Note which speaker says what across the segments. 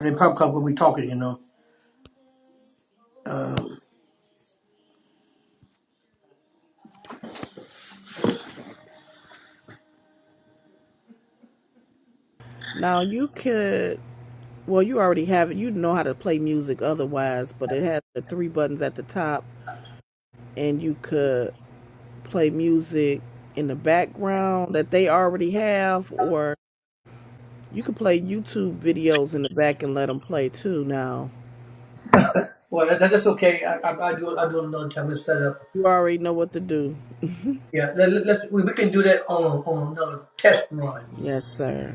Speaker 1: They pop cup will be talking, you know. Um,
Speaker 2: Now you could, well, you already have it. You know how to play music otherwise, but it had the three buttons at the top, and you could play music in the background that they already have, or you could play YouTube videos in the back and let them play too. Now
Speaker 1: Well, that, that's okay. I, I, I do I do another time to set up.
Speaker 2: you already know what to do.
Speaker 1: Yeah, let, let- us we, we can do that on on another test run.
Speaker 2: Yes, sir.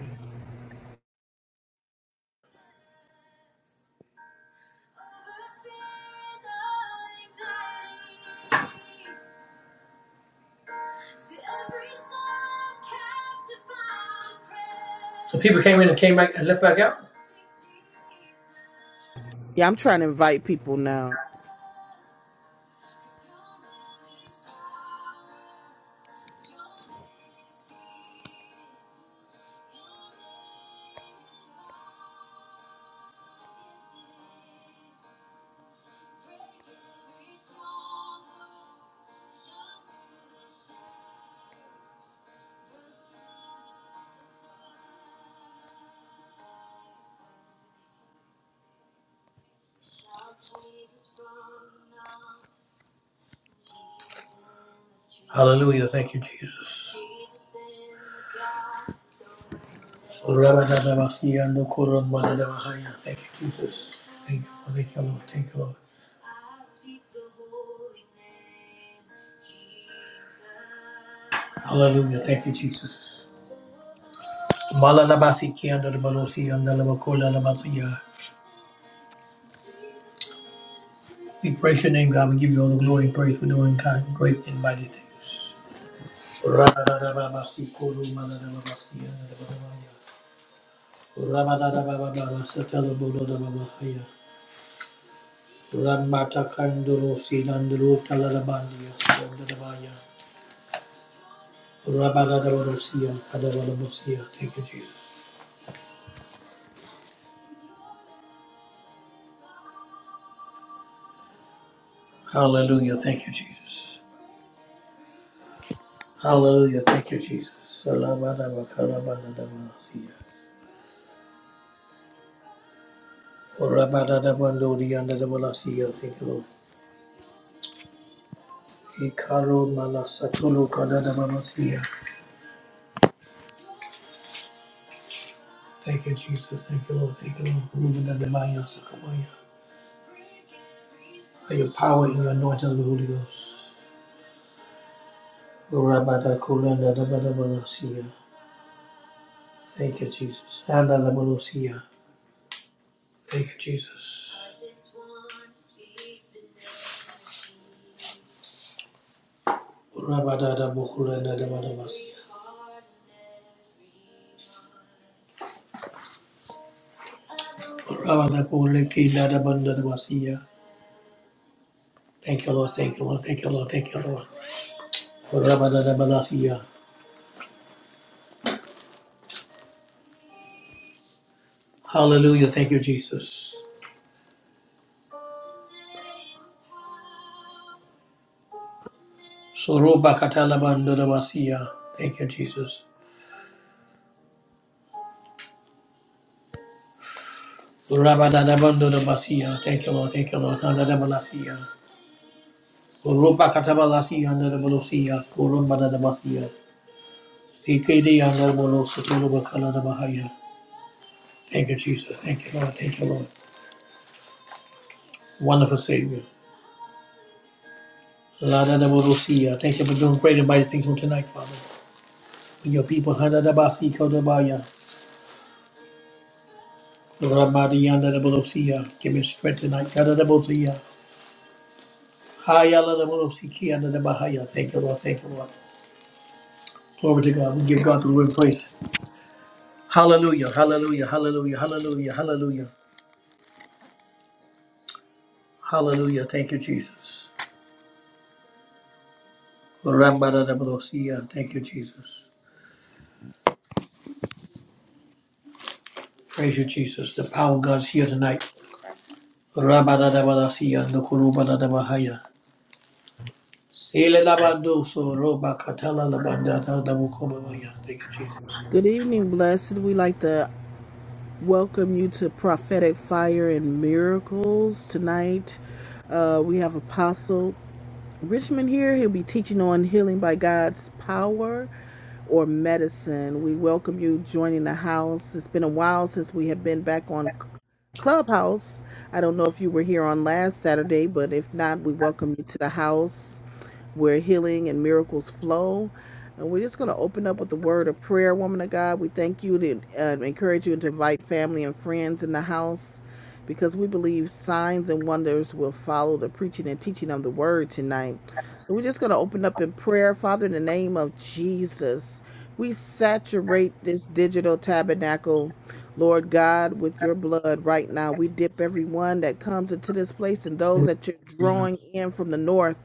Speaker 1: People came in and came back and left back out.
Speaker 2: Yeah, I'm trying to invite people now.
Speaker 1: Hallelujah! Thank you, Jesus. So, Rabba, da, da, ba, si, ya, no, Thank you, Jesus. Thank you, thank you, Lord. Thank you, Lord. Hallelujah! Thank you, Jesus. si, si, si, We praise your name, God. We give you all the glory and praise for doing kind, great, and mighty things. Ramata Kandoro Sinandro Talarabandia Sandabaya Rabadavarosia Adavalabosia. Thank you, Jesus. Hallelujah. Thank you, Jesus. Hallelujah. Thank you, Jesus. Salabadava Karabadavasia. Rabadavandori and Adavalasia. Thank you, Lord. Ikaro Malasatulu Kadavalasia. Thank you, Jesus. Thank you, Lord. Thank you, Lord. Moving that divine answer. Come on, yeah. By your power and your anointing of the Holy Ghost. Rabada kulanda da ba da ba da Thank you, Jesus. Anda da ba da siya. Thank you, Jesus. Rabada da ba kulanda da ba da ba siya. Rabada kule kinda da ba da da ba siya. Thank you, Lord. Thank you, Lord. Thank you, Lord. Thank you, Lord. Rabada da ba da siya. Hallelujah. Thank you, Jesus. Soroba katala ba da da ba siya. Thank you, Jesus. Rabadadabandodabasiya. Thank you, Lord. Thank you, Lord. Andadabalasiya. Urubakatabalasia, andadabalosiya. Kurumbadadabasiya. Sikidi, andadabalosotorobakalabahaya. Thank you, Jesus. Thank you, Lord. Thank you, Lord. Wonderful Savior. Ladadabalosiya. Thank you for doing great and mighty things on tonight, Father. In your people, Hadadabasi, Kodabaya. Rabadiandadabalosiya. Give me strength tonight. Kadadabosiya. Hayaladabalosi, Kiandadabahaya. Thank you, Lord. Thank you, Lord. Glory to God. We give God the glory and praise. Hallelujah, hallelujah, hallelujah, hallelujah, hallelujah, hallelujah. Thank you, Jesus. Rabadadabadosiya. Thank you, Jesus. Praise you, Jesus. The power of God's here tonight. Rabadadabadasiya, nukurubadadabahaya. Selelabadoso, robakatalalabandatadabukobabaya. Thank you, Jesus.
Speaker 2: Good evening, blessed. We like to welcome you to Prophetic Fire and Miracles tonight. Uh, we have Apostle. Richmond here. He'll be teaching on healing by God's power or medicine. We welcome you joining the house. It's been a while since we have been back on Clubhouse. I don't know if you were here on last Saturday, but if not, we welcome you to the house where healing and miracles flow. And we're just going to open up with the word of prayer, woman of God. We thank you to um, encourage you to invite family and friends in the house because we believe signs and wonders will follow the preaching and teaching of the word tonight. So we're just going to open up in prayer. Father, in the name of Jesus, we saturate this digital tabernacle, Lord God, with your blood right now. We dip everyone that comes into this place and those that you're drawing in from the north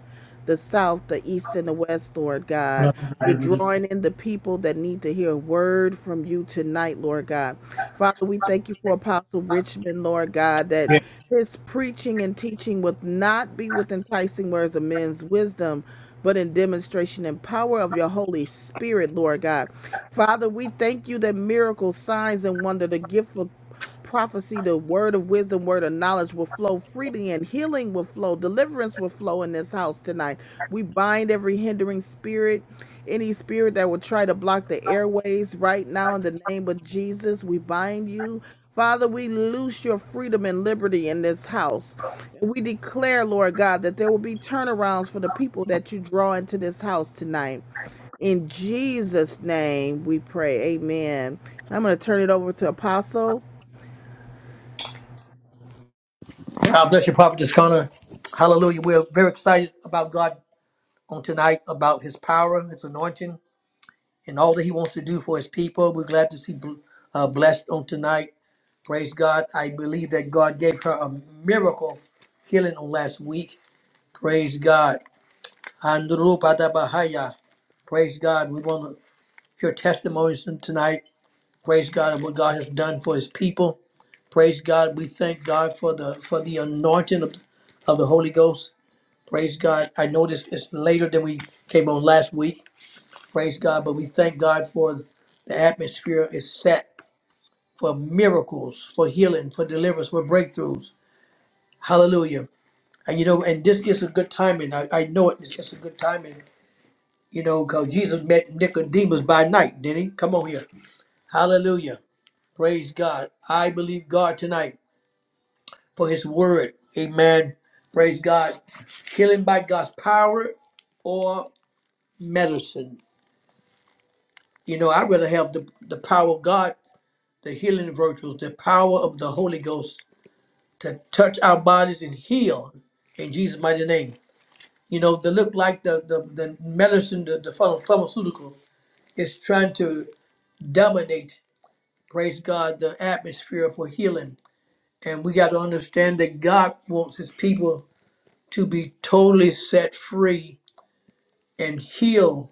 Speaker 2: the south, the east, and the west, Lord God. You're drawing in the people that need to hear a word from you tonight, Lord God. Father, we thank you for Apostle Richmond, Lord God, that his preaching and teaching would not be with enticing words of men's wisdom. But in demonstration and power of your Holy Spirit, Lord God. Father, we thank you that miracles, signs, and wonder, the gift of prophecy, the word of wisdom, word of knowledge will flow freely, and healing will flow, deliverance will flow in this house tonight. We bind every hindering spirit, any spirit that would try to block the airways right now in the name of Jesus. We bind you. Father, we loose your freedom and liberty in this house. And we declare, Lord God, that there will be turnarounds for the people that you draw into this house tonight. In Jesus' name we pray. Amen. I'm going to turn it over to Apostle.
Speaker 1: God bless you, Prophet Connor. Hallelujah. We're very excited about God on tonight, about his power, his anointing. and all that he wants to do for his people. We're glad to see uh, blessed on tonight. Praise God. I believe that God gave her a miracle healing on last week. Praise God. Andrew Padabahaya. Praise God. We want to hear testimonies on tonight. Praise God of what God has done for his people. Praise God. We thank God for the for the anointing of, of the Holy Ghost. Praise God. I know this is later than we came on last week. Praise God. But we thank God for the atmosphere is set. for miracles, for healing, for deliverance, for breakthroughs. Hallelujah. And you know, and this is a good timing. I, I know it. It's, just a good timing, you know, because Jesus met Nicodemus by night, did not he? Come on here. Hallelujah. Praise God. I believe God tonight for his word. Amen. Praise God. Healing by God's power or medicine. You know, I'd rather have the, the power of God, the healing virtues, the power of the Holy Ghost to touch our bodies and heal in Jesus' mighty name. You know, they look like the, the, the medicine, the, the pharma- pharmaceutical is trying to dominate, praise God, the atmosphere for healing. And we got to understand that God wants his people to be totally set free and healed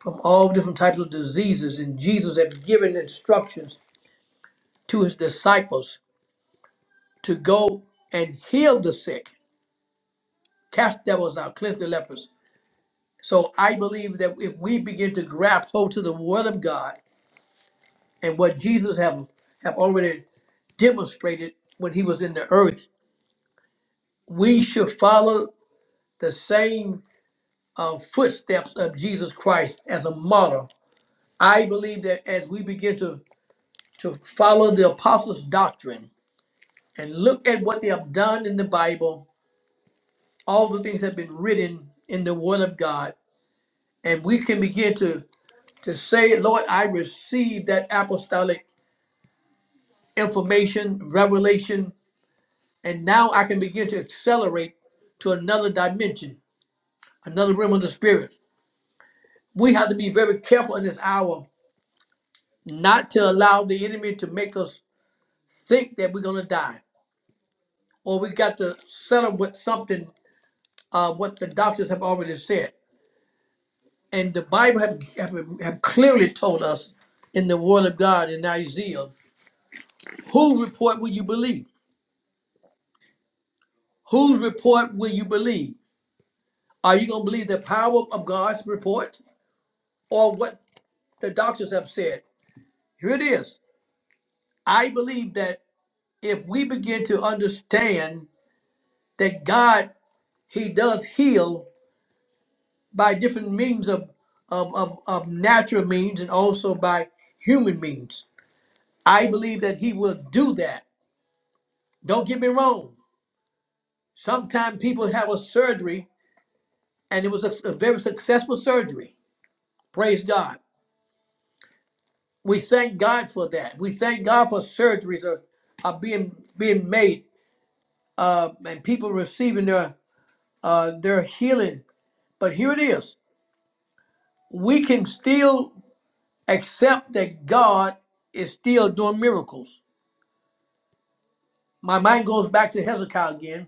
Speaker 1: from all different types of diseases. And Jesus had given instructions to his disciples to go and heal the sick, cast devils out, cleanse the lepers. So I believe that if we begin to grab hold to the word of God and what Jesus have have already demonstrated when he was in the earth, we should follow the same uh, footsteps of Jesus Christ as a model. I believe that as we begin to to follow the apostles' doctrine and look at what they have done in the Bible, all the things that have been written in the Word of God, and we can begin to to say, Lord, I receive that apostolic information, revelation, and now I can begin to accelerate to another dimension, another realm of the spirit. We have to be very careful in this hour not to allow the enemy to make us think that we're going to die or we got to settle with something uh, what the doctors have already said. And the Bible have, have, have clearly told us in the Word of God in Isaiah, whose report will you believe? Whose report will you believe? Are you going to believe the power of God's report? or what the doctors have said. Here it is. I believe that if we begin to understand that God, He does heal by different means of, of, of, of natural means and also by human means, I believe that He will do that. Don't get me wrong. Sometimes people have a surgery and it was a, a very successful surgery. Praise God. We thank God for that. We thank God for surgeries are, are being being made uh, and people receiving their uh, their healing. But here it is: we can still accept that God is still doing miracles. My mind goes back to Hezekiah again.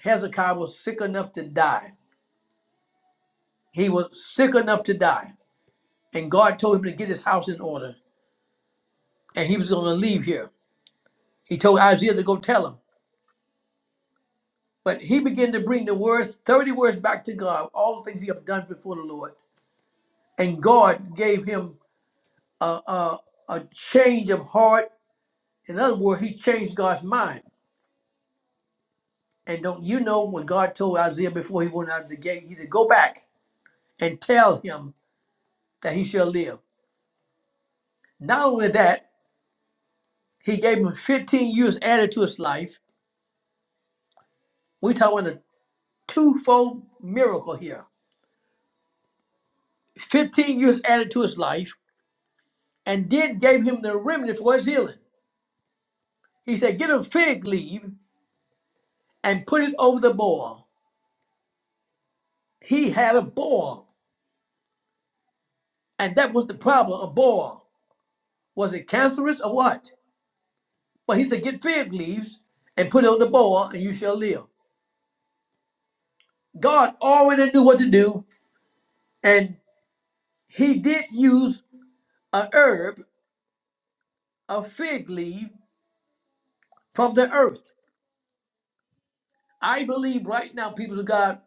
Speaker 1: Hezekiah was sick enough to die. He was sick enough to die, and God told him to get his house in order, and he was going to leave here. He told Isaiah to go tell him. But he began to bring the words, 30 words back to God, all the things he had done before the Lord. And God gave him a, a, a change of heart. In other words, he changed God's mind. And don't you know when God told Isaiah before he went out of the gate, he said, Go back and tell him that he shall live. Not only that, he gave him 15 years added to his life. We're talking a twofold miracle here. 15 years added to his life, and did gave him the remnant for his healing. He said, Get a fig leaf and put it over the boil. He had a boil, and that was the problem a boil. Was it cancerous or what? But he said, Get fig leaves and put it on the boil, and you shall live. God already knew what to do, and he did use a herb, a fig leaf from the earth. I believe right now, people of God,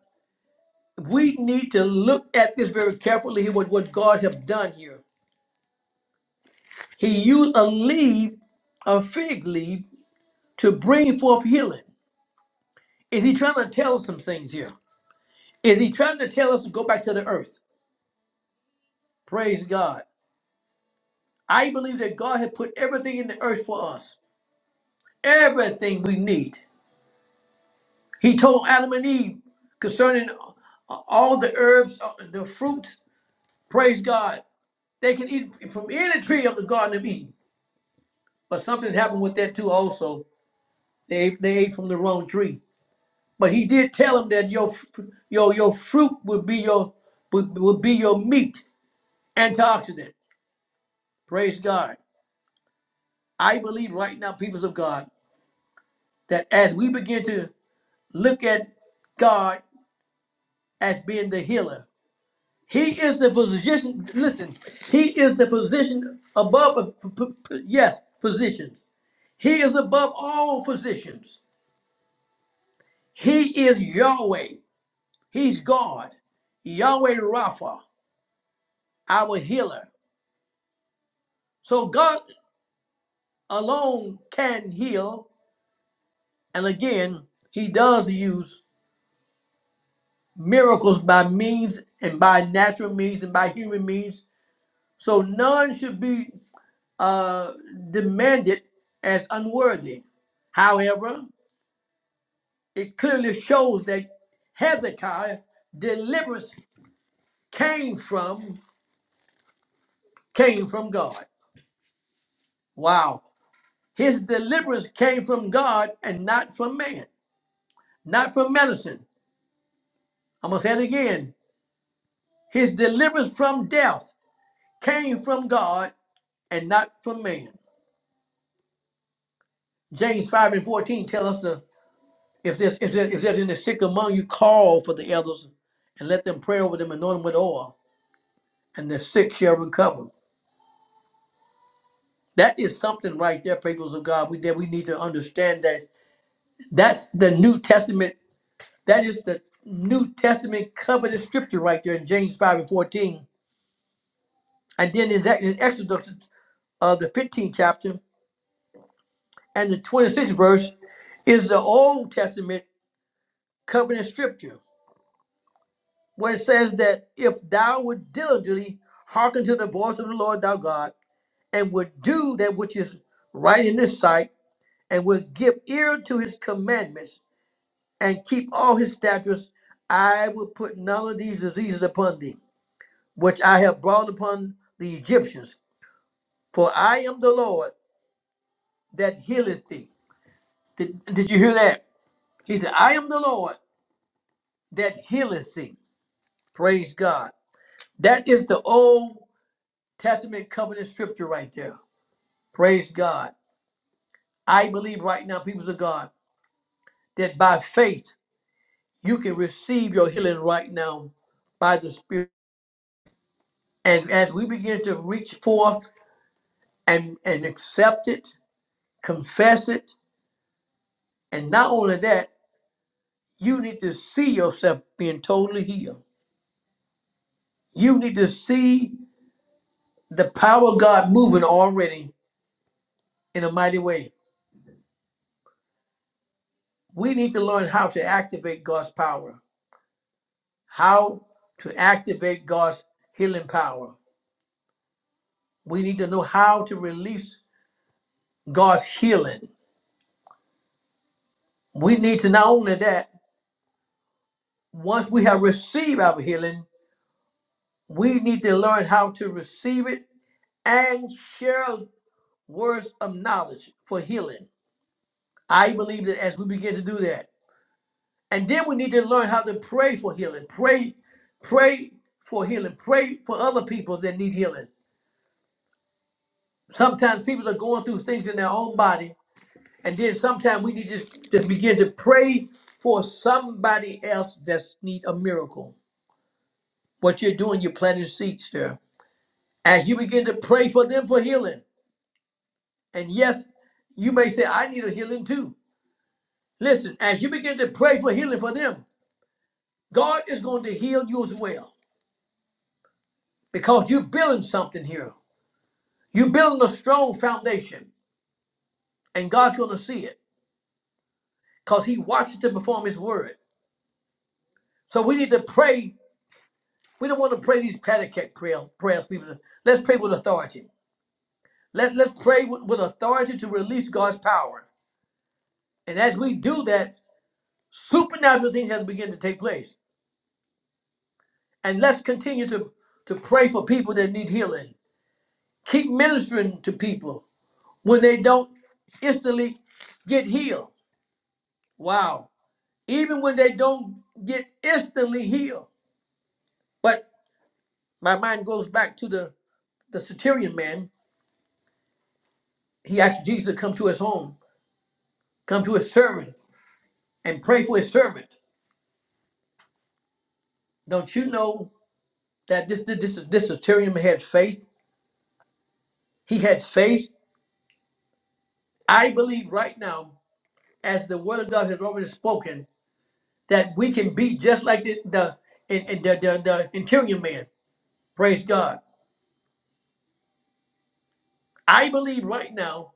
Speaker 1: we need to look at this very carefully what, what God has done here. He used a leaf, a fig leaf, to bring forth healing. Is he trying to tell us some things here? Is he trying to tell us to go back to the earth? Praise God. I believe that God had put everything in the earth for us, everything we need. He told Adam and Eve concerning uh, all the herbs, uh, the fruit. Praise God. They can eat from any tree of the Garden of Eden. But something happened with that too. Also, they they ate from the wrong tree. But He did tell them that your fr- your your fruit would be your would, would be your meat, antioxidant. Praise God. I believe right now, peoples of God, that as we begin to look at God as being the healer. He is the physician. Listen, he is the physician above, yes, physicians. He is above all physicians. He is Yahweh. He's God. Yahweh Rapha, our healer. So God alone can heal. And again, he does use miracles by means and by natural means and by human means. So none should be uh, demanded as unworthy. However, it clearly shows that Hezekiah deliverance came from came from God. Wow. His deliverance came from God and not from man, not from medicine. I'm gonna say it again. His deliverance from death came from God and not from man. James 5 and 14 tell us the. If there's if there, if there's any sick among you, call for the elders and let them pray over them, anoint them with oil, and the sick shall recover. That is something right there, peoples of God. We that we need to understand that that's the New Testament. That is the New Testament covenant scripture right there in James five and fourteen, and then in, Ex- in Exodus uh, the fifteenth chapter and the twenty sixth verse is the Old Testament covenant scripture where it says that if thou would diligently hearken to the voice of the Lord thy God, and would do that which is right in his sight, and would give ear to his commandments, and keep all his statutes, I will put none of these diseases upon thee, which I have brought upon the Egyptians. For I am the Lord that healeth thee. Did, did you hear that? He said, I am the Lord that healeth thee. Praise God. That is the Old Testament covenant scripture right there. Praise God. I believe right now, people of God, that by faith you can receive your healing right now by the Spirit. And as we begin to reach forth and, and accept it, confess it, and not only that, you need to see yourself being totally healed. You need to see the power of God moving already in a mighty way. We need to learn how to activate God's power, how to activate God's healing power We need to know how to release God's healing. We need to not only that, once we have received our healing, we need to learn how to receive it and share words of knowledge for healing. I believe that as we begin to do that, and then we need to learn how to pray for healing. Pray, pray for healing. Pray for other people that need healing. Sometimes people are going through things in their own body And then sometimes we need to, to begin to pray for somebody else that's need a miracle. What you're doing, you're planting seeds there. As you begin to pray for them for healing. And yes, you may say, I need a healing too. Listen, as you begin to pray for healing for them, God is going to heal you as well. Because you're building something here. You're building a strong foundation. And God's going to see it. Because He watches to perform His word. So we need to pray We don't want to pray these catechect prayers. prayers people. Let's pray with authority. Let, let's pray with, with authority to release God's power. And as we do that, supernatural things have to begin to take place. And let's continue to, to pray for people that need healing. Keep ministering to people when they don't instantly get healed. Wow. Even when they don't get instantly healed. But my mind goes back to the, the centurion man. He asked Jesus to come to his home, come to his servant. and pray for his servant. Don't you know that this this this, Assyrian had faith? He had faith. I believe right now, as the word of God has already spoken, that we can be just like the the in, in the, the the interior man. Praise God. I believe right now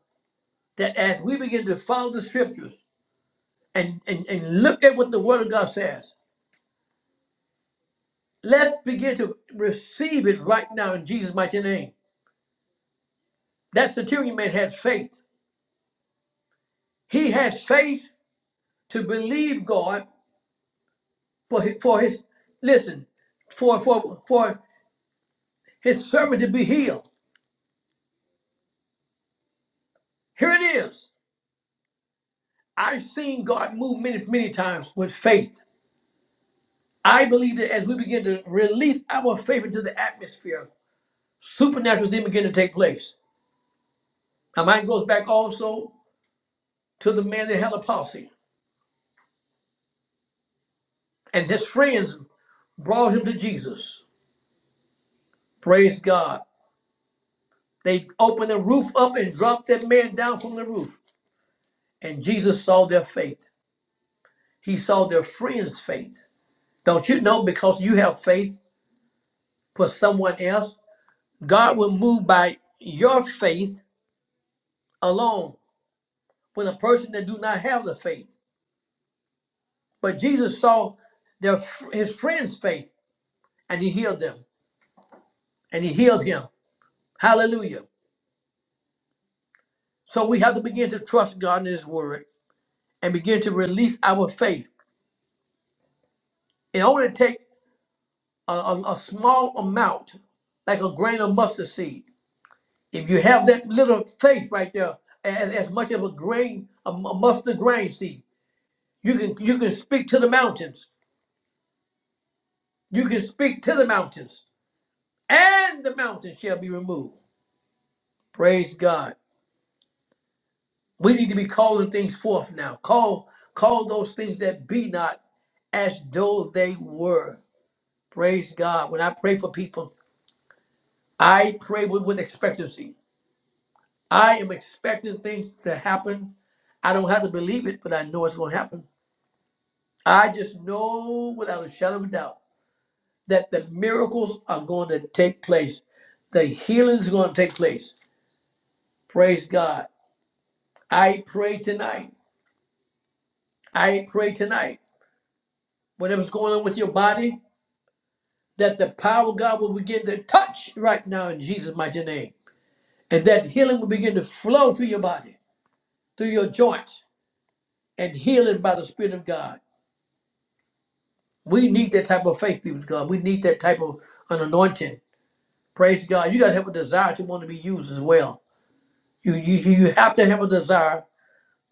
Speaker 1: that as we begin to follow the scriptures and, and, and look at what the word of God says, let's begin to receive it right now in Jesus' mighty name. That centurion man had faith. He had faith to believe God for his, for his listen for for for his servant to be healed. Here it is. I've seen God move many many times with faith. I believe that as we begin to release our faith into the atmosphere, supernatural things begin to take place. My mind goes back also to the man that had a palsy, and his friends brought him to Jesus. Praise God. They opened the roof up and dropped that man down from the roof, and Jesus saw their faith. He saw their friends' faith. Don't you know because you have faith for someone else, God will move by your faith alone when a person that do not have the faith. But Jesus saw their his friends' faith and he healed them and he healed him. Hallelujah. So we have to begin to trust God in his word and begin to release our faith. It only take a, a a small amount, like a grain of mustard seed If you have that little faith right there, as, as much as a grain, a mu- mustard grain seed, you can you can speak to the mountains. You can speak to the mountains, and the mountains shall be removed. Praise God. We need to be calling things forth now. Call call those things that be not as though they were. Praise God. When I pray for people, I pray with, with expectancy. I am expecting things to happen. I don't have to believe it, but I know it's going to happen. I just know without a shadow of a doubt that the miracles are going to take place. The healings are going to take place. Praise God. I pray tonight. I pray tonight. Whatever's going on with your body, that the power of God will begin to touch right now in Jesus' mighty name. And that healing will begin to flow through your body, through your joints, and healing by the Spirit of God. We need that type of faith, people of God. We need that type of an anointing. Praise God. You got to have a desire to want to be used as well. You, you, you have to have a desire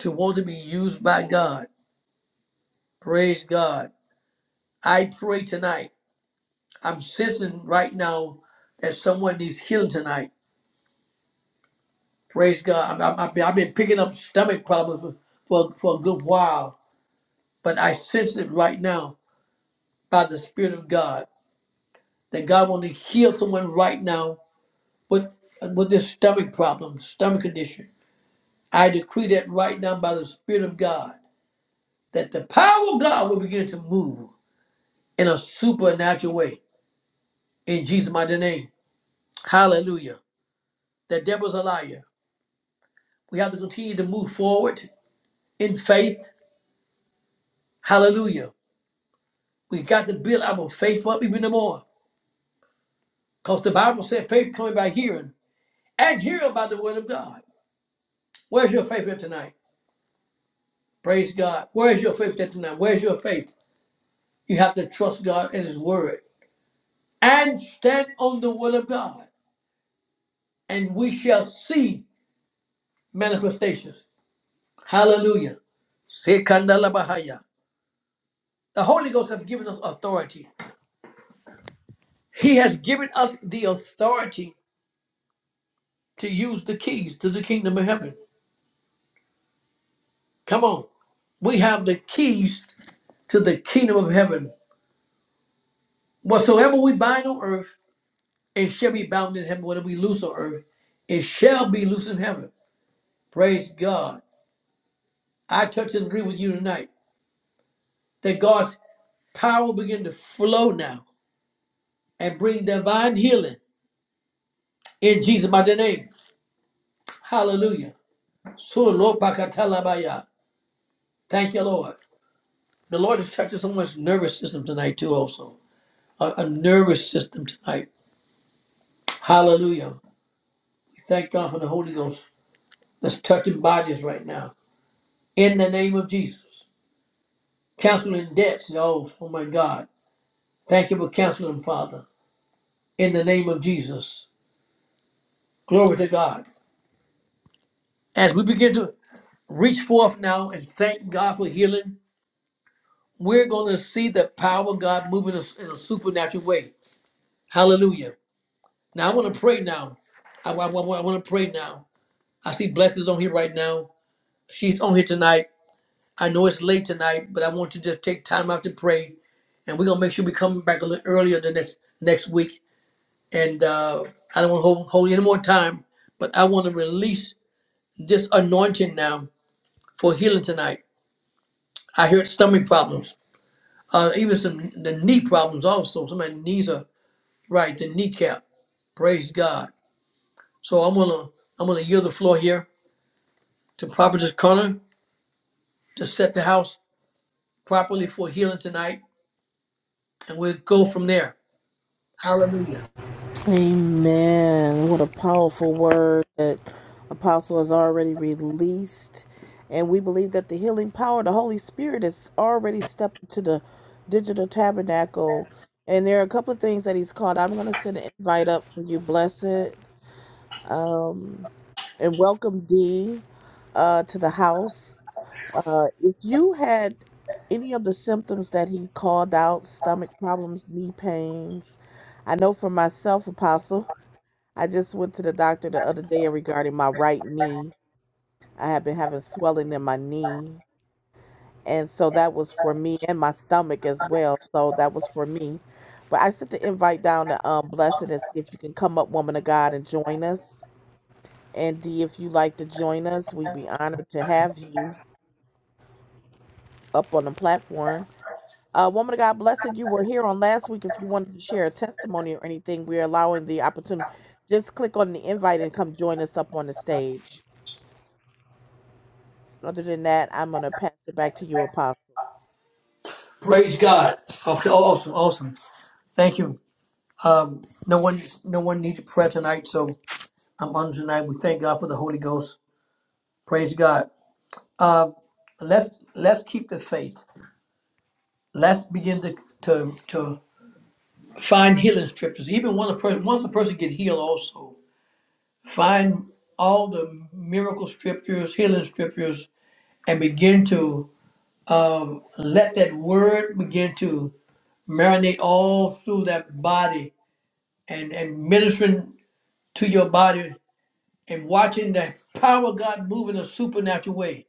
Speaker 1: to want to be used by God. Praise God. I pray tonight. I'm sensing right now that someone needs healing tonight. Praise God. I, I, I've been I've been picking up stomach problems for, for, for a good while, but I sense it right now by the Spirit of God that God wants to heal someone right now with, with this stomach problem, stomach condition. I decree that right now by the Spirit of God that the power of God will begin to move in a supernatural way. In Jesus' mighty name. Hallelujah. That devil's a liar. We have to continue to move forward in faith. Hallelujah. We got to build our faith up even more. Because the Bible said faith coming by hearing and hearing by the word of God. Where's your faith at tonight? Praise God. Where's your faith at tonight? Where's your faith? You have to trust God and His word and stand on the word of God, and we shall see manifestations. Hallelujah. Sekandala bahaya. The Holy Ghost has given us authority. He has given us the authority to use the keys to the kingdom of heaven. Come on. We have the keys to the kingdom of heaven. Whatsoever we bind on earth, it shall be bound in heaven. Whatever we loose on earth, it shall be loose in heaven. Praise God. I touch and agree with you tonight that God's power will begin to flow now and bring divine healing in Jesus' mighty name. Hallelujah. So, Lord, bakatalabaya. Thank you, Lord. The Lord is touching someone's nervous system tonight too. Also, a, a nervous system tonight. Hallelujah! Thank God for the Holy Ghost that's touching bodies right now. In the name of Jesus, canceling debts. Oh, oh my God! Thank you for canceling, Father. In the name of Jesus, glory to God. As we begin to reach forth now and thank God for healing, we're going to see the power of God moving us in a supernatural way. Hallelujah! Now I want to pray now. I, I, I want to pray now. I see blessings on here right now. She's on here tonight. I know it's late tonight, but I want you to just take time out to pray. And we're gonna make sure we come back a little earlier the next next week. And uh, I don't want to hold, hold any more time, but I want to release this anointing now for healing tonight. I hear stomach problems, uh, even some the knee problems also. Some of my knees are right, the kneecap. Praise God. So I'm gonna I'm gonna yield the floor here to Prophetess Connor to set the house properly for healing tonight, and we'll go from there. Hallelujah.
Speaker 2: Amen. What a powerful word that Apostle has already released. And we believe that the healing power of the Holy Spirit has already stepped into the digital tabernacle. And there are a couple of things that he's called. I'm going to send an invite up for you, Blessed, and welcome D uh, to the house. Uh, if you had any of the symptoms that he called out stomach problems, knee pains, I know for myself, Apostle. I just went to the doctor the other day regarding my right knee. I have been having swelling in my knee. And so that was for me and my stomach as well. So that was for me. But I sent the invite down to um, Blessed and see if you can come up, woman of God, and join us. And D, if you like to join us, we'd be honored to have you up on the platform. Uh, woman of God, Blessed, you were here on last week. If you wanted to share a testimony or anything, we're allowing the opportunity. Just click on the invite and come join us up on the stage. Other than that, I'm going to pass it back to you, Apostle.
Speaker 1: Praise God. Okay, awesome, awesome. Thank you. Um, no one, no one needed prayer tonight, so I'm on tonight. We thank God for the Holy Ghost. Praise God. Let's let's keep the faith. Let's begin to to to find healing scriptures. Even when a person once a person get healed, also find all the miracle scriptures, healing scriptures, and begin to um, let that word begin to marinate all through that body and, and ministering to your body and watching the power of God move in a supernatural way.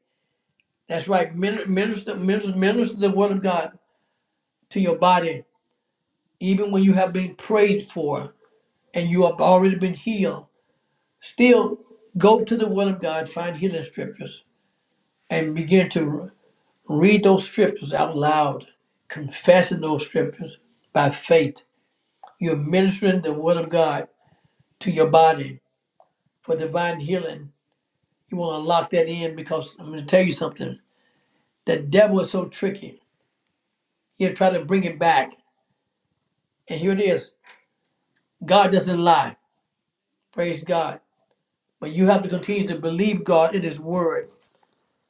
Speaker 1: That's right. Min- Minister, minister, minister the word of God to your body, even when you have been prayed for and you have already been healed. Still, go to the word of God, find healing scriptures, and begin to read those scriptures out loud, confessing those scriptures by faith. You're ministering the word of God to your body for divine healing. You want to lock that in because I'm going to tell you something. The devil is so tricky. He'll try to bring it back. And here it is God doesn't lie. Praise God. But you have to continue to believe God in His word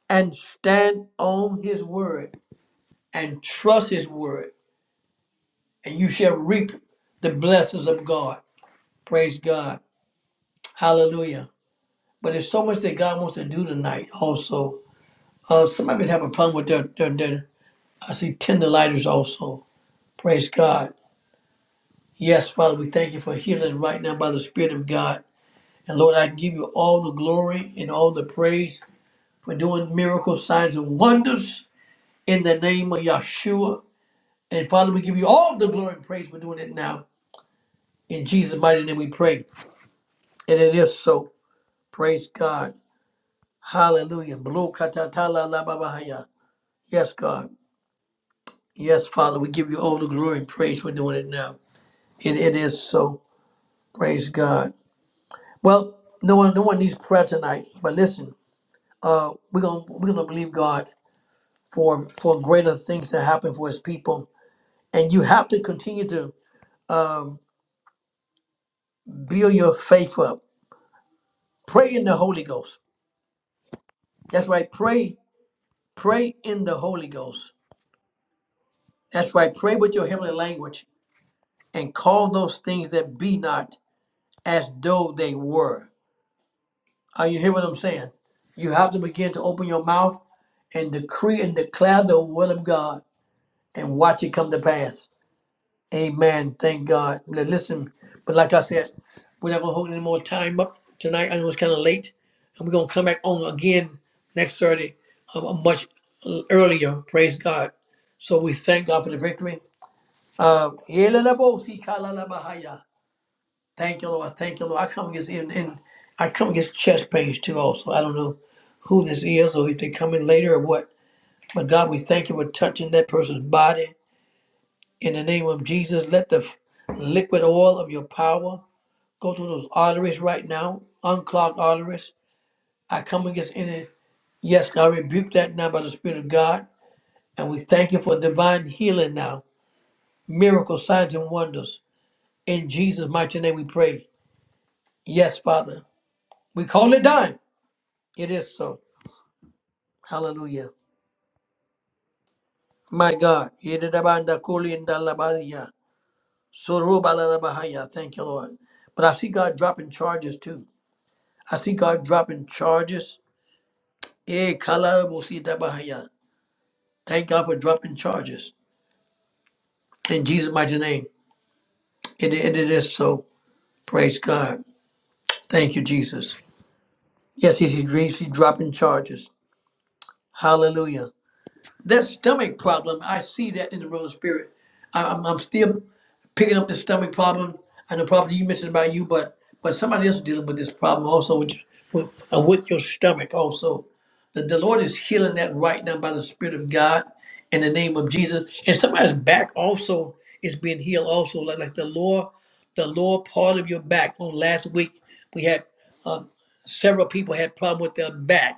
Speaker 1: and stand on His word and trust His word, and you shall reap the blessings of God. Praise God. Hallelujah. But there's so much that God wants to do tonight also. Uh, somebody have a problem with their, their, their I see tender lighters also. Praise God. Yes, Father, we thank you for healing right now by the Spirit of God. And Lord, I give you all the glory and all the praise for doing miracles, signs, and wonders in the name of Yahshua. And Father, we give you all the glory and praise for doing it now. In Jesus' mighty name we pray. And it is so. Praise God. Hallelujah. Blue Yes, God. Yes, Father, we give you all the glory and praise for doing it now. It, it is so. Praise God. Well, no one no one needs prayer tonight, but listen. uh, we're gonna we're gonna believe God for for greater things to happen for His people, and you have to continue to build your faith up. Pray in the Holy Ghost. That's right. Pray, pray in the Holy Ghost. That's right. Pray with your heavenly language and call those things that be not as though they were. Are you hear what I'm saying? You have to begin to open your mouth and decree and declare the word of God and watch it come to pass. Amen. Thank God. Now, Listen, but like I said, we're not gonna hold any more time up tonight. I know it's kind of late, and we're gonna come back on again next Saturday, uh, much earlier. Praise God. So we thank God for the victory. Uh, thank you, Lord. Thank you, Lord. I come against and, and I come against chest pains too. Also, I don't know who this is or if they come in later or what. But God, we thank you for touching that person's body in the name of Jesus, let the liquid oil of your power go through those arteries right now, unclogged arteries. I come against any, yes, I rebuke that now by the Spirit of God. And we thank you for divine healing now, miracles, signs, and wonders. In Jesus' mighty name we pray. Yes, Father. We call it done. It is so. Hallelujah. My God. Yedidabanda kulindalabadiya. Surubalalabahaya. Thank you, Lord. But I see God dropping charges too. I see God dropping charges. Eh, kala mo si tabahaya. Thank God for dropping charges. In Jesus' mighty name. It, it it is so. Praise God. Thank you, Jesus. Yes, he's, he's, he's dropping charges. Hallelujah. That stomach problem, I see that in the realm of spirit. I- I'm, I'm still picking up the stomach problem. I know probably you mentioned about you, but but somebody else dealing with this problem also with your, with, uh, with your stomach also. The, the Lord is healing that right now by the Spirit of God in the name of Jesus. And somebody's back also is being healed also, like, like the lower the lower part of your back. On last week we had uh, several people had problem with their back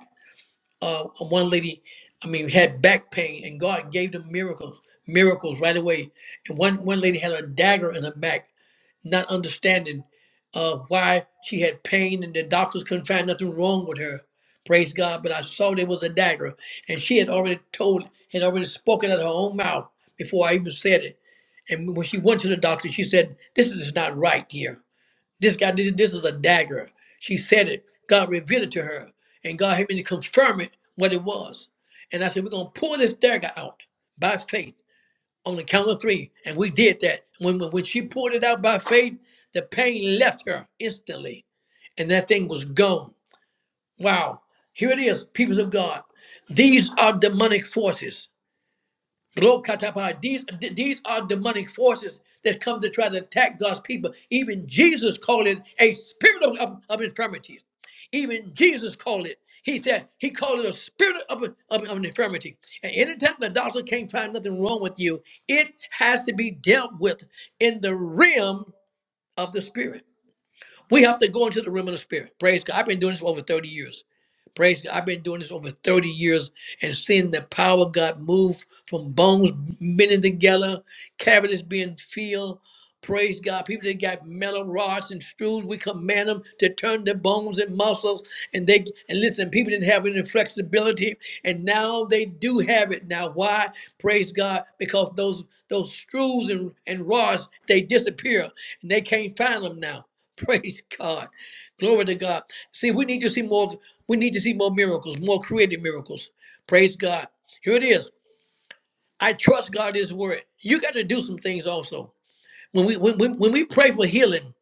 Speaker 1: uh, one lady, I mean, had back pain, and God gave them miracles, miracles right away. And one one lady had a dagger in her back, not understanding uh, why she had pain, and the doctors couldn't find nothing wrong with her. Praise God! But I saw there was a dagger, and she had already told, had already spoken out of her own mouth before I even said it. And when she went to the doctor, she said, "This is not right here." This guy, this, this is a dagger. She said it. God revealed it to her, and God had me to confirm it what it was. And I said, we're gonna pull this dagger out by faith on the count of three, and we did that. When when, when she pulled it out by faith, the pain left her instantly, and that thing was gone. Wow! Here it is, peoples of God. These are demonic forces Glokatapa. These, these are demonic forces that come to try to attack God's people. Even Jesus called it a spirit of, of, of infirmities. Even Jesus called it. He said he called it a spirit of, of, of an infirmity. And anytime the doctor can't find nothing wrong with you, it has to be dealt with in the realm of the spirit. We have to go into the realm of the spirit. Praise God. I've been doing this for over 30 years. Praise God. I've been doing this over 30 years and seeing the power of God move from bones bending together, cavities being filled. Praise God. People that got metal rods and screws, we command them to turn their bones and muscles. And they and listen, people didn't have any flexibility. And now they do have it. Now why? Praise God. Because those those screws and, and rods, they disappear and they can't find them now. Praise God. Glory to God. See, we need to see more, we need to see more miracles, more creative miracles. Praise God. Here it is. I trust God is word. You got to do some things also. When we when, when, when we pray for healing,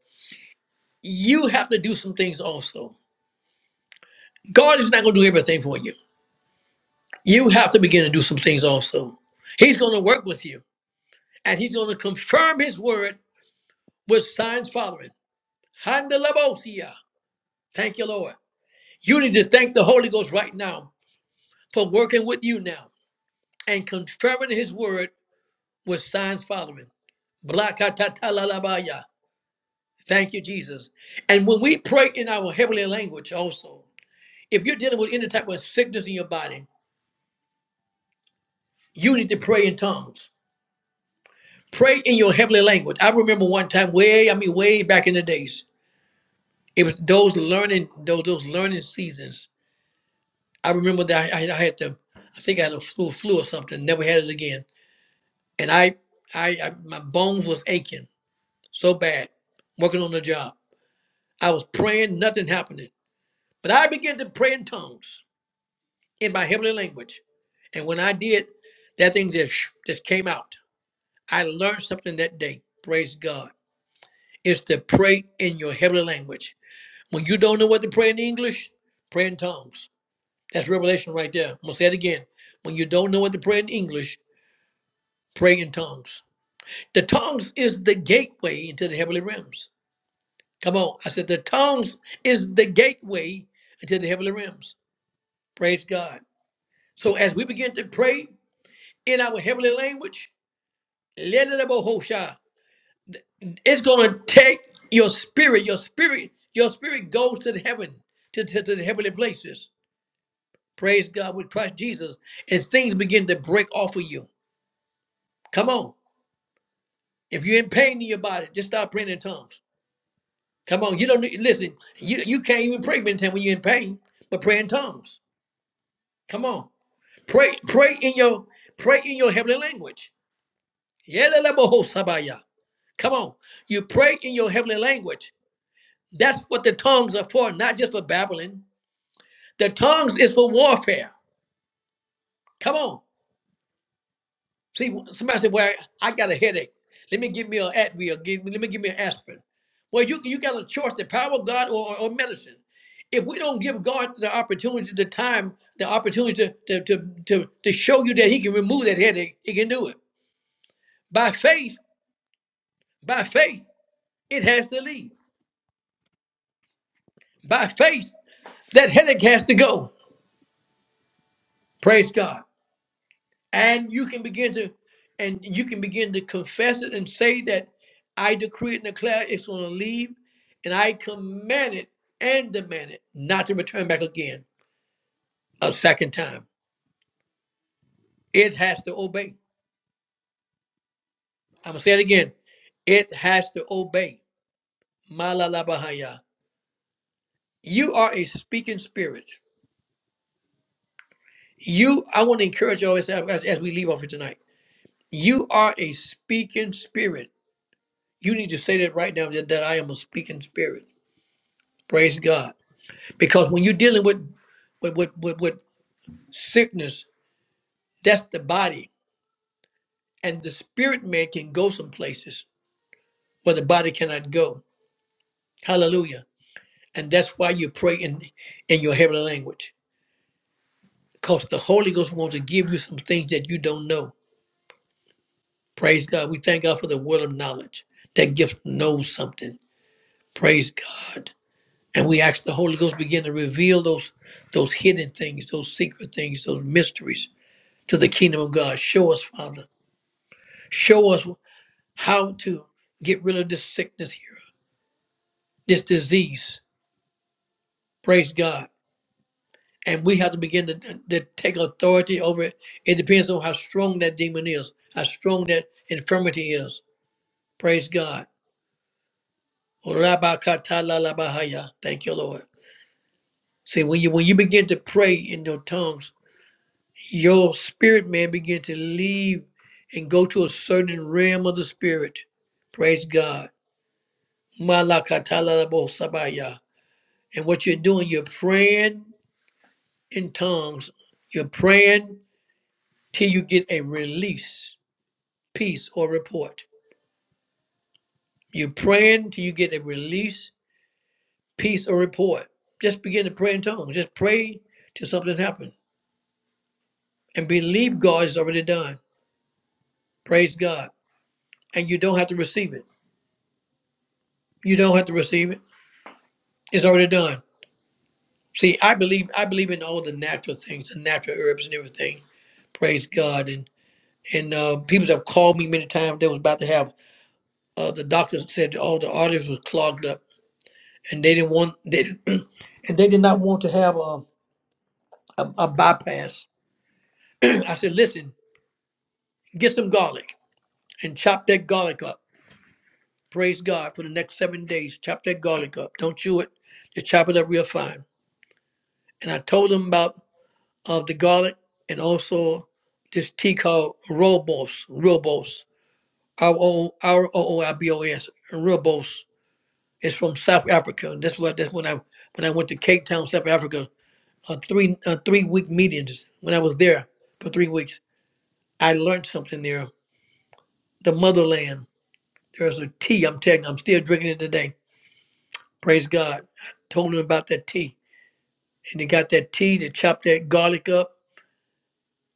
Speaker 1: you have to do some things also. God is not going to do everything for you. You have to begin to do some things also. He's going to work with you, and He's going to confirm His word with signs following. Handelabosia. Thank you, Lord. You need to thank the Holy Ghost right now for working with you now and confirming His word with signs following. Blakatatalalabaya. Thank you, Jesus. And when we pray in our heavenly language also. If you're dealing with any type of sickness in your body, you need to pray in tongues. Pray in your heavenly language. I remember one time, way I mean, way back in the days, it was those learning those those learning seasons. I remember that I, I had to, I think I had a flu, flu or something. Never had it again. And I, I, I, my bones was aching so bad, working on the job. I was praying, nothing happening. But I began to pray in tongues in my heavenly language, and when I did, that thing just just came out. I learned something that day. Praise God. It's to pray in your heavenly language. When you don't know what to pray in English, pray in tongues. That's revelation right there. I'm going to say it again. When you don't know what to pray in English, pray in tongues. The tongues is the gateway into the heavenly realms. Come on. I said the tongues is the gateway into the heavenly realms. Praise God. So as we begin to pray in our heavenly language, let it above Hosha. It's gonna take your spirit, your spirit, your spirit goes to the heaven, to, to, to the heavenly places. Praise God with Christ Jesus. And things begin to break off of you. Come on. If you're in pain in your body, just start praying in tongues. Come on. You don't need listen, you, you can't even pray in tongues when you're in pain, but pray in tongues. Come on. Pray, pray in your pray in your heavenly language. Yelelebohosabaya. Come on. You pray in your heavenly language. That's what the tongues are for, not just for babbling. The tongues is for warfare. Come on. See, somebody said, "Well, I got a headache. Let me give me an Advil. Give, me- let me give me an aspirin." Well, you you got a choice: the power of God or, or medicine. If we don't give God the opportunity, the time, the opportunity to, to, to, to, show you that He can remove that headache, He can do it. By faith, by faith, it has to leave. By faith, that headache has to go. Praise God. and you can begin to and you can begin to confess it and say that i decree it and declare it's going to leave and i command it and demand it not to return back again a second time it has to obey i'm going to say it again it has to obey malalabahaya you are a speaking spirit you i want to encourage you always as, as we leave off here tonight you are a speaking spirit you need to say that right now that that i am a speaking spirit praise god because when you're dealing with with with, with, with sickness that's the body and the spirit man can go some places where the body cannot go hallelujah and that's why you pray in in your heavenly language because the holy ghost wants to give you some things that you don't know praise god we thank god for the word of knowledge that gift knows something praise god and we ask the holy ghost begin to reveal those those hidden things those secret things those mysteries to the kingdom of god show us father Show us. how to get rid of this sickness here, this disease. Praise God. And we have to begin to, to take authority over it. It depends on how strong that demon is, how strong that infirmity is. Praise God. Thank you, Lord. See, when you when you begin to pray in your tongues, your spirit man begin to leave and go to a certain realm of the spirit. Praise God. Malakatalabosabaya. And what you're doing, you're praying in tongues. You're praying till you get a release, peace, or report. You're praying till you get a release, peace, or report. Just begin to pray in tongues. Just pray till something happens and believe God is already done. Praise God. And you don't have to receive it. You don't have to receive it. It's already done. See, I believe I believe in all the natural things, the natural herbs and everything. Praise God. And and uh, people have called me many times. They was about to have Uh, the doctors said all the arteries were clogged up, and they didn't want they and they did not want to have a a, a bypass. I said, listen, get some garlic and chop that garlic up. Praise God for the next seven days. Chop that garlic up. Don't chew it. Just chop it up real fine. And I told them about uh, the garlic and also this tea called Robos. Robos. R O R O O I B O S. Robos. It's from South Africa. And that's what that's when I when I went to Cape Town, South Africa. uh, three uh, three week meetings when I was there for three weeks. I learned something there. The motherland. There's a tea. I'm telling you, I'm still drinking it today. Praise God. I told them about that tea, and they got that tea to chop that garlic up.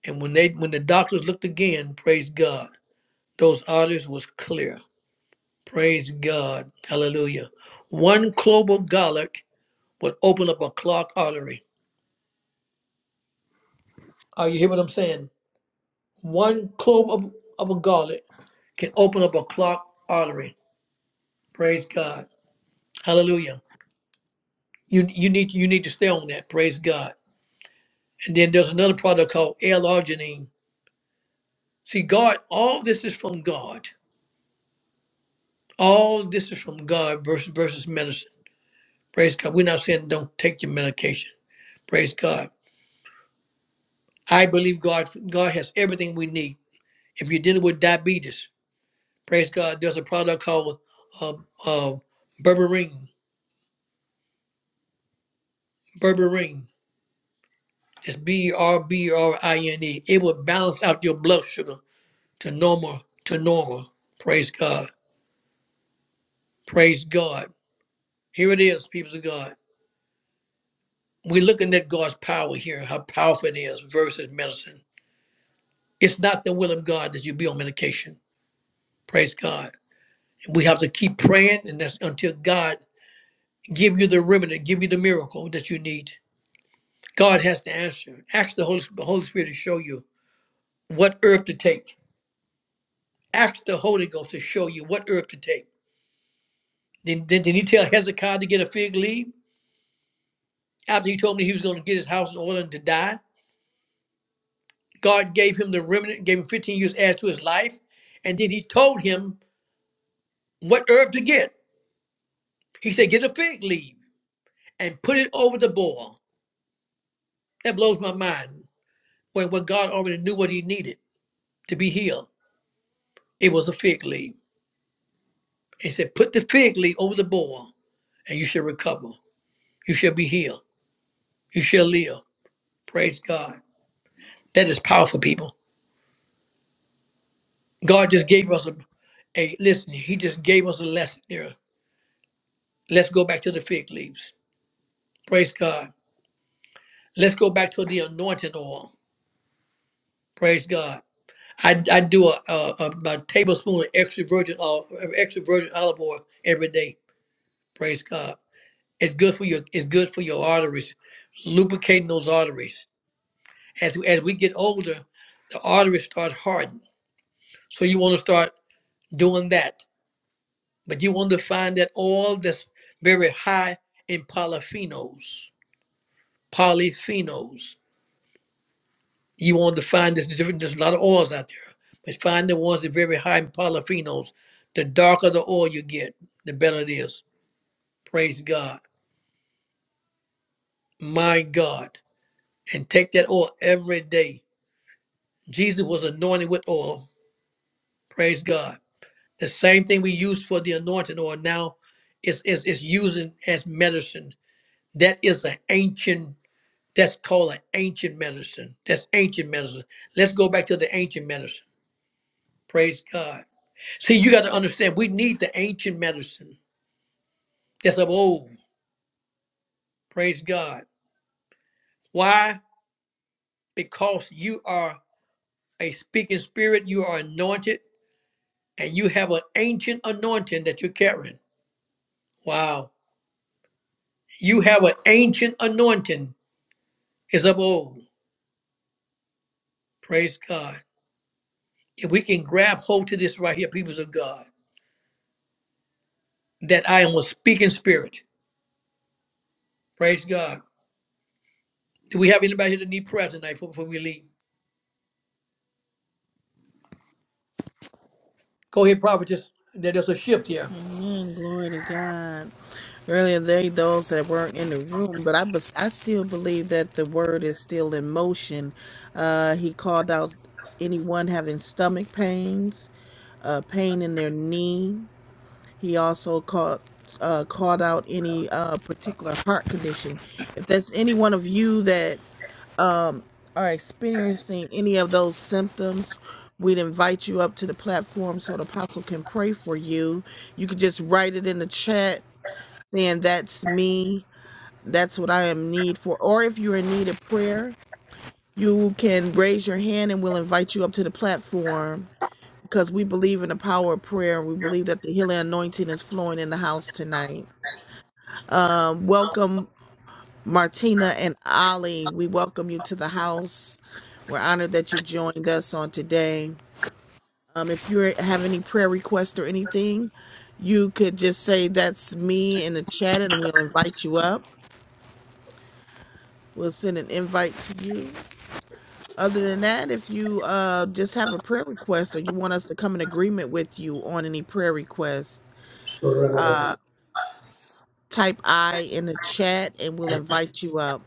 Speaker 1: And when they when the doctors looked again, praise God, those arteries was clear. Praise God. Hallelujah. One clove of garlic would open up a clogged artery. Are you hear what I'm saying? One clove of, of a garlic can open up a clogged artery. Praise God. Hallelujah. You you need you need to stay on that. Praise God. And then there's another product called L-arginine. See, God, all this is from God. All this is from God versus versus medicine. Praise God. We're not saying don't take your medication. Praise God. I believe God God has everything we need. If you're dealing with diabetes, praise God, there's a product called uh, uh, berberine. Berberine. It's B E R B E R I N E. It will balance out your blood sugar to normal to normal. Praise God. Praise God. Here it is, people of God. We're looking at God's power here, how powerful it is versus medicine. It's not the will of God that you be on medication. Praise God. We have to keep praying and that's until God give you the remedy, give you the miracle that you need. God has the answer. Ask the Holy, the Holy Spirit to show you what herb to take. Ask the Holy Ghost to show you what herb to take. Then, then did he tell Hezekiah to get a fig leaf? after he told me he was going to get his house in order and to die. God gave him the remnant, gave him 15 years added to his life, and then he told him what herb to get. He said, Get a fig leaf and put it over the boil. That blows my mind. When, when God already knew what he needed to be healed, it was a fig leaf. He said, Put the fig leaf over the boil, and you shall recover. You shall be healed. You shall live. Praise God. That is powerful, people. God just gave us a, a listen, he just gave us a lesson there Let's go back to the fig leaves. Praise God. Let's go back to the anointed oil. Praise God. I, I do a, a, a, about a tablespoon of extra virgin oil, extra virgin olive oil every day. Praise God. It's good for your it's good for your arteries, lubricating those arteries. As as we get older, the arteries start hardening. So you want to start doing that, but you want to find that oil that's very high in polyphenols. Polyphenols. You want to find this different. There's a lot of oils out there, but find the ones that are very high in polyphenols. The darker the oil you get, the better it is. Praise God, my God, and take that oil every day. Jesus was anointed with oil. Praise God. The same thing we use for the anointing oil now is is is using as medicine. That is an ancient. That's called an ancient medicine. That's ancient medicine. Let's go back to the ancient medicine. Praise God. See, you got to understand, we need the ancient medicine. It's of old. Praise God. Why? Because you are a speaking spirit, you are anointed, and you have an ancient anointing that you're carrying. Wow. You have an ancient anointing. It's of old. Praise God. If we can grab hold to this right here, peoples of God, that I am a speaking spirit. Praise God. Do we have anybody here that need prayer tonight before before we leave? Go ahead, prophetess. There- There's a shift here.
Speaker 2: Amen. Glory to God. Earlier, there are those that weren't in the room, but I, bes- I still believe that the word is still in motion. Uh, he called out anyone having stomach pains, uh, pain in their knee. He also called uh, called out any uh, particular heart condition. If there's any one of you that are experiencing any of those symptoms, we'd invite you up to the platform so the apostle can pray for you. You could just write it in the chat saying, That's me. That's what I am need for. Or if you're in need of prayer, you can raise your hand and we'll invite you up to the platform because we believe in the power of prayer. We believe that the healing anointing is flowing in the house tonight. Um, welcome. Martina and Ali, we welcome you to the house. We're honored that you joined us on today. Um, if you have any prayer requests or anything, you could just say that's me in the chat and we'll invite you up. We'll send an invite to you. Other than that, if you uh, just have a prayer request or you want us to come in agreement with you on any prayer request, uh, type I in the chat and we'll invite you up.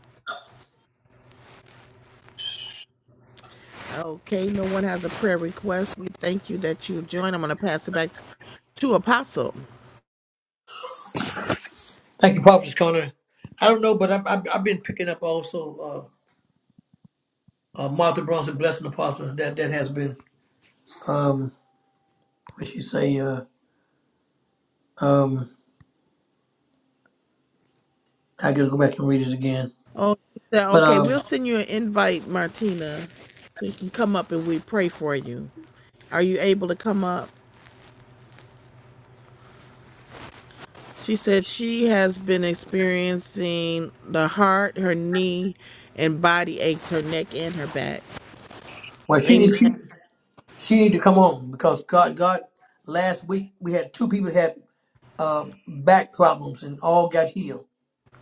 Speaker 2: Okay, no one has a prayer request. We thank you that you joined. I'm going to pass it back to, to Apostle.
Speaker 1: Thank you, Prophet Connor. I don't know, but I've, I've, I've been picking up also uh, uh, Martha Bronson, Blessing Apostle. That that has been, um, what she say, uh, um, I just go back and read it again.
Speaker 2: Oh, she said,
Speaker 1: But
Speaker 2: okay,
Speaker 1: um,
Speaker 2: we'll send you an invite, Martina, so you can come up and we pray for you. Are you able to come up? She said she has been experiencing the heart, her knee, and body aches, her neck and her back.
Speaker 1: well, she
Speaker 2: Amen.
Speaker 1: need she, she need to come on because God God last week we had two people had uh, back problems and all got healed.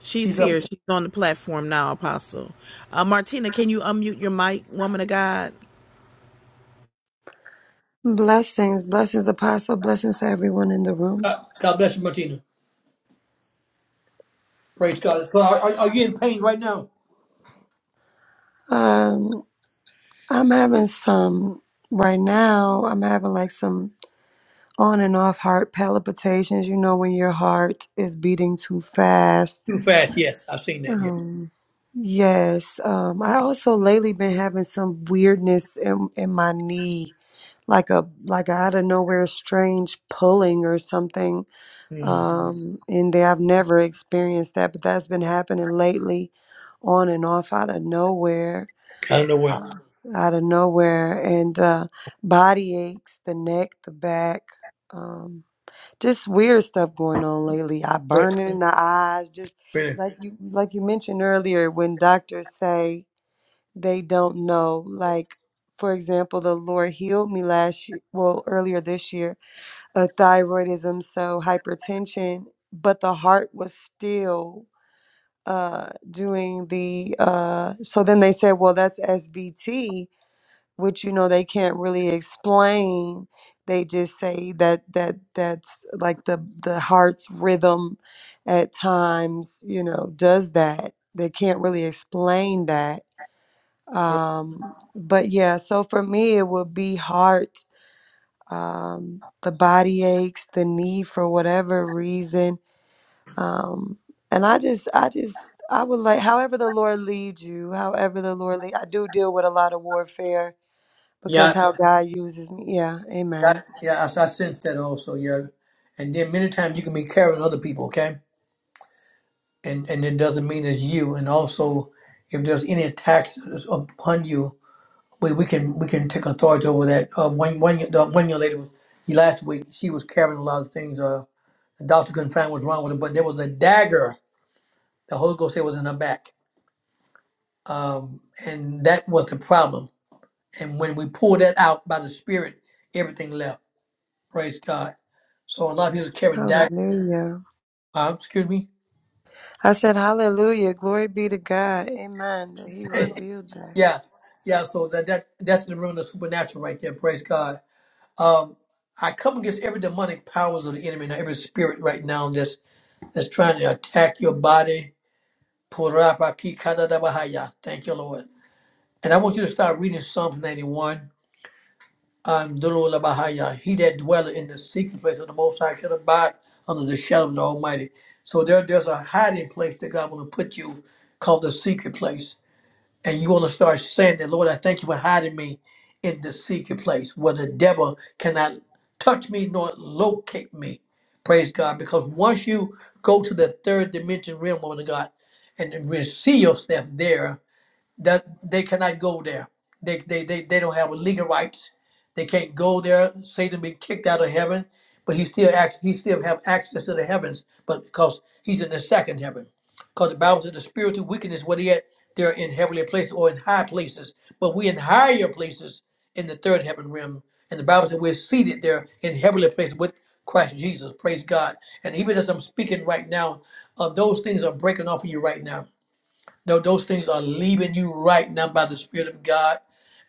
Speaker 2: She's
Speaker 1: She's up
Speaker 2: here.
Speaker 1: there.
Speaker 2: She's on the platform now, Apostle. Uh, Martina, can you unmute your mic, woman of God?
Speaker 3: Blessings, blessings, Apostle, blessings to everyone in the room.
Speaker 1: God, God bless you, Martina. Praise God. So are, are, are you in pain right now?
Speaker 3: Um, I'm having some right now. I'm having like some on and off heart palpitations. You know when your heart is beating too fast.
Speaker 1: Too fast. Yes, I've seen that. Yeah.
Speaker 3: Um, yes. Um, I also lately been having some weirdness in in my knee, like a like a out of nowhere strange pulling or something.
Speaker 1: Mm,
Speaker 3: um, and they, I've never experienced that, but that's been happening lately, on and off, out of nowhere,
Speaker 1: I don't know where.
Speaker 3: Wow. out of nowhere, and uh, body aches, the neck, the back, um, just weird stuff going on lately. I
Speaker 1: Where-
Speaker 3: burning in the eyes, just
Speaker 1: where-
Speaker 3: like you like you mentioned earlier, when doctors say they don't know, like for example, the Lord healed me last year, well earlier this year a thyroidism, so hypertension, but the heart was still uh, doing the. Uh, so then they said, well, that's SVT, which you know they can't really explain. They just say that that that's like the the heart's rhythm at times, you know, does that. They can't really explain that.
Speaker 1: where-
Speaker 3: Um, but yeah, so for me, it would be heart um, the body aches, the need for whatever reason. Um, and I just, I just, I would like, however the Lord leads you, however the Lord lead, I do deal with a lot of warfare because
Speaker 1: Yeah.
Speaker 3: how God uses me. Yeah, amen.
Speaker 1: That, yeah, I, I sense that also. Yeah, and then many times you can be carrying other people, okay, and and it doesn't mean it's you. And also, if there's any attacks upon you, we, we can we can take authority over that. Uh, one one the one young lady was- last week, she was carrying a lot of things. Uh, the doctor couldn't find what's wrong with her, but there was a dagger. The Holy Ghost said was in her back, um, and that was the problem. And when we pulled that out by the Spirit, everything left. Praise God. So a lot of people is carrying
Speaker 3: Hallelujah.
Speaker 1: Uh, excuse me.
Speaker 3: I said, Hallelujah. Glory be to God. Amen. That He revealed that.
Speaker 1: yeah, yeah. So that that that's the realm of supernatural right there. Praise God. Um, I come against every demonic powers of the enemy now, every spirit right now that's that's trying to attack your body. Purapakikadadabahaya. Thank you, Lord. And I want you to start reading Psalm 91. Um, Dululabahaya. he that dwelleth in the secret place of the Most High shall abide under the shadow of the Almighty. So there, there's a hiding place that God want to put you called the secret place. And you want to start saying that, Lord, I thank you for hiding me in the secret place where the devil cannot touch me nor locate me. Praise God. Because once you go to the third dimension realm, woman of God, and then receive yourself there, that they cannot go there. They, they, they, they don't have a legal rights. They can't go there. Satan been kicked out of heaven, but he still act, he still have access to the heavens, but because he's in the second heaven. Because the Bible says the spiritual wickedness, what he had, they're in heavenly places or in high places, but we in higher places in the third heaven realm. And the Bible says we're seated there in heavenly places with Christ Jesus. Praise God. And even as I'm speaking right now, uh, those things are breaking off of you right now no, those things are leaving you right now by the Spirit of God.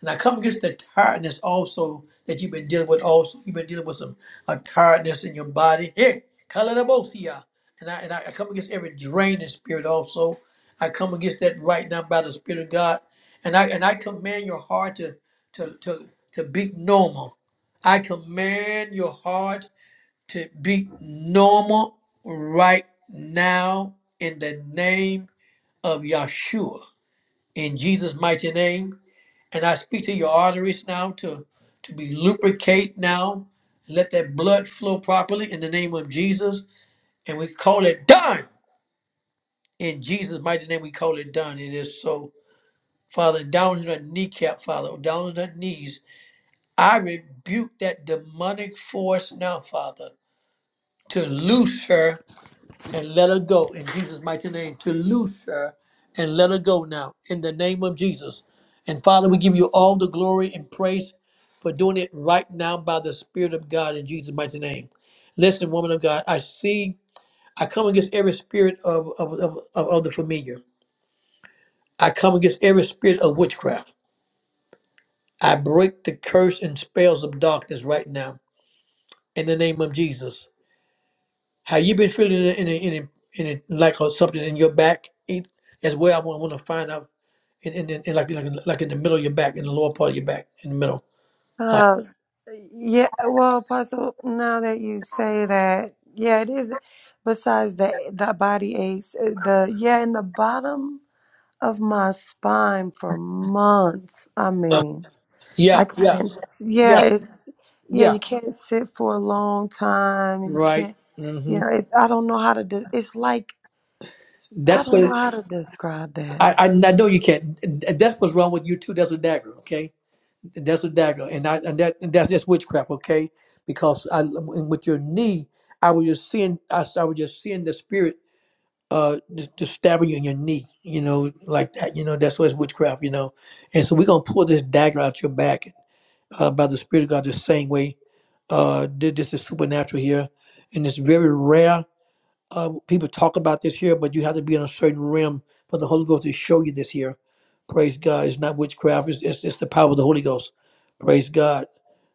Speaker 1: And I come against the tiredness also that you've been dealing with. Also, you've been dealing with some a tiredness in your body. Hey, kaladabosia. And I and I, I come against every draining spirit also. I come against that right now by the Spirit of God. And I and I command your heart to to to to be normal. I command your heart to be normal right now in the name of Yahshua in Jesus' mighty name. And I speak to your arteries now to, to be lubricate now. Let that blood flow properly in the name of Jesus. And we call it done. In Jesus' mighty name, we call it done. It is so. Father, down in her kneecap, Father, down in her knees. I rebuke that demonic force now, Father, to loose her and let her go in Jesus' mighty name, to loose her and let her go now in the name of Jesus. And Father, we give you all the glory and praise for doing it right now by the Spirit of God in Jesus' mighty name. Listen, woman of God, I see, I come against every spirit of, of, of, of, of the familiar. I come against every spirit of witchcraft. I break the curse and spells of darkness right now in the name of Jesus. Have you been feeling it in a, in a, in a, like or something in your back eat- as well? I want, want to find out in, in, in like like like in the middle of your back, in the lower part of your back, in the middle. Like
Speaker 3: Uh, yeah, well, Apostle, now that you say that, yeah, it is. Besides the the body aches, uh, the yeah, in the bottom of my spine for months. I
Speaker 1: uh,
Speaker 3: mean,
Speaker 1: yeah,
Speaker 3: I
Speaker 1: yeah,
Speaker 3: can't. s- Yeah,
Speaker 1: yeah,
Speaker 3: it's yeah.
Speaker 1: yeah.
Speaker 3: You can't sit for a long time. You
Speaker 1: Right.
Speaker 3: can't. You
Speaker 1: hmm
Speaker 3: know, it, I don't know how to. De- it's like I
Speaker 1: That's
Speaker 3: don't know
Speaker 1: what
Speaker 3: how to describe that.
Speaker 1: I, I I know you can't. That's what's wrong with you too. That's a dagger, okay? That's a dagger, and I and that and that's just witchcraft, okay? Because I and with your knee, I was just seeing I, I was just seeing the spirit uh just, just stabbing you in your knee, you know, like that, you know, that's what's witchcraft, you know. And so we're gonna pull this dagger out your back uh by the Spirit of God the same way. Uh thi- this is supernatural here and it's very rare. Uh people talk about this here, but you have to be in a certain realm for the Holy Ghost to show you this here. Praise God. It's not witchcraft, it's it's, it's the power of the Holy Ghost. Praise God.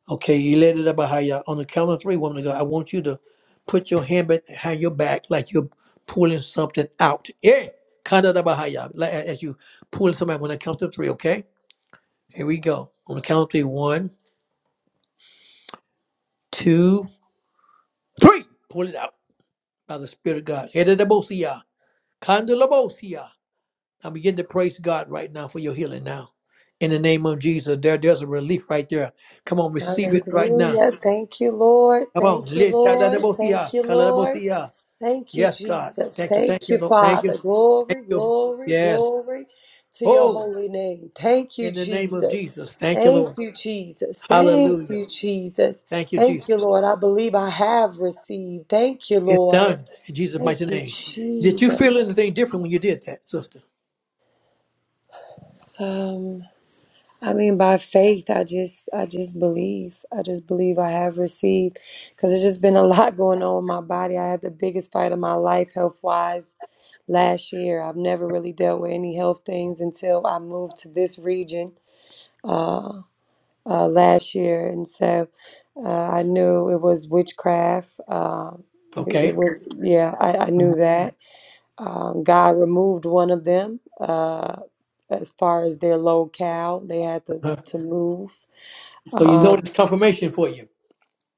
Speaker 1: Okay, you let it up behind you. On the count of three, woman of God, I want you to put your hand behind your back like you're pulling something out. Yeah, kind of behind you, like as you pulling something out when I count to three. Okay, here we go. On the count of three, one, two, three. Pull it out by the Spirit of God. Ede da bosia, Edadabosia, bosia. I begin to praise God right now for your healing now. In the name of Jesus, there, there's a relief right there. Come on, receive it right now.
Speaker 3: Hallelujah. Thank you, Lord.
Speaker 1: Come on.
Speaker 3: Thank you,
Speaker 1: Le- Tada da
Speaker 3: Lord. Thank
Speaker 1: bosia,
Speaker 3: you,
Speaker 1: Litadadabosia,
Speaker 3: Lord.
Speaker 1: bosia.
Speaker 3: Thank you,
Speaker 1: Yes, God.
Speaker 3: Jesus.
Speaker 1: Thank you. Thank
Speaker 3: Thank
Speaker 1: you,
Speaker 3: you,
Speaker 1: Lord. Thank
Speaker 3: Father.
Speaker 1: you. Thank
Speaker 3: Glory,
Speaker 1: you.
Speaker 3: glory,
Speaker 1: Yes.
Speaker 3: glory to your
Speaker 1: Oh,
Speaker 3: holy name. Thank you,
Speaker 1: in the name of
Speaker 3: Jesus.
Speaker 1: Jesus. Thank you,
Speaker 3: Thank
Speaker 1: Lord.
Speaker 3: you, Jesus. Thank
Speaker 1: Hallelujah.
Speaker 3: you, Jesus.
Speaker 1: Thank you,
Speaker 3: Thank
Speaker 1: Jesus.
Speaker 3: you, Lord. I believe I have received. Thank you,
Speaker 1: It's
Speaker 3: Lord.
Speaker 1: done in Jesus' mighty
Speaker 3: Thank you,
Speaker 1: name. Did you
Speaker 3: Jesus.
Speaker 1: feel anything different when you did that, sister?
Speaker 3: Um. I mean, by faith, I just, I just believe. I just believe I have received, because it's just been a lot going on with my body. I had the biggest fight of my life, health wise, last year. I've never really dealt with any health things until I moved to this region uh, uh, last year, and so uh, I knew it was witchcraft. Uh, it,
Speaker 1: Okay.
Speaker 3: it was, yeah, I, I knew that um, God removed one of them uh, as far as their locale. They had to, to move.
Speaker 1: So you know
Speaker 3: Um,
Speaker 1: it's confirmation for you.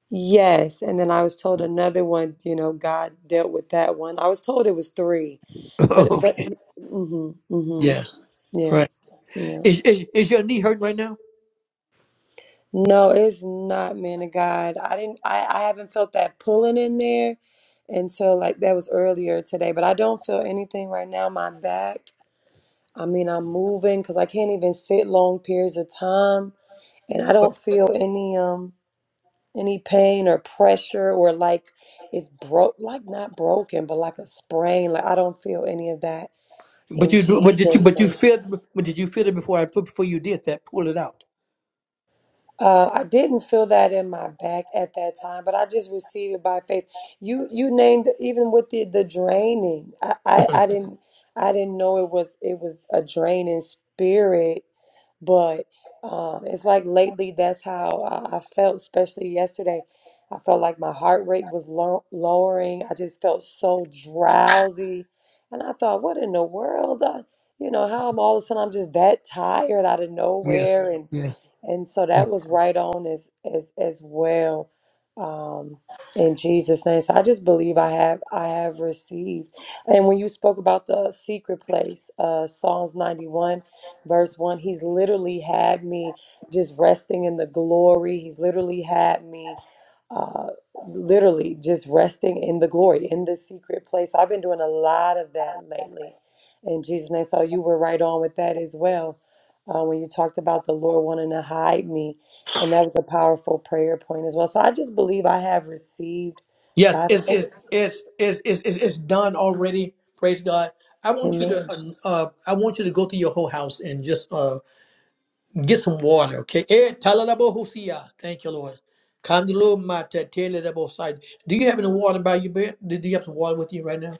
Speaker 3: yes. And then I was told another one, you know, God dealt with that one. I was told it was three, but, but,
Speaker 1: okay.
Speaker 3: mm-hmm, mm-hmm.
Speaker 1: Yeah.
Speaker 3: Yeah,
Speaker 1: Right.
Speaker 3: yeah.
Speaker 1: Is, is is your knee hurting right now?
Speaker 3: No, it's not, man of God. I didn't, I, I haven't felt that pulling in there until like that was earlier today, but I don't feel anything right now. My back. I mean, I'm moving because I can't even sit long periods of time, and I don't
Speaker 1: But
Speaker 3: feel any um any pain or pressure or like it's broke, like not broken, but like a sprain. Like I don't feel any of that
Speaker 1: but
Speaker 3: in
Speaker 1: you do- but did you
Speaker 3: Jesus'
Speaker 1: but you
Speaker 3: name.
Speaker 1: feel but did you feel it before I before you did that? Pull it out.
Speaker 3: Uh, I didn't feel that in my back at that time, but I just received it by faith. You you named it, even with the the draining. I I, I didn't I didn't know it was it was a draining spirit But um, it's like lately, that's how I, I felt, especially yesterday. I felt like my heart rate was low, lowering. I just felt so drowsy. And I thought, what in the world? I, you know, how I'm all of a sudden I'm just that tired out of
Speaker 1: Yes.
Speaker 3: nowhere. And.
Speaker 1: Yeah.
Speaker 3: And so that was right on as as as well um, in Jesus' name. So I just believe I have I have received. And when you spoke about the secret place, uh, Psalms ninety one, verse one, He's literally had me just resting in the glory. He's literally had me. Uh, literally just resting in the glory in the secret place. I've been doing a lot of that lately in Jesus' name. So you were right on with that as well uh, when you talked about the Lord wanting to hide me. And that was a powerful prayer point as well. So I just believe I have received
Speaker 1: Yes,
Speaker 3: by
Speaker 1: it's
Speaker 3: faith.
Speaker 1: it's it's it's it's, it's it's done already. Praise God. I want you
Speaker 3: Amen.
Speaker 1: to uh, uh, I want you to go to your whole house and just uh, get some water, okay? Eh, talalabohusia. Thank you, Lord. Kandilo mata telelabosai. Do you have any water by your bed? Do do you have some water with you right now?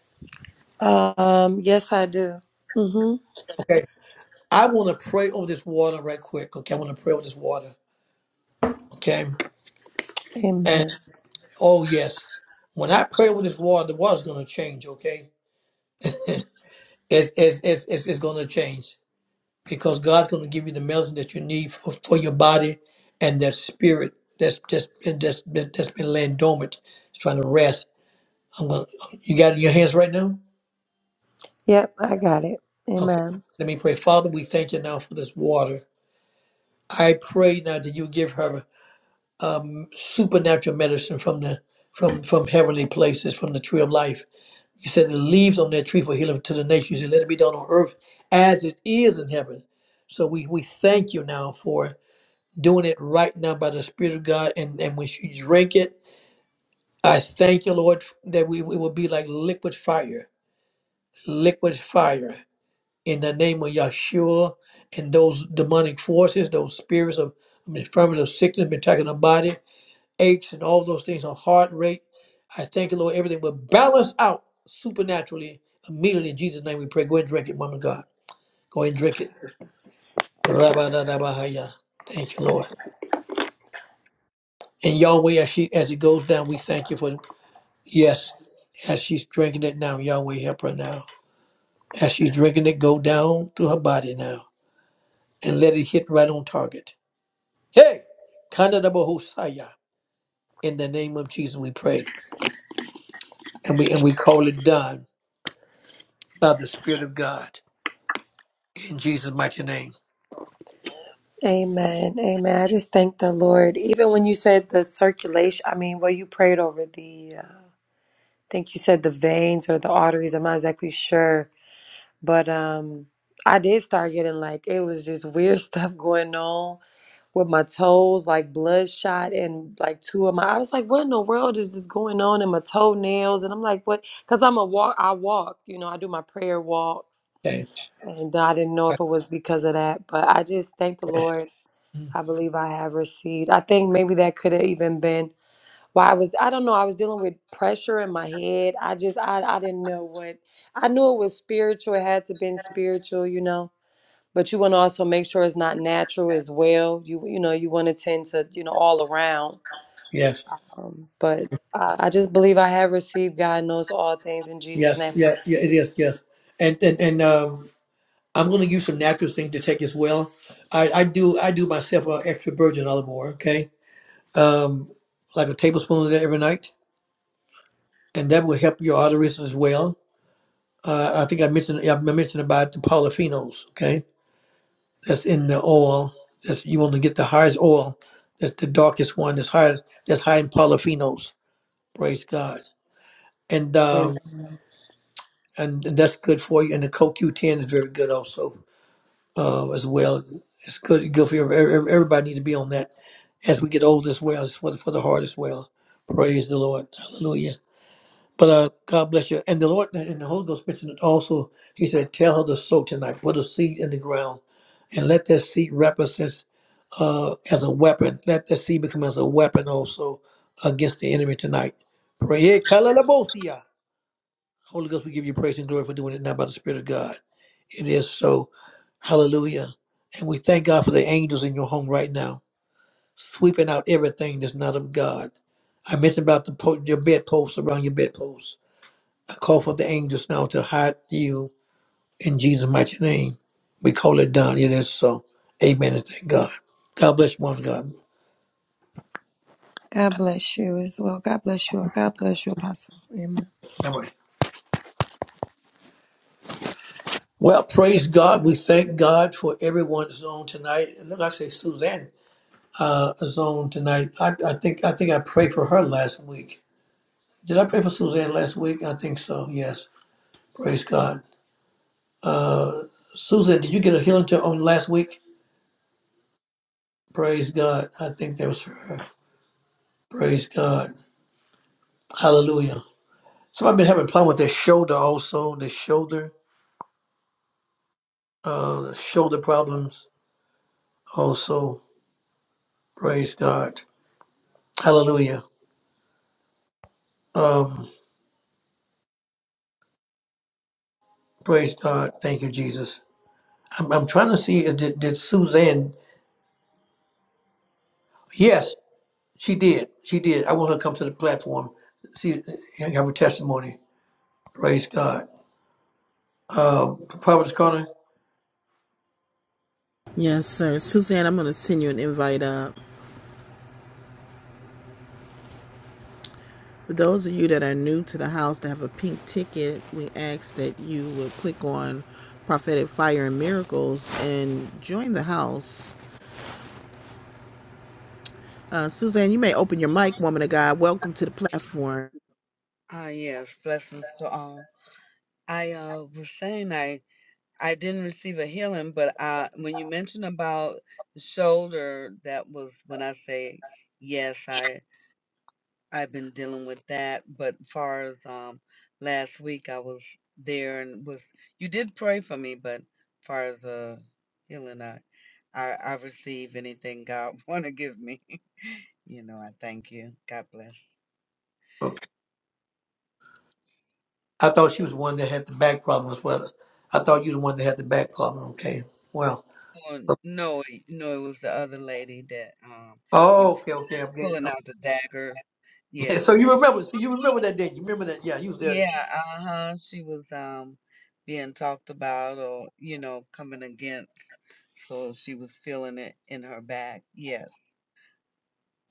Speaker 3: Um, yes, I do. hmm
Speaker 1: Okay. I want to pray over this water right quick. Okay, I want to pray over this water. Okay. And
Speaker 3: Amen.
Speaker 1: oh yes, when I pray over this water, the water's gonna change. Okay, it's it's it's it's, it's gonna change. because God's going to give you the medicine that you need for, for your body and that spirit that's that's been that's been that's been laying dormant, it's trying to rest. I'm going. to You got it in your hands right now.
Speaker 3: Yep, I got it.
Speaker 1: Okay.
Speaker 3: Amen.
Speaker 1: Let me pray. Father, we thank you now for this water. I pray now that you give her supernatural medicine from the from from heavenly places, from the tree of life. You said the leaves on that tree for healing to the nations. You said, let it be done on earth as it is in heaven. So we we thank you now for doing it right now by the Spirit of God. And, and when she drink it, I thank you, Lord, that we, we will be like liquid fire, liquid fire in the name of Yahshua and those demonic forces, those spirits of I mean, infirmities of sickness been attacking the body, aches and all those things, a heart rate. I thank you, Lord, everything will balance out supernaturally immediately in Jesus' name we pray. Go ahead and drink it, woman of God. Go ahead and drink it. Rabba-da-da-ba-ha-ya. Thank you, Lord. And Yahweh, as, she, as it goes down, we thank you for Yes, as she's drinking it now, Yahweh help her now. As she's drinking it, go down to her body now and let it hit right on target. Hey, Kanadabohosaya. In the name of Jesus, we pray and we and we call it done by the Spirit of God in Jesus' mighty name.
Speaker 3: Amen. Amen. I just thank the Lord. Even when you said the circulation, I mean, well, you prayed over the, uh, I think you said the veins or the arteries. I'm not exactly sure. But um, I did start getting like, it was just weird stuff going on with my toes like bloodshot and like two of my I was like, what in the world is this going on in my toenails? And I'm like, what? Because I'm a walk. I walk. You know, I do my prayer walks,
Speaker 1: Okay.
Speaker 3: and I didn't know if it was because of that, but I just thank the Lord. I believe I have received. I think maybe that could have even been why I was. I don't know. I was dealing with pressure in my head. I just I I didn't know what. I knew it was spiritual. It had to been spiritual. You know but you want to also make sure it's not natural as well. You you know you want to tend to you know all around.
Speaker 1: Yes,
Speaker 3: Um, but I, I just believe I have received. God knows all things in Jesus'
Speaker 1: yes,
Speaker 3: name.
Speaker 1: yeah, yeah, it is, yes. And and, and um, I'm going to give you some natural things to take as well. I, I do I do myself an extra virgin olive oil, okay? um, like a tablespoon of that every night, and that will help your arteries as well. Uh, I think I mentioned yeah, I mentioned about the polyphenols. Okay, that's in the oil. That's you want to get the highest oil. That's the darkest one. That's high. That's high in polyphenols. Praise God. And
Speaker 3: Amen.
Speaker 1: um, and that's good for you. And the CoQ10 is very good also uh, as well. It's good. Good for your, everybody. Needs to be on that as we get older as well. It's for the, for the heart as well. Praise the Lord. Hallelujah. But uh, God bless you. And the Lord and the Holy Ghost mentioned it also. He said, Tell her to sow tonight, put a seed in the ground, and let that seed represent uh, as a weapon. Let that seed become as a weapon also against the enemy tonight. Pray. Hey, Kalalabosia. Holy Ghost, we give you praise and glory for doing it now by the Spirit of God. It is so. Hallelujah. And we thank God for the angels in your home right now, sweeping out everything that's not of God. I mentioned about the po- your bedposts around your bedposts. I call for the angels now to hide you in Jesus' mighty name. We call it done. It is so. Amen and thank God. God bless you, once God.
Speaker 3: God bless you as well. God bless you. God bless you, Apostle. Amen.
Speaker 1: Amen. Well, praise God. We thank God for everyone's on tonight. It looks like say Suzanne uh, is on tonight. I, I think I think I prayed for her last week. Did I pray for Suzanne last week? I think so. Yes. Praise God. Uh, Susan, did you get a healing to on last week? Praise God. I think that was for her. Praise God. Hallelujah. So I've been having problem with this shoulder also, the shoulder, uh, shoulder problems also. Praise God. Hallelujah. Um, praise God. Thank you, Jesus. I'm, I'm trying to see, uh, did, did Suzanne, yes, she did. She did. I want her to come to the platform, see, uh, have a testimony. Praise God. Um, Providence Connor,
Speaker 2: Yes, sir. Suzanne, I'm going to send you an invite up. For those of you that are new to the house that have a pink ticket, we ask that you would click on Prophetic Fire and Miracles and join the house. Uh, Suzanne, you may open your mic, woman of God. Welcome to the platform.
Speaker 4: Ah, yes, blessings to all. I uh, was saying I I didn't receive a healing, but I, when you mentioned about the shoulder, that was when I say yes, I I've been dealing with that. But far as um last week, I was there and was you did pray for me, but far as uh healing, I I, I receive anything God want to give me. You know, I thank you. God bless.
Speaker 1: okay. I thought she was the one that had the back problem as well. I thought you were the one that had the back problem. Okay. Well,
Speaker 4: Well,
Speaker 1: uh,
Speaker 4: no, it- no, it was the other lady that um. you
Speaker 1: oh,
Speaker 4: was.
Speaker 1: okay, okay. I'm getting,
Speaker 4: Pulling out the daggers.
Speaker 1: Yeah,
Speaker 4: Yes.
Speaker 1: so you remember, so you remember that day. You remember that? Yeah, you was there then.
Speaker 4: Yeah, uh-huh. She was um being talked about or, you know, coming against. So she was feeling it in her back. Yes.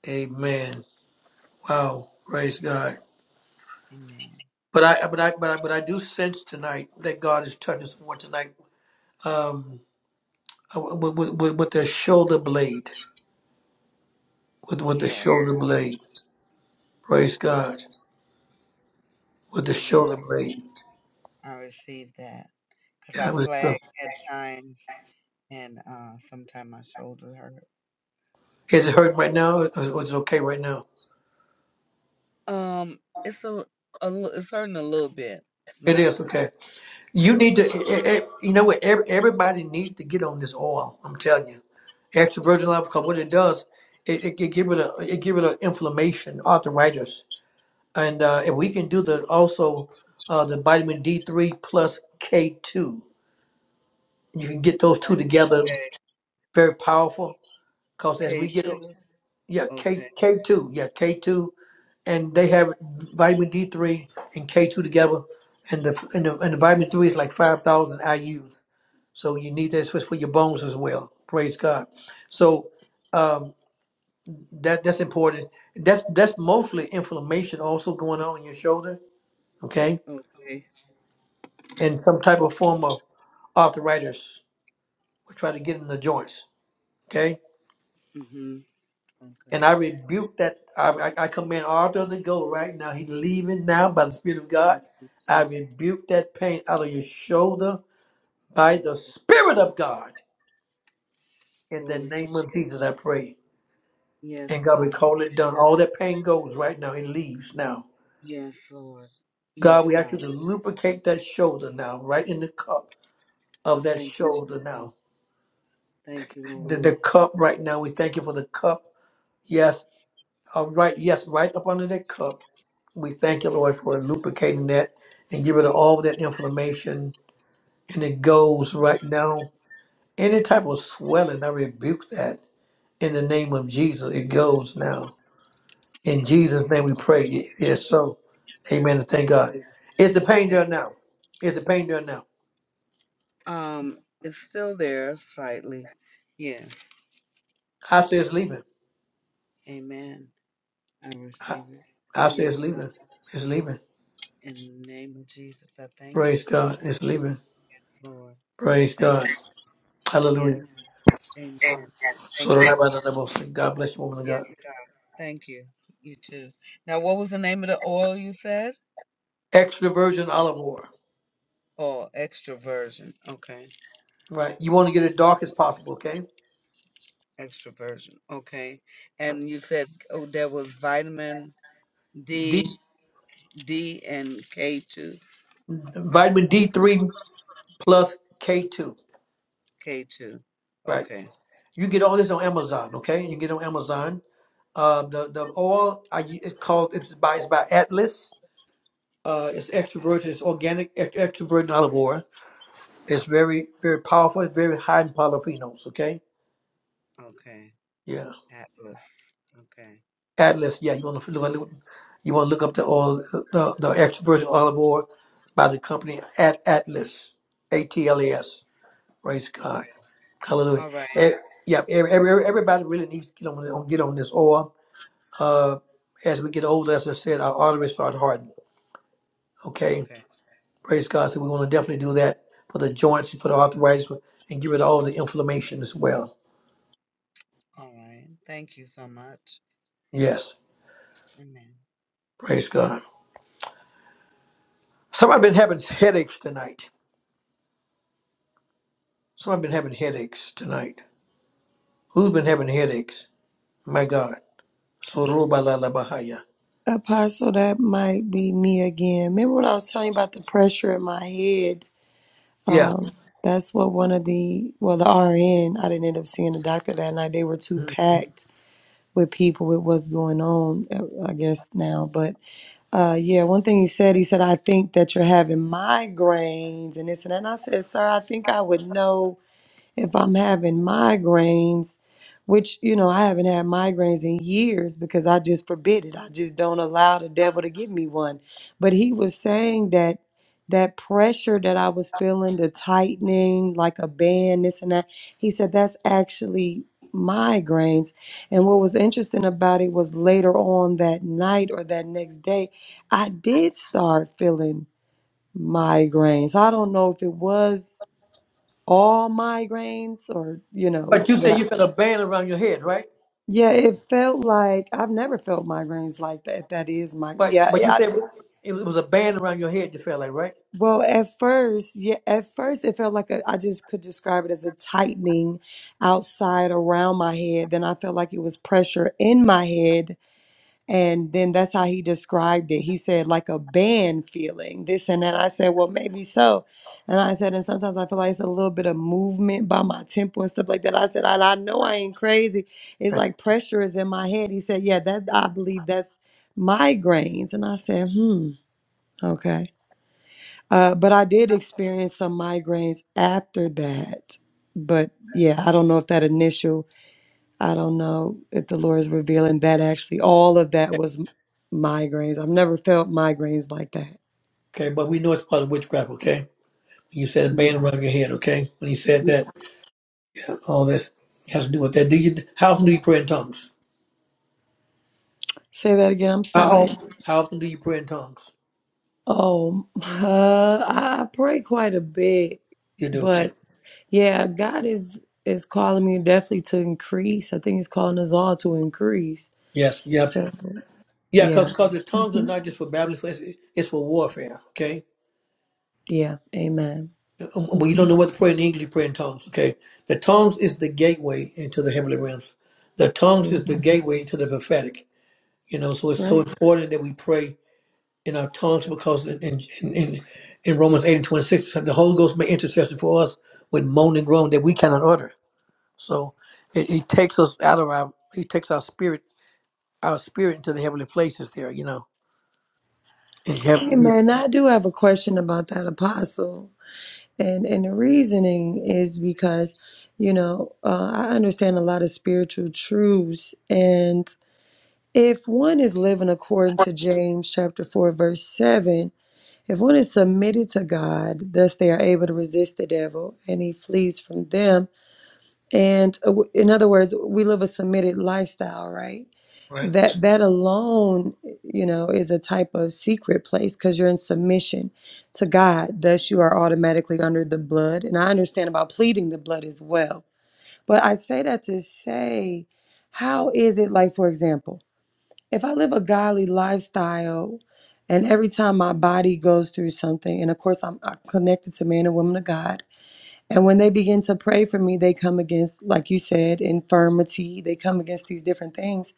Speaker 1: Amen. Wow. Praise God.
Speaker 4: Amen.
Speaker 1: But I, but I, but I, but I do sense tonight that God is touching someone tonight. Um, with with, with with the shoulder blade, with with the
Speaker 4: Yes.
Speaker 1: shoulder blade. Praise God. With the
Speaker 4: Amen.
Speaker 1: shoulder blade.
Speaker 4: I received that. Because I
Speaker 1: Yeah, with the shoulder.
Speaker 4: flagged at times and uh sometimes my shoulder hurt.
Speaker 1: Is it hurting right now, or or is it okay right now?
Speaker 4: Um, it's a a, l- a l- it's hurting a little bit. It's
Speaker 1: It
Speaker 4: not
Speaker 1: is okay.
Speaker 4: a
Speaker 1: You
Speaker 4: little
Speaker 1: need
Speaker 4: bit.
Speaker 1: to. eh, eh, eh, you know what? Every- Everybody needs to get on this oil. I'm telling you. Extra virgin olive oil. what it does, it, it, it give it a it give it an inflammation, arthritis, and uh, if we can do the also uh, the vitamin D three plus K two, you can get those
Speaker 4: But
Speaker 1: two together,
Speaker 4: okay.
Speaker 1: very powerful. Because as
Speaker 4: K
Speaker 1: we get
Speaker 4: two.
Speaker 1: yeah K
Speaker 4: Okay.
Speaker 1: K two yeah K two, and they have vitamin D three and K two together, and the and the, and the vitamin three is like five thousand IU's, so you need that for for your bones as well. Praise God. So. um, That that's important. That's that's mostly inflammation also going on in your shoulder, okay,
Speaker 4: Okay.
Speaker 1: and some type of form of arthritis. We try to get in the joints, okay.
Speaker 4: Mhm. Okay.
Speaker 1: And I rebuke that. I, I, I command Arthur to go right now. He's leaving now by the Spirit of God.
Speaker 4: Thank you,
Speaker 1: I
Speaker 4: Jesus.
Speaker 1: rebuke that pain out of your shoulder by
Speaker 4: Yes,
Speaker 1: the
Speaker 4: Lord.
Speaker 1: Spirit of God. In the
Speaker 4: Glory to
Speaker 1: name of Jesus,
Speaker 4: Jesus.
Speaker 1: I pray.
Speaker 4: Yes,
Speaker 1: And God, we
Speaker 4: God.
Speaker 1: call it done. All that pain goes right now. It leaves now.
Speaker 4: Yes, Lord. Yes,
Speaker 1: God, we ask
Speaker 4: God.
Speaker 1: you to lubricate that shoulder now, right in the cup of that
Speaker 4: Thank you, Jesus.
Speaker 1: shoulder now.
Speaker 4: Thank you, Lord.
Speaker 1: The, the cup right now, we thank you for the cup. Yes, uh, right, yes, right up under that cup. We thank you, Lord, for lubricating that and give rid of all that inflammation. And it goes right now. Any type of swelling, I rebuke that in the name of Jesus. It goes now. In
Speaker 4: Yes,
Speaker 1: Jesus' name we pray. It is so. Amen. And thank
Speaker 4: yes.
Speaker 1: God. Is the pain
Speaker 4: Thank
Speaker 1: there
Speaker 4: you.
Speaker 1: now? Is the pain there now?
Speaker 4: Um, it's still there slightly. Yes.
Speaker 1: I say it's leaving.
Speaker 4: Amen. I
Speaker 1: I,
Speaker 4: receive it.
Speaker 1: I say it's
Speaker 4: Yes, God.
Speaker 1: leaving. It's leaving.
Speaker 4: In the name of Jesus, I thank you.
Speaker 1: Praise God. It's leaving.
Speaker 4: Yes, Lord.
Speaker 1: Praise
Speaker 4: Thank
Speaker 1: God.
Speaker 4: you. Yes.
Speaker 1: Hallelujah.
Speaker 4: Amen.
Speaker 1: So
Speaker 4: Thank
Speaker 1: the
Speaker 4: you.
Speaker 1: rabbi does that most. thing. God bless you, woman of
Speaker 4: Yes,
Speaker 1: God.
Speaker 4: God. Thank you. You too. Now, what was the name of the oil you said?
Speaker 1: Extra virgin olive oil.
Speaker 4: Oh, extroversion. Okay.
Speaker 1: Right. You want to get it dark as possible, okay?
Speaker 4: Extroversion. Okay. And you said oh there was vitamin
Speaker 1: D
Speaker 4: D, D and K2.
Speaker 1: vitamin D three plus K two.
Speaker 4: K2.
Speaker 1: Right.
Speaker 4: Okay.
Speaker 1: You get all this on Amazon, okay? You get it on Amazon. Uh, the the oil I, it's called it's by it's by Atlas. Uh, it's
Speaker 4: At,
Speaker 1: extra virgin. It's organic ex- extra virgin olive oil. It's very very powerful. It's very high in polyphenols. Okay.
Speaker 4: okay.
Speaker 1: Yeah.
Speaker 4: Atlas. Okay.
Speaker 1: Atlas, yeah, you want to look, you want to look up the oil, the the extra virgin olive oil by the company at Atlas, A T L A S. Praise
Speaker 4: Okay.
Speaker 1: God, Hallelujah.
Speaker 4: All right.
Speaker 1: Eh, yeah, every, every, everybody really needs to get on on- get on this oil. Uh, as we get older, as I said, our arteries start hardening. Okay,
Speaker 4: Okay.
Speaker 1: praise God. So we want to definitely do that for the joints, for the arthritis, and give it all the inflammation as well.
Speaker 4: All right. Thank you so much.
Speaker 1: Yes,
Speaker 4: Amen.
Speaker 1: praise God. Somebody been having headaches tonight. Somebody been having headaches tonight. Who's been having headaches? My God. Sorobalalabahaya.
Speaker 3: Apostle, that might be me again. Remember when I was telling you about the pressure in my head?
Speaker 1: Yeah.
Speaker 3: Um, that's what one of the well, the RN. I didn't end up seeing the doctor that night. They were too packed with people with what's going on. uh, I guess now, but Uh, yeah, one thing he said, he said, I think that you're having migraines and this and that. And I said, Sir, I think I would know if I'm having migraines, which, you know, I haven't had migraines in years because I just forbid it. I just don't allow the devil to give me one. But he was saying that that pressure that I was feeling, the tightening, like a band, this and that, he said that's actually migraines. And what was interesting about it was later on that night or that next day, I did start feeling migraines. I don't know if it was all migraines or you know
Speaker 1: But you
Speaker 3: what
Speaker 1: said
Speaker 3: I,
Speaker 1: you felt a band around your head, right?
Speaker 3: yeah it felt like i've never felt migraines like that that is my
Speaker 1: But
Speaker 3: yeah
Speaker 1: but you
Speaker 3: yeah, I,
Speaker 1: said
Speaker 3: it-
Speaker 1: it was a band around your head you felt like, right?
Speaker 3: well at first yeah at first it felt like a, i just could describe it as a tightening outside around my head then i felt like it was pressure in my head And then that's how he described it. He said, like a band feeling, this and that. I said, well, maybe so. And I said, and sometimes I feel like it's a little bit of movement by my temple and stuff like that. I said, and I know I ain't crazy. It's like pressure is in my head. He said, yeah, that I believe that's migraines. And I said, hmm, okay. Uh, but I did experience some migraines after that. But yeah, I don't know if that initial I don't know if the Lord is revealing that actually all of that
Speaker 1: Okay,
Speaker 3: was m- migraines. I've never felt migraines like that.
Speaker 1: okay, but we know it's part of witchcraft, okay? You said a
Speaker 3: Yeah.
Speaker 1: band around your head, okay? When you said
Speaker 3: yeah.
Speaker 1: that, all this has to do with that. Do you how often do you pray in tongues?
Speaker 3: Say that again. I'm
Speaker 1: How
Speaker 3: sorry.
Speaker 1: often how often do you pray in tongues?
Speaker 3: Oh, uh, I I pray quite a bit,
Speaker 1: You do, okay.
Speaker 3: but yeah, God is is calling me definitely to increase. I think He's calling us all to increase.
Speaker 1: Yes, you have to.
Speaker 3: So,
Speaker 1: Yeah,
Speaker 3: yeah,
Speaker 1: because the tongues are
Speaker 3: hmm
Speaker 1: not just for babbling, it's, it's for warfare, okay?
Speaker 3: yeah. Amen.
Speaker 1: But you
Speaker 3: hmm
Speaker 1: don't know what to pray in English, you pray in tongues. Okay. The tongues is the gateway into the heavenly realms. The tongues is the gateway into the prophetic. You know, so it's so
Speaker 3: Right.
Speaker 1: important that we pray in our tongues because in in, in, in Romans 8 and 26, the Holy Ghost made intercession for us with moan and groan that we cannot utter. So it, it takes us out of our it takes our spirit our spirit into the heavenly places there, you know. In heaven yeah.
Speaker 3: Amen. I do have a question about that apostle. And and the reasoning is because, you know, uh, I understand a lot of spiritual truths, and if one is living according to James chapter four verse seven, if one is submitted to God, thus they are able to resist the devil, and he flees from them. And uh, w- in other words, we live a submitted lifestyle, right?
Speaker 1: Right.
Speaker 3: that that alone you know is a type of secret place because you're in submission to god thus you are automatically under the blood and i understand about pleading the blood as well but i say that to say how is it like for example if i live a godly lifestyle and every time my body goes through something and of course i'm, I'm connected to man and woman of god and when they begin to pray for me they come against like you said infirmity they come against these different things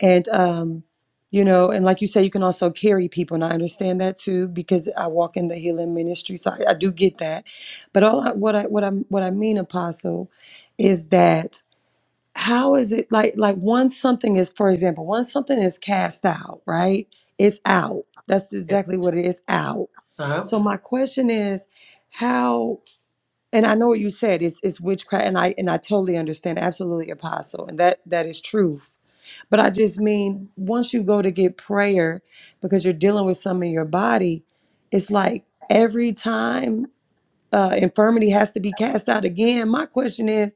Speaker 3: and um you know and like you say you can also carry people and i understand that too because i walk in the healing ministry so i, I do get that but all I, what i what i what i mean apostle is that how is it like like once something is for example once something is cast out right it's out that's
Speaker 1: Yeah.
Speaker 3: exactly what it is out
Speaker 1: Uh-huh.
Speaker 3: so my question is how and i know what you said it's it's witchcraft and i and i totally understand absolutely apostle and that that is true but I just mean, once you go to get prayer because you're dealing with some in your body, it's like every time uh, infirmity has to be cast out again. My question is,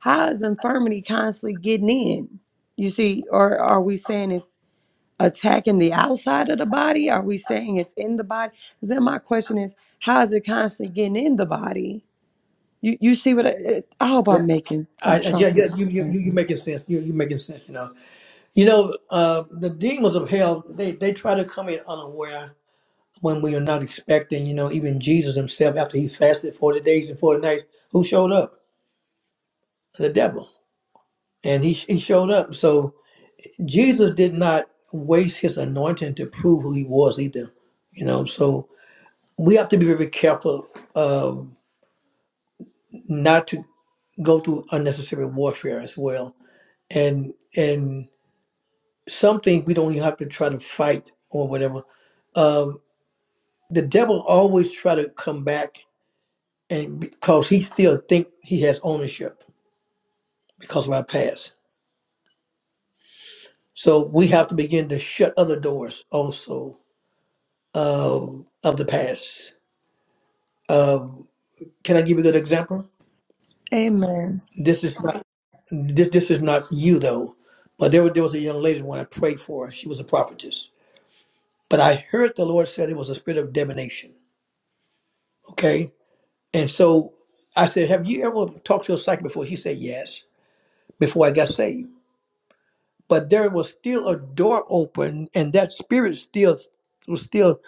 Speaker 3: how is infirmity constantly getting in? You see, or are we saying it's attacking the outside of the body? Are we saying it's in the body? 'Cause then my question is, how is it constantly getting in the body? You you see what I, I hope
Speaker 1: Yeah.
Speaker 3: I'm making? I'm
Speaker 1: I, I,
Speaker 3: trying
Speaker 1: yeah,
Speaker 3: to
Speaker 1: yeah, you, you, you,
Speaker 3: explain.
Speaker 1: you making sense. You, you making sense, you know. You know, uh, the demons of hell, they, they try to come in unaware when we are not expecting. You know, even Jesus himself, after he fasted 40 days and 40 nights, who showed up? The devil. And he, he showed up. So Jesus did not waste his anointing to prove who he was either. You know, so we have to be very careful um, not to go through unnecessary warfare as well. And, and some things we don't even have to try to fight or whatever. Uh, the devil always try to come back and because he still think he has ownership because of our past so we have to begin to shut other doors also of of the past um, can i give you a good example
Speaker 3: Amen.
Speaker 1: this is not this, this is not you though but there, was there was a young lady when i prayed for her she was a prophetess but i heard the lord said it was a spirit of divination okay and so i said have you ever talked to a psychic before He said yes before i got saved but there was still a door open and that spirit still was still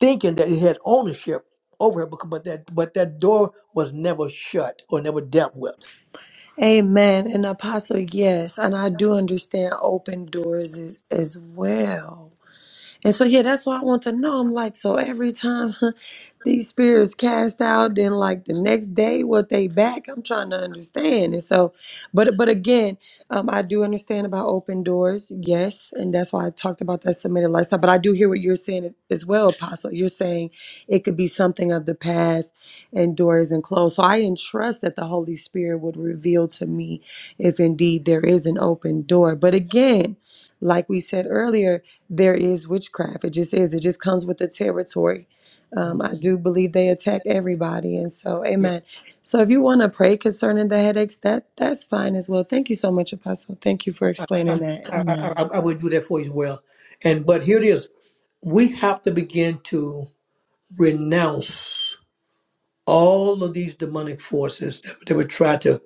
Speaker 1: thinking that it had ownership over it becau- but that but that door was never shut or never dealt with
Speaker 3: Amen. And Apostle, yes. And I do understand open doors as, as well. And so, yeah, that's why I want to know. I'm like, so every time these spirits cast out, then like the next day, what they back, I'm trying to understand. And so, but but again, um, I do understand about open doors, yes, and that's why I talked about that submitted lifestyle. But I do hear what you're saying as well, Apostle. You're saying it could be something of the past, and doors and closed. So I entrust that the Holy Spirit would reveal to me if indeed there is an open door. But again like we said earlier, there is witchcraft. It just is. It just comes with the territory.
Speaker 1: Mm.
Speaker 3: Um, I do believe they attack everybody, and so
Speaker 1: yeah
Speaker 3: amen. So if you want to pray concerning the headaches, that that's fine as well. Thank you so much, Apostle. Thank you for
Speaker 1: I,
Speaker 3: explaining that.
Speaker 1: I, I,
Speaker 3: Amen.
Speaker 1: I I would do that for you as well and but here it is we have to begin to renounce all of these demonic forces that, that would try to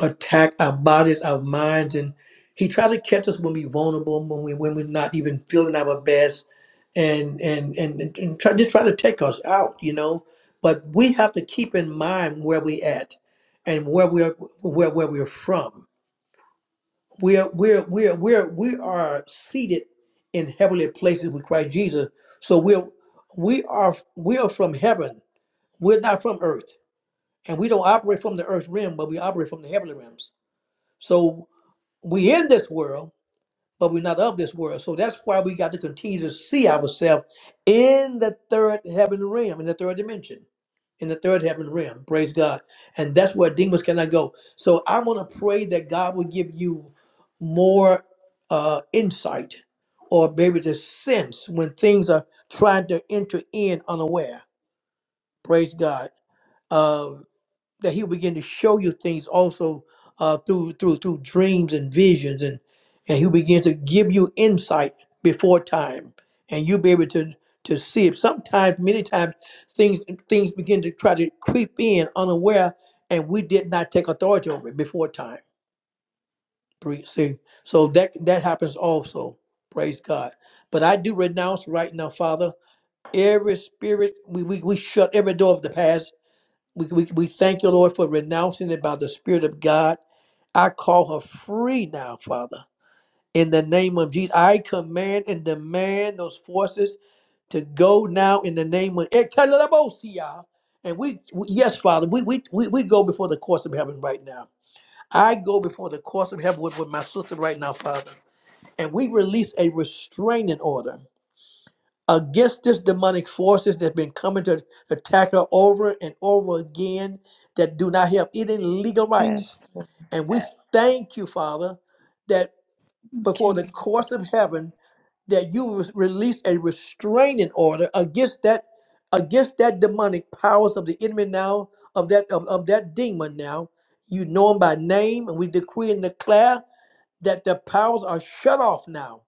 Speaker 1: attack our bodies, our minds, and he tried to catch us when we're vulnerable, when we when we're not even feeling our best, and and and, and, and try just try to take us out, you know. But we have to keep in mind where we at, and where we're where where we're from. We are we're we're we're we are seated in heavenly places with Christ Jesus. So we're we are we are from heaven. We're not from earth, and we don't operate from the earth realm, but we operate from the heavenly realms. So we in this world, but we're not of this world. So that's why we got to continue to see ourselves in the third heaven realm, in the third dimension, in the third heaven realm. Praise God. And that's where demons cannot go. So I want to pray that God will give you more uh, insight or maybe just sense when things are trying to enter in unaware. Praise God that he'll begin to show you things also uh, through through through dreams and visions and and he'll begin to give you insight before time and you'll be able to to see it sometimes many times things things begin to try to creep in unaware and we did not take authority over it before time Pre- see so that that happens also praise god but i do renounce right now father every spirit we, we, we shut every door of the past we, we, we thank you, Lord, for renouncing it by the Spirit of God. I call her free now, Father. In the name of Jesus, I command and demand those forces to go now in the name of Ekalabosia. And we, we yes, Father, we, we, we, we go before the courts of heaven right now. I go before the courts of heaven with, with my sister right now, Father. And we release a restraining order against this demonic forces that have been coming to attack her over and over again that do not have any legal rights.
Speaker 3: Yes,
Speaker 1: And we Yes. thank you, Father, that
Speaker 3: thank
Speaker 1: before
Speaker 3: you.
Speaker 1: the courts of heaven, that you res- release a restraining order against that against that demonic powers of the enemy now, of that of, of that demon now. You know him by name, and we decree and declare that the powers are shut off now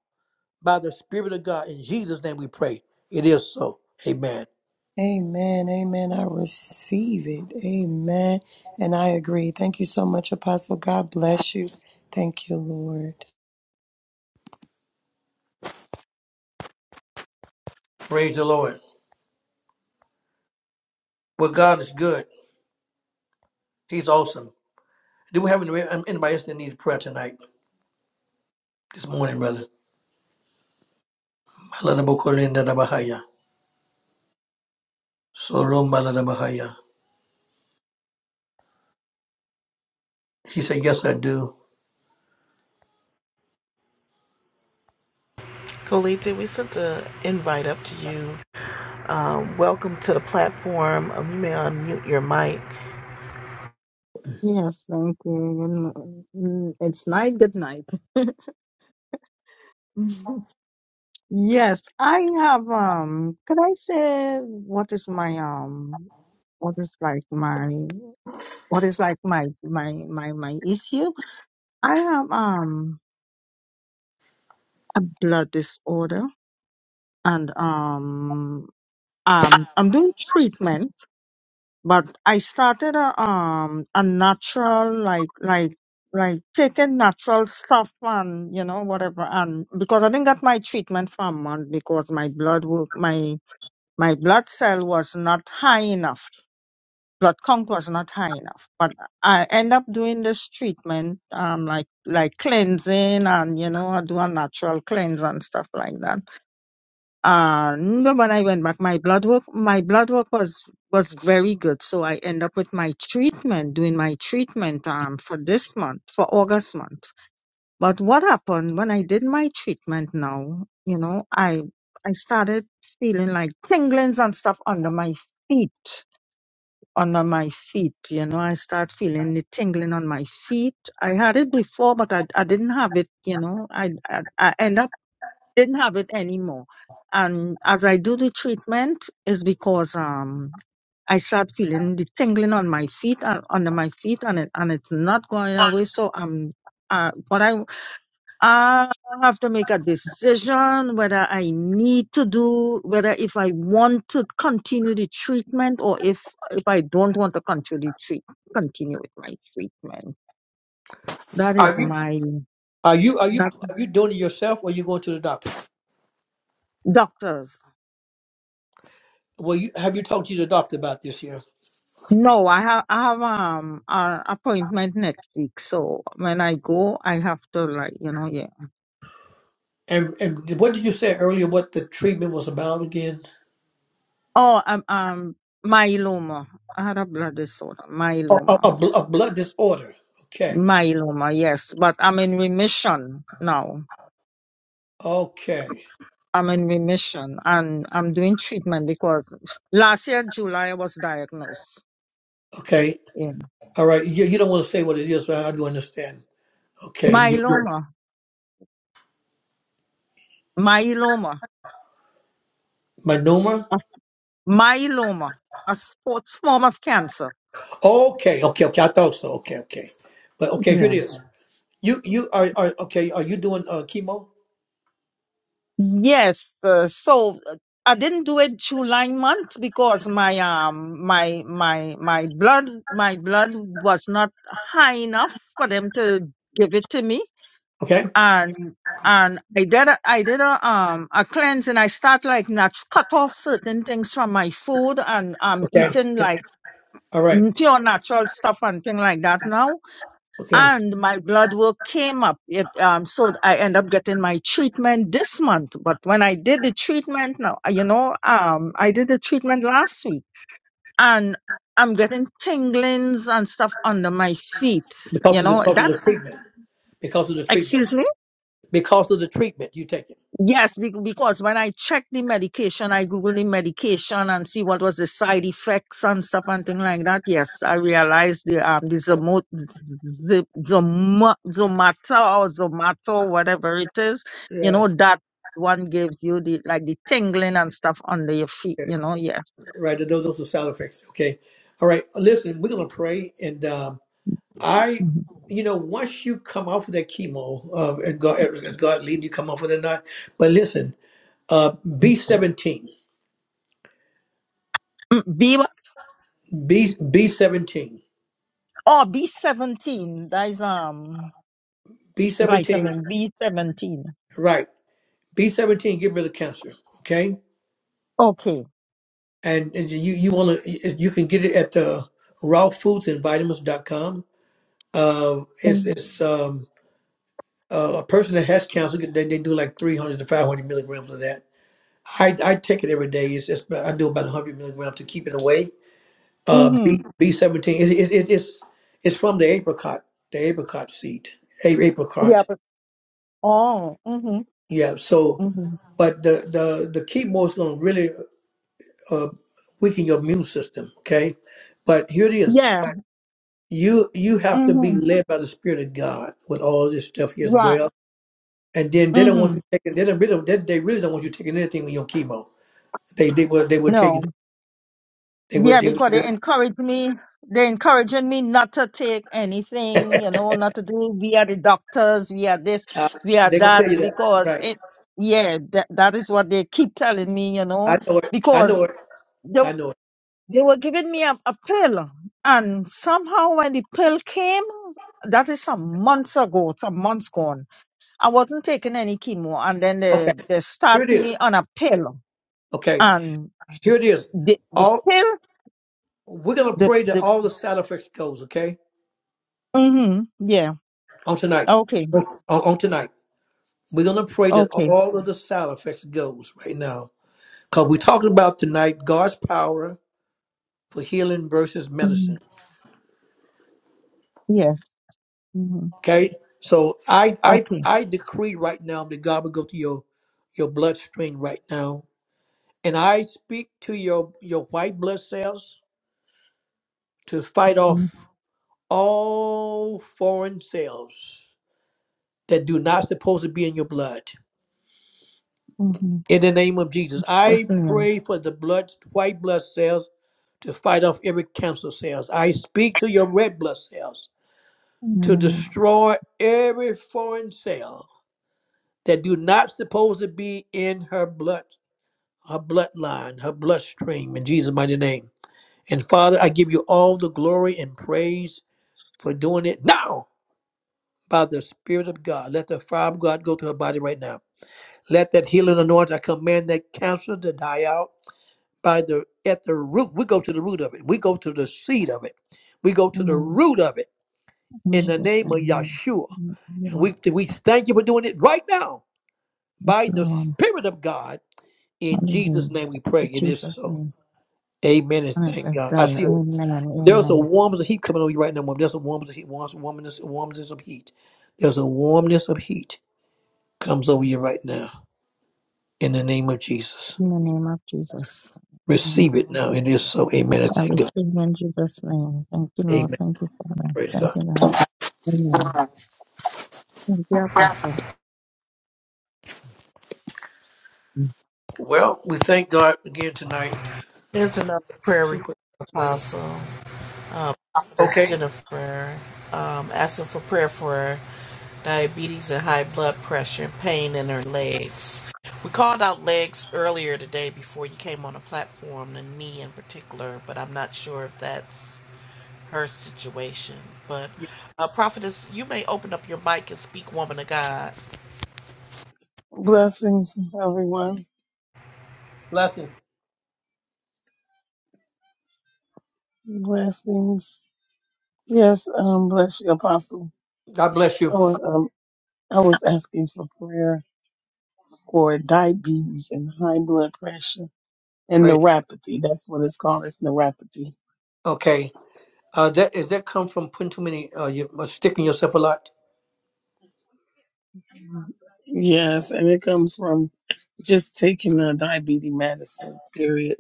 Speaker 1: by the Spirit of God. In Jesus' name we pray. It is so. Amen.
Speaker 3: Amen. Amen. I receive it. Amen. And I agree. Thank you so much, Apostle. God bless you. Thank you, Lord.
Speaker 1: Praise the Lord. Well, God is good. He's awesome. Do we have any, anybody else that needs prayer tonight? This morning, brother. Maladabokoriandadabahaya. Sorombaladabahaya. She said, Yes, I do.
Speaker 2: Colita, we sent the invite up to you. Um, welcome to the platform. Um, you may unmute your mic.
Speaker 5: Yes, thank you. Good n- It's night, good night. Yes, I have um could I say what is my um what is like my what is like my my my my issue? I have um a blood disorder and um um I'm doing treatment But I started a um a natural like like like taking natural stuff and you know whatever and because I didn't get my treatment for a month because my blood work my my blood cell was not high enough. Blood count was not high enough. But I end up doing this treatment um like like cleansing and you know I do a natural cleanse and stuff like that uh, no, when I went back, my blood work, my blood work was, was very good. So I end up with my treatment, doing my treatment, um, for this month, for August month. But what happened when I did my treatment now, you know, I, I started feeling like tinglings and stuff under my feet, under my feet, you know, I start feeling the tingling on my feet. I had it before, but I, I didn't have it, you know, I, I, I end up didn't have it anymore. And as I do the treatment, is because um I start feeling the tingling on my feet and under my feet, and it and it's not going away. So I'm uh, but I I have to make a decision whether I need to do whether if I want to continue the treatment or if if I don't want to continue treat continue with my treatment. That is
Speaker 1: Are you
Speaker 5: my
Speaker 1: are you are you
Speaker 5: doc-
Speaker 1: are you doing it yourself or are you going to the doctor?
Speaker 5: doctors.
Speaker 1: Well you have you talked to the doctor about this here?
Speaker 5: No, I have I have um an appointment next week, so when I go, I have to like you know yeah.
Speaker 1: And and what did you say earlier what the treatment was about again?
Speaker 5: Oh, um, um myeloma. I had a blood disorder,
Speaker 1: A, a,
Speaker 5: myeloma,
Speaker 1: a blood disorder. Okay.
Speaker 5: myeloma. Yes, but I'm in remission now.
Speaker 1: Okay.
Speaker 5: I'm in remission and I'm doing treatment because last year July I was diagnosed.
Speaker 1: Okay.
Speaker 5: Yeah,
Speaker 1: All right, you, you don't want to say what it is, but I do understand. Okay, you
Speaker 5: myeloma, myeloma,
Speaker 1: Manuma.
Speaker 5: a- myeloma, a sports form of cancer.
Speaker 1: Okay, okay, okay. I thought so. Okay, okay, but okay, here it is. You you are are okay. Are you doing uh, chemo?
Speaker 5: Yes, uh, so uh, I didn't do it July month because my um my my my blood my blood was not high enough for them to give it to me
Speaker 1: Okay,
Speaker 5: and and I did a, I did a um a cleanse and I start like nat- cut off certain things from my food and I'm
Speaker 1: okay,
Speaker 5: eating
Speaker 1: okay.
Speaker 5: like
Speaker 1: All right,
Speaker 5: n- pure natural stuff and thing like that now
Speaker 1: okay.
Speaker 5: and my blood work came up. It, um, so I end up getting my treatment this month. But when I did the treatment now, uh, you know, um, I did the treatment last week and I'm getting tinglings and stuff under my feet. You
Speaker 1: Because of the
Speaker 5: know,
Speaker 1: because of
Speaker 5: that,
Speaker 1: the treatment, because of the treatment,
Speaker 5: excuse me?
Speaker 1: because of the treatment, you take it.
Speaker 5: Yes, be- because when I checked the medication, I googled the medication and see what was the side effects and stuff and thing like that. Yes, I realized the um the zomo the zoma, zomata or zomato whatever it is, you
Speaker 1: Yeah,
Speaker 5: know that one gives you the like the tingling and stuff under your feet.
Speaker 1: okay.
Speaker 5: You know, yeah.
Speaker 1: right. Those those are side effects. Okay, all right. Listen, we're gonna pray, and um, I,
Speaker 5: Mhm.
Speaker 1: you know, once you come off of that chemo, uh, and God, as God lead you, come off of it or not. But listen. Uh, B17,
Speaker 5: B
Speaker 1: B, B17,
Speaker 5: oh B seventeen. That is um
Speaker 1: B17,
Speaker 5: vitamin B seventeen.
Speaker 1: right. B17, get rid of cancer, okay?
Speaker 5: Okay.
Speaker 1: And and you, you want to, you can get it at the raw foods and Vitamins vitamins.com. Uh, it's
Speaker 5: Mm.
Speaker 1: it's um, uh, a person that has cancer, they, they do like 300 to 500 milligrams of that. I, I take it every day. It's, it's, I do about 100 milligrams to keep it away. Uh, B,
Speaker 5: Mhm.
Speaker 1: B17, it, it, it, it's, it's from the apricot, the apricot seed, a-
Speaker 5: Yeah.
Speaker 1: apricot.
Speaker 5: But, oh. Mhm.
Speaker 1: Yeah, so but the the the chemo is going to really uh, weaken your immune system okay but here it is
Speaker 5: Yeah.
Speaker 1: you you have to be
Speaker 5: Mm-hmm.
Speaker 1: led by the spirit of god with all this stuff here as
Speaker 5: Right.
Speaker 1: well and then they don't want
Speaker 5: Mm-hmm.
Speaker 1: you taking they don't really they, they really don't want you taking anything with your chemo they they will they will tell you
Speaker 5: No.
Speaker 1: that. they would
Speaker 5: Yeah,
Speaker 1: they would
Speaker 5: because they encourage me. They encouraging me not to take anything, you know, not to do via the doctors, via this,
Speaker 1: uh,
Speaker 5: via
Speaker 1: they're going to
Speaker 5: that,
Speaker 1: tell you that
Speaker 5: because
Speaker 1: right
Speaker 5: it. Yeah, that that is what they keep telling me, you know,
Speaker 1: i know it i
Speaker 5: because
Speaker 1: know it
Speaker 5: they
Speaker 1: i know it
Speaker 5: they were giving me a, a pill, and somehow when the pill came, that is some months ago, some months gone. I wasn't taking any chemo, and then they
Speaker 1: okay
Speaker 5: they
Speaker 1: here
Speaker 5: start
Speaker 1: it is
Speaker 5: me on a pill,
Speaker 1: okay
Speaker 5: and.
Speaker 1: here it is
Speaker 5: The the
Speaker 1: all
Speaker 5: pill
Speaker 1: we're going to
Speaker 5: the
Speaker 1: pray that
Speaker 5: the
Speaker 1: all the side effects goes okay
Speaker 5: mhm yeah
Speaker 1: on tonight
Speaker 5: okay
Speaker 1: on, on tonight We're going to pray that
Speaker 5: okay
Speaker 1: all of the side effects goes right now. Because we talked about tonight God's power for healing versus
Speaker 5: mhm,
Speaker 1: medicine.
Speaker 5: yes mhm,
Speaker 1: Okay? So I I
Speaker 5: okay
Speaker 1: I decree right now that God will go to your your bloodstream right now. And I speak to your your white blood cells to fight
Speaker 5: mhm,
Speaker 1: off all foreign cells that do not supposed to be in your blood.
Speaker 5: mhm.
Speaker 1: In the name of Jesus, I
Speaker 5: name ma'am.
Speaker 1: pray for the blood, white blood cells to fight off every cancer cells. I speak to your red blood cells
Speaker 5: Amen,
Speaker 1: to
Speaker 5: name
Speaker 1: destroy every foreign cell that do not supposed to be in her blood, her bloodline, her bloodstream in Jesus' mighty name. And Father, I give you all the glory and praise for doing it now by the Spirit of God. Let the fire of God go to her body right now. Let that healing anointing, I command that cancer to die out. by the at the root. We go to the root of it. We go to the seed of it. We go to the
Speaker 5: amen.
Speaker 1: root of it
Speaker 5: In
Speaker 1: in the
Speaker 5: Jesus'
Speaker 1: name of
Speaker 5: name, amen.
Speaker 1: Yahshua.
Speaker 5: Amen. You
Speaker 1: And
Speaker 5: are-
Speaker 1: we we thank you for doing it right now
Speaker 5: Thank
Speaker 1: by
Speaker 5: you
Speaker 1: the
Speaker 5: are, um,
Speaker 1: Spirit of God. In Jesus'
Speaker 5: Hallelujah.
Speaker 1: name we pray.
Speaker 5: In
Speaker 1: It is
Speaker 5: Jesus'
Speaker 1: so.
Speaker 5: name,
Speaker 1: Amen and
Speaker 5: and it
Speaker 1: thank
Speaker 5: is
Speaker 1: God. I
Speaker 5: done.
Speaker 1: see a,
Speaker 5: Amen,
Speaker 1: there's a
Speaker 5: amen.
Speaker 1: warmness of heat coming on you right now. woman. There's a warmness of heat, warmth- warmness, warmness of heat. There's a warmness of heat comes over you right now in the name of Jesus.
Speaker 5: In the name of Jesus. In the name of
Speaker 1: Receive it now.
Speaker 5: Jesus.
Speaker 1: It is so. Amen and
Speaker 5: I
Speaker 1: thank God.
Speaker 5: receive in Jesus' name. Thank you, Lord.
Speaker 1: Amen.
Speaker 5: Thank you, Father.
Speaker 1: Praise God.
Speaker 5: Thank you, God. Amen. Thank you, Apostle.
Speaker 1: Well, we thank God again tonight.
Speaker 2: There's another prayer request,
Speaker 1: Super way.
Speaker 2: Apostle. um, Prophetess
Speaker 1: Okay.
Speaker 2: Jennifer, um, asking for prayer for diabetes and high blood pressure and pain in her legs. We called out legs earlier today before you came on the platform, the knee in particular, but I'm not sure if that's her situation. But, uh, Prophetess, you may open up your mic and speak, woman of God.
Speaker 6: Blessings, everyone.
Speaker 1: Blessings.
Speaker 6: Blessings. Yes, um, bless you, Apostle.
Speaker 1: God bless
Speaker 6: I
Speaker 1: you.
Speaker 6: was, um, I was asking for prayer for diabetes and high blood pressure and
Speaker 1: Praise.
Speaker 6: neuropathy. That's what it's called. It's neuropathy.
Speaker 1: Okay. Uh, that is that come from putting too many uh you uh, sticking yourself a lot.
Speaker 6: Yes, and it comes from just taking a diabetes medicine, period.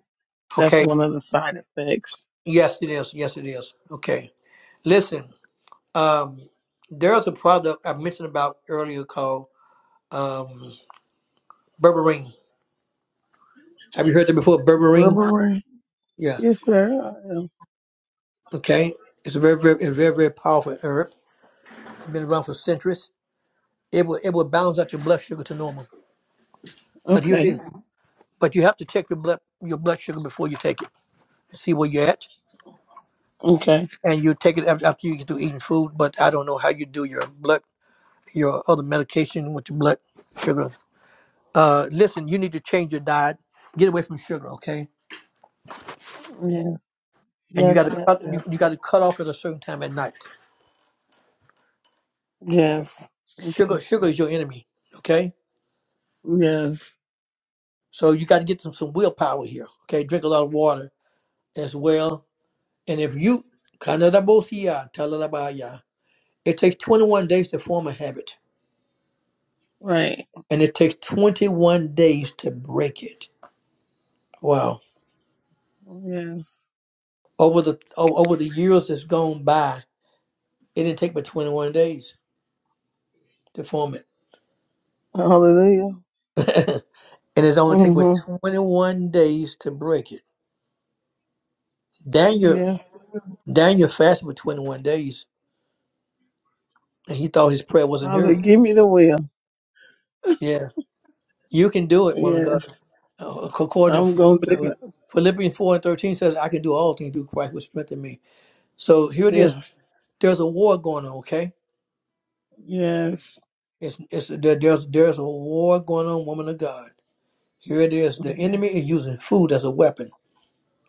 Speaker 6: That's
Speaker 1: Okay.
Speaker 6: one of the side effects.
Speaker 1: Yes, it is. Yes, it is. Okay. Listen. Um, there's a product I mentioned about earlier called um berberine. Have you heard that before? Berberine.
Speaker 6: Berberine?
Speaker 1: Yeah.
Speaker 6: Yes, sir. I am.
Speaker 1: Okay. It's a very, very, it's very, very powerful herb. It's been around for centuries. It will, it will balance out your blood sugar to normal. But here it
Speaker 6: Okay.
Speaker 1: is. but you have to check your blood your blood sugar before you take it and see where you're at.
Speaker 6: Okay.
Speaker 1: And you take it af- after you get through eating food, but I don't know how you do your blood your other medication with your blood sugar. Uh, listen, you need to change your diet. Get away from sugar, okay?
Speaker 6: Yeah.
Speaker 1: And you got
Speaker 6: Yes,
Speaker 1: to
Speaker 6: yes,
Speaker 1: cut
Speaker 6: yes.
Speaker 1: you, you got to cut off at a certain time at night.
Speaker 6: Yes. Okay.
Speaker 1: Sugar sugar is your enemy, okay?
Speaker 6: Yes.
Speaker 1: So you got to get some some willpower here, okay? Drink a lot of water as well. And if you it takes 21 days to form a habit.
Speaker 6: Right.
Speaker 1: and it takes 21 days to break it. Wow.
Speaker 6: Yes.
Speaker 1: Over the o- over the years that's gone by, it didn't take but 21 days to form it.
Speaker 6: Hallelujah.
Speaker 1: and it's only take but
Speaker 6: hmm
Speaker 1: 21 days to break it. Daniel
Speaker 6: Yes.
Speaker 1: Daniel fasted for 21 days and he thought his prayer wasn't
Speaker 6: Father,
Speaker 1: heard.
Speaker 6: give me the will.
Speaker 1: Yeah. You can do it, one of God.
Speaker 6: Yes.
Speaker 1: Uh, According to
Speaker 6: I'm going to do it.
Speaker 1: Philippians, Philippians 4 and 13 says, I can do all things through Christ which strengthen me. So here it is.
Speaker 6: Yes.
Speaker 1: There's a war going on, okay?
Speaker 6: Yes.
Speaker 1: It's, it's there, there's there's a war going on, woman of God. Here it is. The enemy is using food as a weapon.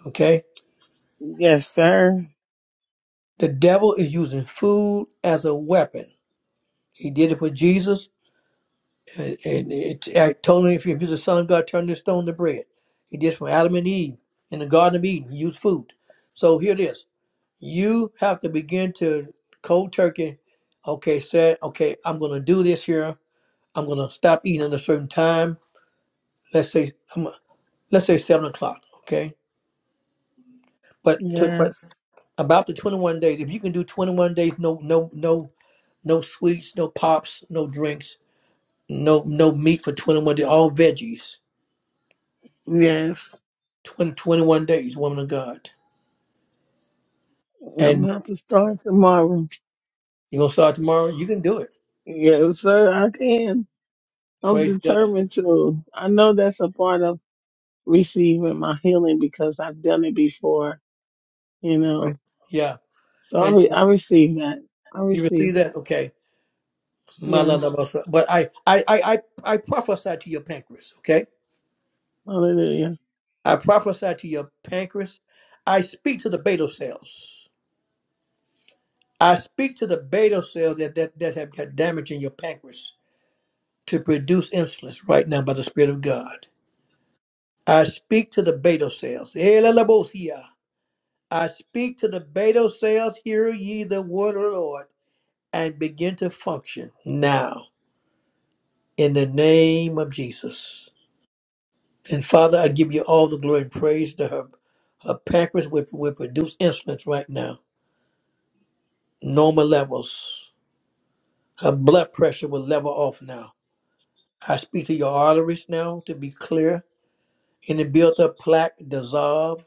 Speaker 1: Okay,
Speaker 6: Yes, sir.
Speaker 1: the devil is using food as a weapon. He did it for Jesus, and, and it, I told him if you're the Son of God, turn this stone to bread. He did it for Adam and Eve in the Garden of Eden. He used food. So here it is. You have to begin to cold turkey. Okay, say okay. I'm going to do this here. I'm going to stop eating at a certain time. Let's say let's say seven o'clock, okay? But to, but
Speaker 6: Yes.
Speaker 1: about the twenty one days, if you can do twenty one days, no no no no sweets, no pops, no drinks, no no meat for twenty one days, all veggies.
Speaker 6: Yes.
Speaker 1: 20, 21 days, woman of God.
Speaker 6: I'm
Speaker 1: And
Speaker 6: going to start tomorrow.
Speaker 1: you're gonna start tomorrow, you can do it.
Speaker 6: Yes, sir. I can. I'm
Speaker 1: Praise God.
Speaker 6: determined to. I know that's a part of receiving my healing because I've done it before, you
Speaker 1: Right.
Speaker 6: know.
Speaker 1: Yeah.
Speaker 6: So I,
Speaker 1: And
Speaker 6: re- I receive that. I
Speaker 1: you
Speaker 6: receive
Speaker 1: receive
Speaker 6: that.
Speaker 1: that, okay. My love,
Speaker 6: Yes.
Speaker 1: love, love. But I I, I I I prophesy to your pancreas, okay?
Speaker 6: Hallelujah.
Speaker 1: I prophesy to your pancreas. I speak to the beta cells. I speak to the beta cells that, that, that have got damage in your pancreas to produce insulin right now by the Spirit of God. I speak to the beta cells. Elelebosia. I speak to the beta cells, hear ye the word of the Lord, and begin to function now in the name of Jesus. And Father, I give you all the glory and praise that her, her pancreas will, will produce insulin right now, normal levels. Her blood pressure will level off now I speak to your arteries now to be clear. Any built up plaque dissolve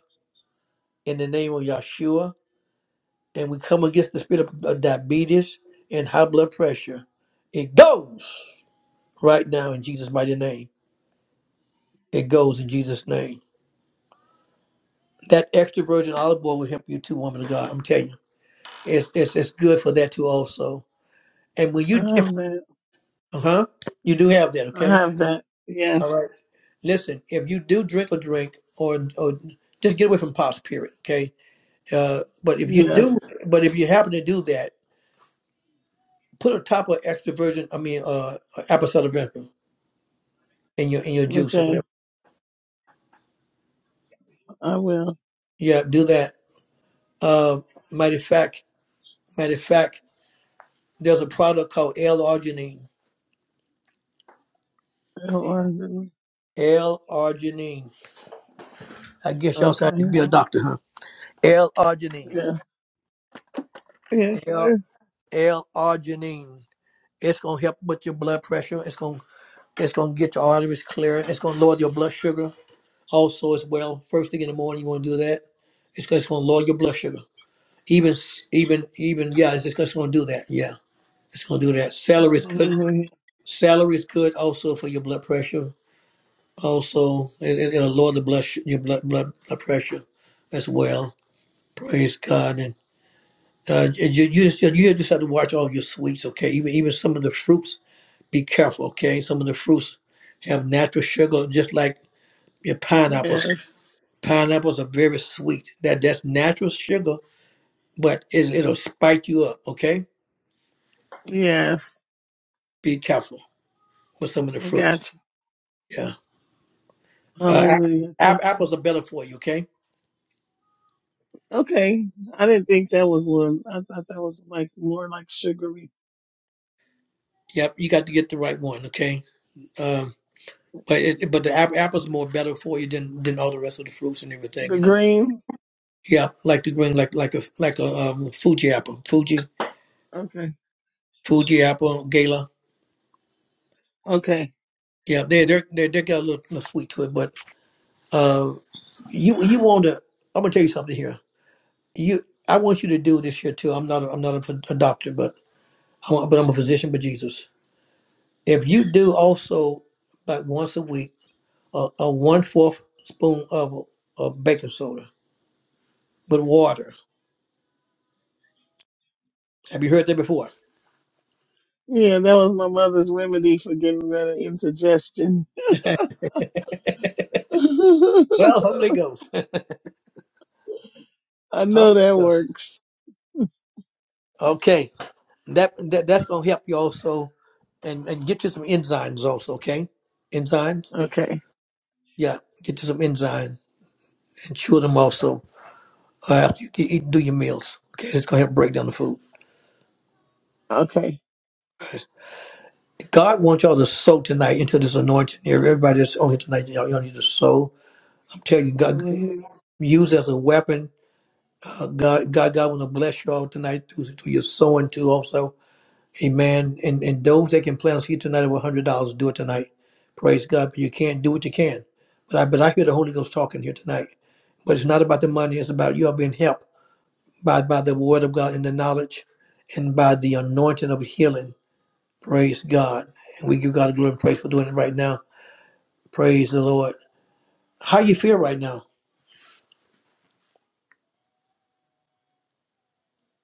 Speaker 1: in the name of Yeshua. And we come against the spirit of of diabetes and high blood pressure. It goes right now in Jesus' mighty name. It goes in Jesus' name. That extra virgin olive oil will help you too, woman of God. I'm telling you, it's it's, it's good for that too also. And when
Speaker 6: I
Speaker 1: you, if
Speaker 6: have that.
Speaker 1: uh huh, you do have that,
Speaker 6: I
Speaker 1: okay?
Speaker 6: have that.
Speaker 1: All
Speaker 6: Yes.
Speaker 1: right. Listen, if you do drink a drink or or just get away from pops, period, okay? Uh, but if you
Speaker 6: Yes.
Speaker 1: do, but if you happen to do that, put a top of extra virgin, I mean, uh, uh, apple cider vinegar in your in your juice or
Speaker 6: Okay.
Speaker 1: whatever.
Speaker 6: I will.
Speaker 1: Yeah, do that. Uh, matter of fact, matter of fact, there's a product called L-arginine.
Speaker 6: It'll
Speaker 1: L-arginine. I guess y'all said I could
Speaker 6: Okay.
Speaker 1: be a doctor, huh? L-arginine.
Speaker 6: Yeah. Yes,
Speaker 1: L
Speaker 6: sir.
Speaker 1: L-arginine. It's gonna help with your blood pressure. It's gonna it's gonna get your arteries clear. It's gonna lower your blood sugar also as well. First thing in the morning, you want to do that. It's because it's going to lower your blood sugar. Even, even, even, yeah, it's just going to do that. Yeah, it's going to do that. Celery is good.
Speaker 6: Hallelujah.
Speaker 1: Celery is good also for your blood pressure. Also, it, it, will lower the blood sh- your blood, blood blood pressure as well. Praise God. And uh, you, you just you just have to watch all your sweets. Okay, even even some of the fruits. Be careful. Okay, some of the fruits have natural sugar, just like your pineapples.
Speaker 6: Yes.
Speaker 1: Pineapples are very sweet. That that's natural sugar, but it, it'll spike you up. Okay,
Speaker 6: Yes.
Speaker 1: be careful with some of the
Speaker 6: I
Speaker 1: fruits.
Speaker 6: got you.
Speaker 1: Yeah, uh, ap-
Speaker 6: Hallelujah. Thank
Speaker 1: ap-
Speaker 6: you.
Speaker 1: apples are better for you. Okay,
Speaker 6: Okay. I didn't think that was one. I thought that was like more like sugary.
Speaker 1: yep, you got to get the right one. Okay, um, but it, but the ap- apples are more better for you than than all the rest of the fruits and everything.
Speaker 6: The
Speaker 1: You know,
Speaker 6: green.
Speaker 1: yeah, like the green, like like a like a um, Fuji apple, Fuji
Speaker 6: Okay.
Speaker 1: Fuji apple, Gala.
Speaker 6: Okay.
Speaker 1: Yeah, they they they they got a little, little sweet to it, but uh, you you want to. I'm gonna tell you something here you i want you to do this here too i'm not a, i'm not a, a doctor but I'm, but I'm a physician but jesus if you do also like once a week a, a one fourth spoon of, of baking soda with water have you heard that before
Speaker 6: Yeah, that was my mother's remedy for getting rid of indigestion. I
Speaker 1: well holy ghost holy
Speaker 6: know that
Speaker 1: ghost
Speaker 6: works.
Speaker 1: okay that, that that's gonna help you also and and get you some enzymes also okay enzymes
Speaker 6: Okay.
Speaker 1: yeah get you some enzymes and chew them also uh, after you eat, do your meals okay it's gonna help break down the food
Speaker 6: Okay.
Speaker 1: God wants y'all to sow tonight into this anointing here. Everybody that's on here tonight, y'all, y'all need to sow. I'm telling you, God,
Speaker 6: Hallelujah.
Speaker 1: use as a weapon. Uh, God, God, God want to bless y'all tonight through, through your sowing too. Also, Amen. And and those that can plant us here tonight with hundred dollars, do it tonight. Praise God. But you can't do what you can. But I but I hear the Holy Ghost talking here tonight. But it's not about the money. It's about you all being helped by by the Word of God and the knowledge, and by the anointing of healing. Praise God. And we give God the glory and praise for doing it right now. Praise the Lord. How you feel right now?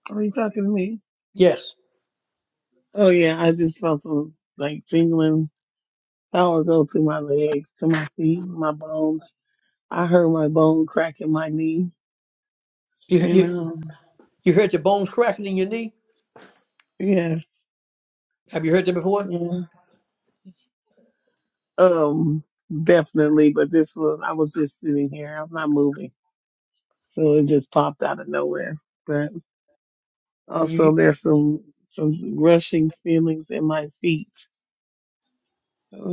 Speaker 6: Are you talking to me?
Speaker 1: Yes.
Speaker 6: Oh yeah, I just felt some like tingling power go through my legs, to my feet, my bones. I heard my bone crack in my knee.
Speaker 1: You
Speaker 6: And
Speaker 1: you
Speaker 6: um
Speaker 1: you heard your bones cracking in your knee?
Speaker 6: yes,
Speaker 1: Have you heard that before?
Speaker 6: yeah. Um definitely, but this was I was just sitting here. I'm not moving. So it just popped out of nowhere. But
Speaker 1: You
Speaker 6: also there's some some rushing feelings in my feet.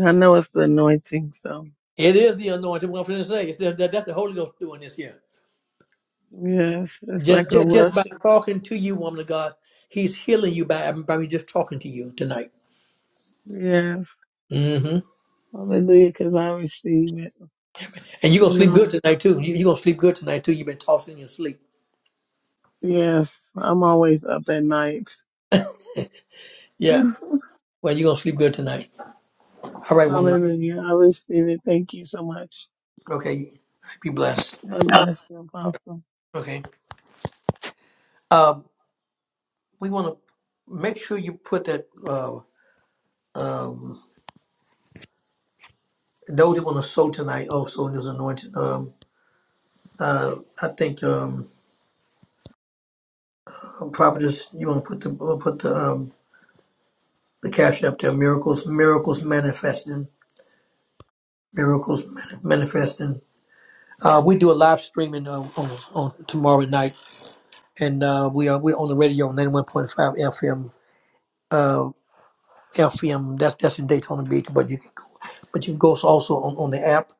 Speaker 6: I know it's the anointing, so
Speaker 1: it is the anointing. What I'm going to say It's that, that- that's the Holy Ghost doing this here.
Speaker 6: yes, it's
Speaker 1: Just,
Speaker 6: like a
Speaker 1: just just by
Speaker 6: rushing.
Speaker 1: talking to you, woman of God, He's healing you by by me just talking to you tonight.
Speaker 6: Yes.
Speaker 1: hmm
Speaker 6: Hallelujah, because I receive it.
Speaker 1: And you're
Speaker 6: You
Speaker 1: gonna sleep good
Speaker 6: know,
Speaker 1: tonight too. You, you're gonna sleep good tonight too. You've been tossing in your sleep.
Speaker 6: yes, I'm always up at night.
Speaker 1: Yeah. Well, you're gonna sleep good tonight. All right, woman.
Speaker 6: Hallelujah. I receive it. Thank you so much.
Speaker 1: Okay. Be blessed.
Speaker 6: God bless you, Apostle.
Speaker 1: Okay. Um, we want to make sure you put that. Uh, Um, those that want to sow tonight also in this anointing. Um, uh, I think um, uh, prophetess, you want to put the uh, put the um, the caption up there. Miracles, miracles manifesting, miracles mani- manifesting. Uh, we do a live streaming um, on, on tomorrow night, and uh, we are we're on the radio on ninety one point five FM. Uh, FM that's that's in Daytona Beach, but you can go, but you can go also on, on the app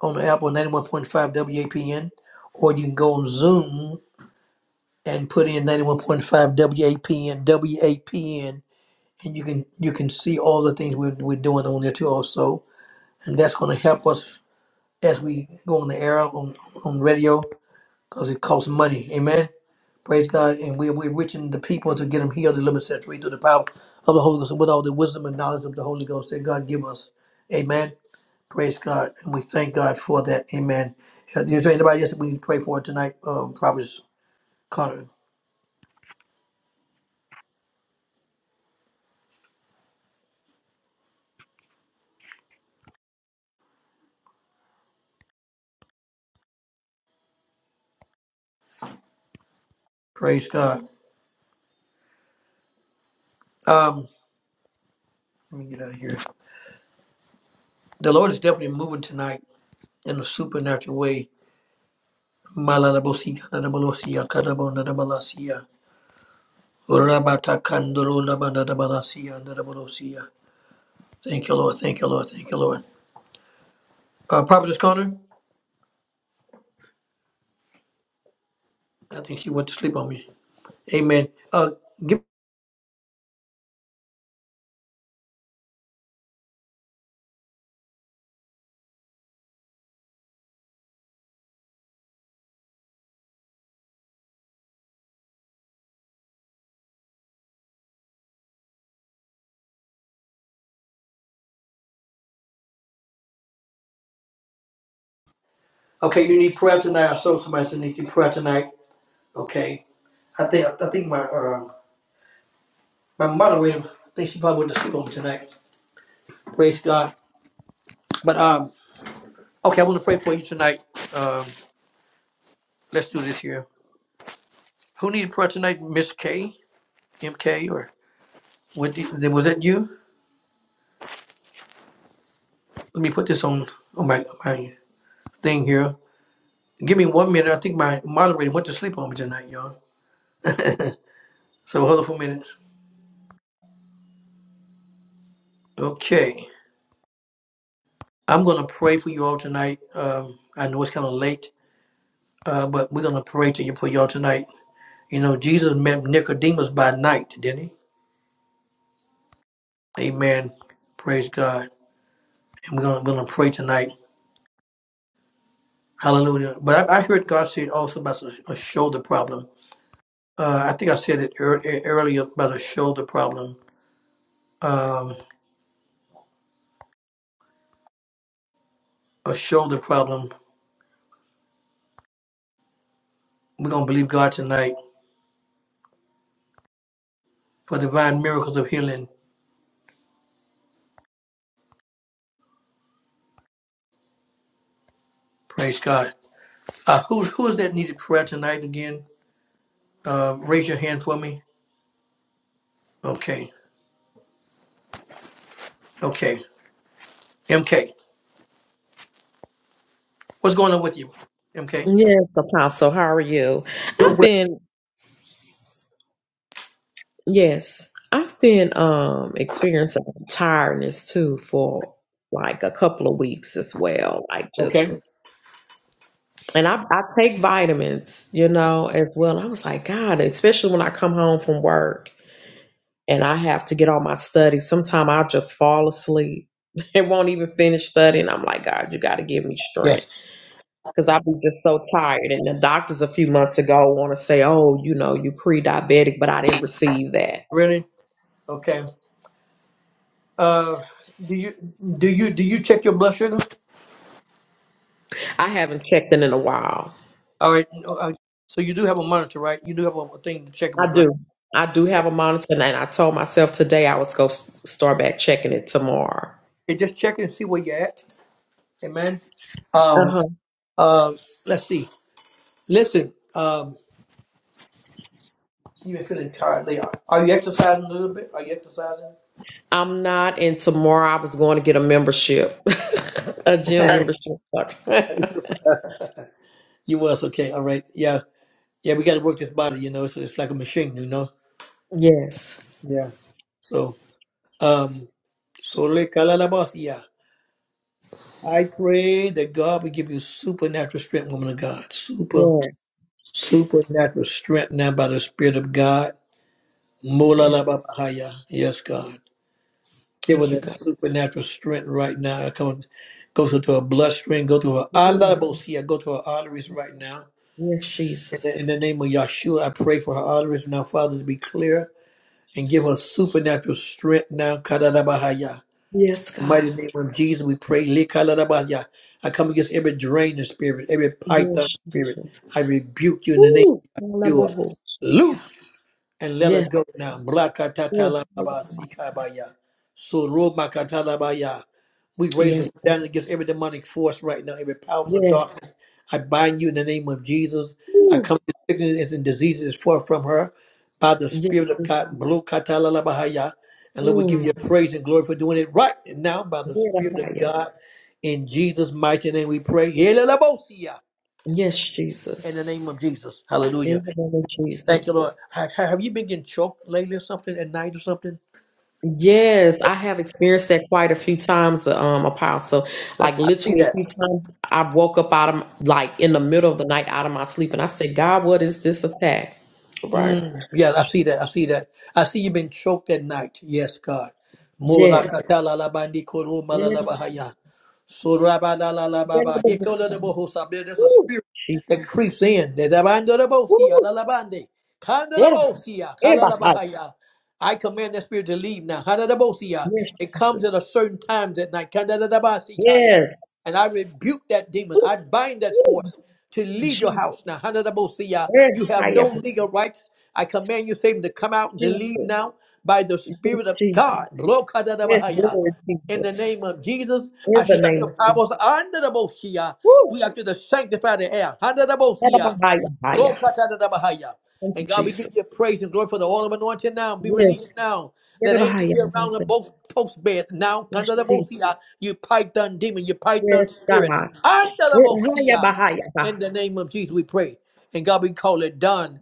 Speaker 1: on the app on ninety one point five WAPN, or you can go on Zoom and put in 91.5 WAPN, WAPN, and you can you can see all the things we're, we're doing on there too also. And that's going to help us as we go on the air on, on radio because it costs money. Amen. Praise God. And we, we're reaching the people to get them healed, delivered, set free through the power of the Holy Ghost with all the wisdom and knowledge of the Holy Ghost that God give us. Amen. Praise God. And we thank God for that. Amen. Uh, Is there anybody else that we need to pray for tonight? Um, Prophet Connor. Praise God. Um, Let me get out of here. The Lord is definitely moving tonight in a supernatural way. Malalabosi, kadabolosia, kadabonatabalasia, rabatakandorolabanatabalasia, nadabolosia. Thank you, Lord. Thank you, Lord. Thank you, Lord. Uh, Prophetess Connor, I think she went to sleep on me. Amen. Uh, give, okay, you need prayer tonight. I saw somebody said need to prayer tonight. Okay. I think I think my uh, my moderator, I think she probably went to sleep on me tonight. Praise God. But um, okay, I want to pray for you tonight. Um, let's do this here. Who needed prayer tonight? Miss K, M K, or what? the- Was that you? Let me put this on on my my thing here. Give me one minute. I think my moderator went to sleep on me tonight, y'all. So hold on for a minute. Okay, I'm gonna pray for you all tonight. Um, I know it's kind of late, uh, but we're gonna pray to you for y'all tonight. You know, Jesus met Nicodemus by night, didn't he? Amen. Praise God. And we're gonna we're gonna pray tonight. Hallelujah. But I, I heard God said also about a a shoulder problem. Uh, I think I said it ear- ear- earlier about a shoulder problem. Um, a shoulder problem. We're gonna believe God tonight for divine miracles of healing. Praise God. Uh, who who is that needed prayer tonight again? Uh, raise your hand for me. Okay, okay. MK, what's going on with you? MK.
Speaker 7: Yes, Apostle, how are you?
Speaker 1: You're
Speaker 7: I've
Speaker 1: well.
Speaker 7: been, yes, I've been um experiencing tiredness too for like a couple of weeks as well. Like
Speaker 1: Okay.
Speaker 7: just, and I, I take vitamins, you know, as well. I was like, God, especially when I come home from work and I have to get all my studies, sometimes I'll just fall asleep and won't even finish studying. I'm like, God, you got to give me strength.
Speaker 1: Yes.
Speaker 7: because I've been just so tired. And the doctors a few months ago want to say, oh, you know, you pre-diabetic, but I didn't receive that.
Speaker 1: Really? Okay. Uh, do you do you do you check your blood sugar?
Speaker 7: I haven't checked in in a while.
Speaker 1: All right. no, uh, So you do have a monitor, right? You do have a a thing to check it
Speaker 7: I
Speaker 1: with, right?
Speaker 7: do. I do have a monitor, and I told myself today I was going to start back checking it tomorrow.
Speaker 1: Okay, just check it and see where you're at Amen. Um,
Speaker 7: Uh-huh.
Speaker 1: uh, let's see. Listen, um, you've been feeling tired, Leon. Are you exercising a little bit? Are you exercising?
Speaker 7: I'm not, and tomorrow I was going to get a membership, a gym membership. Sorry.
Speaker 1: You was okay. All right. Yeah. Yeah. We got to work this body, you know. So it's like a machine, you know.
Speaker 7: yes.
Speaker 1: Yeah. So, um, so le kalalabasia. I pray that God will give you supernatural strength, woman of God. Super,
Speaker 7: Yes.
Speaker 1: supernatural strength now by the Spirit of God.
Speaker 7: Yes.
Speaker 1: Molalababahaya. Yes, God. Give her
Speaker 7: Thank you,
Speaker 1: that
Speaker 7: God.
Speaker 1: supernatural strength right now. Come on, go to, to her bloodstream, go to her alabosia, go to her arteries right now.
Speaker 7: Yes,
Speaker 1: In the,
Speaker 7: Jesus.
Speaker 1: in the name of Yahshua, I pray for her arteries now, Father, to be clear and give her supernatural strength now. Kadadabahaya.
Speaker 7: Yes,
Speaker 1: In the
Speaker 7: God.
Speaker 1: mighty name of Jesus, we pray. Likaladabahaya. I come against every draining spirit, every python
Speaker 7: Yes.
Speaker 1: spirit.
Speaker 7: Jesus.
Speaker 1: I rebuke you in the name
Speaker 7: Ooh,
Speaker 1: you
Speaker 7: Alaboboshaya.
Speaker 1: loose and let
Speaker 7: Yes,
Speaker 1: it go now.
Speaker 7: yes,
Speaker 1: Blakatatalabasikaibaya. Sorobakatalabaya. We raise a
Speaker 7: yes,
Speaker 1: standard against every demonic force right now, every powers of
Speaker 7: yes.
Speaker 1: darkness. I bind you in the name of Jesus. I
Speaker 7: Ooh,
Speaker 1: come to sickness and diseases far from her by the
Speaker 7: yes,
Speaker 1: Spirit of God. Blokatalabahaya. And Lord, we give you
Speaker 7: mm,
Speaker 1: praise and glory for doing it right now by the Spirit of
Speaker 7: Yerahaya.
Speaker 1: God. In Jesus' mighty name we pray. Helelabosia.
Speaker 7: yes,
Speaker 1: In the name
Speaker 7: Jesus.
Speaker 1: of Jesus. Hallelujah.
Speaker 7: In the name of
Speaker 1: Thank
Speaker 7: Jesus.
Speaker 1: you, Lord. Have, have you been getting choked lately or something at night or something?
Speaker 7: Yes, I have experienced that quite a few times, um, Apostle. Like
Speaker 1: See
Speaker 7: literally a
Speaker 1: that?
Speaker 7: few times, I woke up out of like in the middle of the night out of my sleep, and I said, "God, what is this attack?" Right?
Speaker 1: Mm, yeah, I see that. I see that. I see you've been choked at night. Yes, God.
Speaker 7: Yes.
Speaker 1: Mulakatalabandi korumalalabahaya. Surabalalababa. Yekolelebohosa. There- There's a
Speaker 7: Ooh,
Speaker 1: spirit that
Speaker 7: Jesus.
Speaker 1: creeps in. Dedabandorebosia,
Speaker 7: Ooh,
Speaker 1: lalabande. Kandalabosia,
Speaker 7: yeah.
Speaker 1: kalalabahaya. I command that spirit to leave now. Hadadabosia.
Speaker 7: Yes,
Speaker 1: It comes
Speaker 7: Jesus.
Speaker 1: at a certain times at night.
Speaker 7: Yes.
Speaker 1: And I rebuke that demon.
Speaker 7: Ooh,
Speaker 1: I bind that
Speaker 7: ooh.
Speaker 1: force to leave your
Speaker 7: Jesus.
Speaker 1: house now. Hanadabosia,
Speaker 7: Yes,
Speaker 1: You have
Speaker 7: I am
Speaker 1: no
Speaker 7: a
Speaker 1: legal rights. I command you, Satan, to come out and to leave
Speaker 7: Jesus.
Speaker 1: now by the
Speaker 7: Yes,
Speaker 1: Spirit of God.
Speaker 7: Jesus. Yes,
Speaker 1: Rokadadabahaya.
Speaker 7: Lord
Speaker 1: In the
Speaker 7: Jesus.
Speaker 1: name of Jesus,
Speaker 7: In
Speaker 1: I
Speaker 7: the
Speaker 1: shut
Speaker 7: name of
Speaker 1: your
Speaker 7: Jesus.
Speaker 1: powers under the Bosia.
Speaker 7: Woo!
Speaker 1: We are going to the sanctify the air. Hanadabosia.
Speaker 7: Yadabahaya, haya.
Speaker 1: Rokatadadabahaya.
Speaker 7: Thank
Speaker 1: And
Speaker 7: you,
Speaker 1: God, we give
Speaker 7: Jesus.
Speaker 1: you praise and glory for the oil of anointing now. Be released
Speaker 7: Yes.
Speaker 1: now. Let
Speaker 7: Yadabahaya,
Speaker 1: angels be around the
Speaker 7: haya.
Speaker 1: both post beds now.
Speaker 7: Yes, Jesus.
Speaker 1: Kandadabosia, You python demon, you python
Speaker 7: Yes,
Speaker 1: spirit.
Speaker 7: God. Yadabahaya,
Speaker 1: Andadabosia.
Speaker 7: bahaya, bah.
Speaker 1: In the name of Jesus, we pray. And God, we call it done.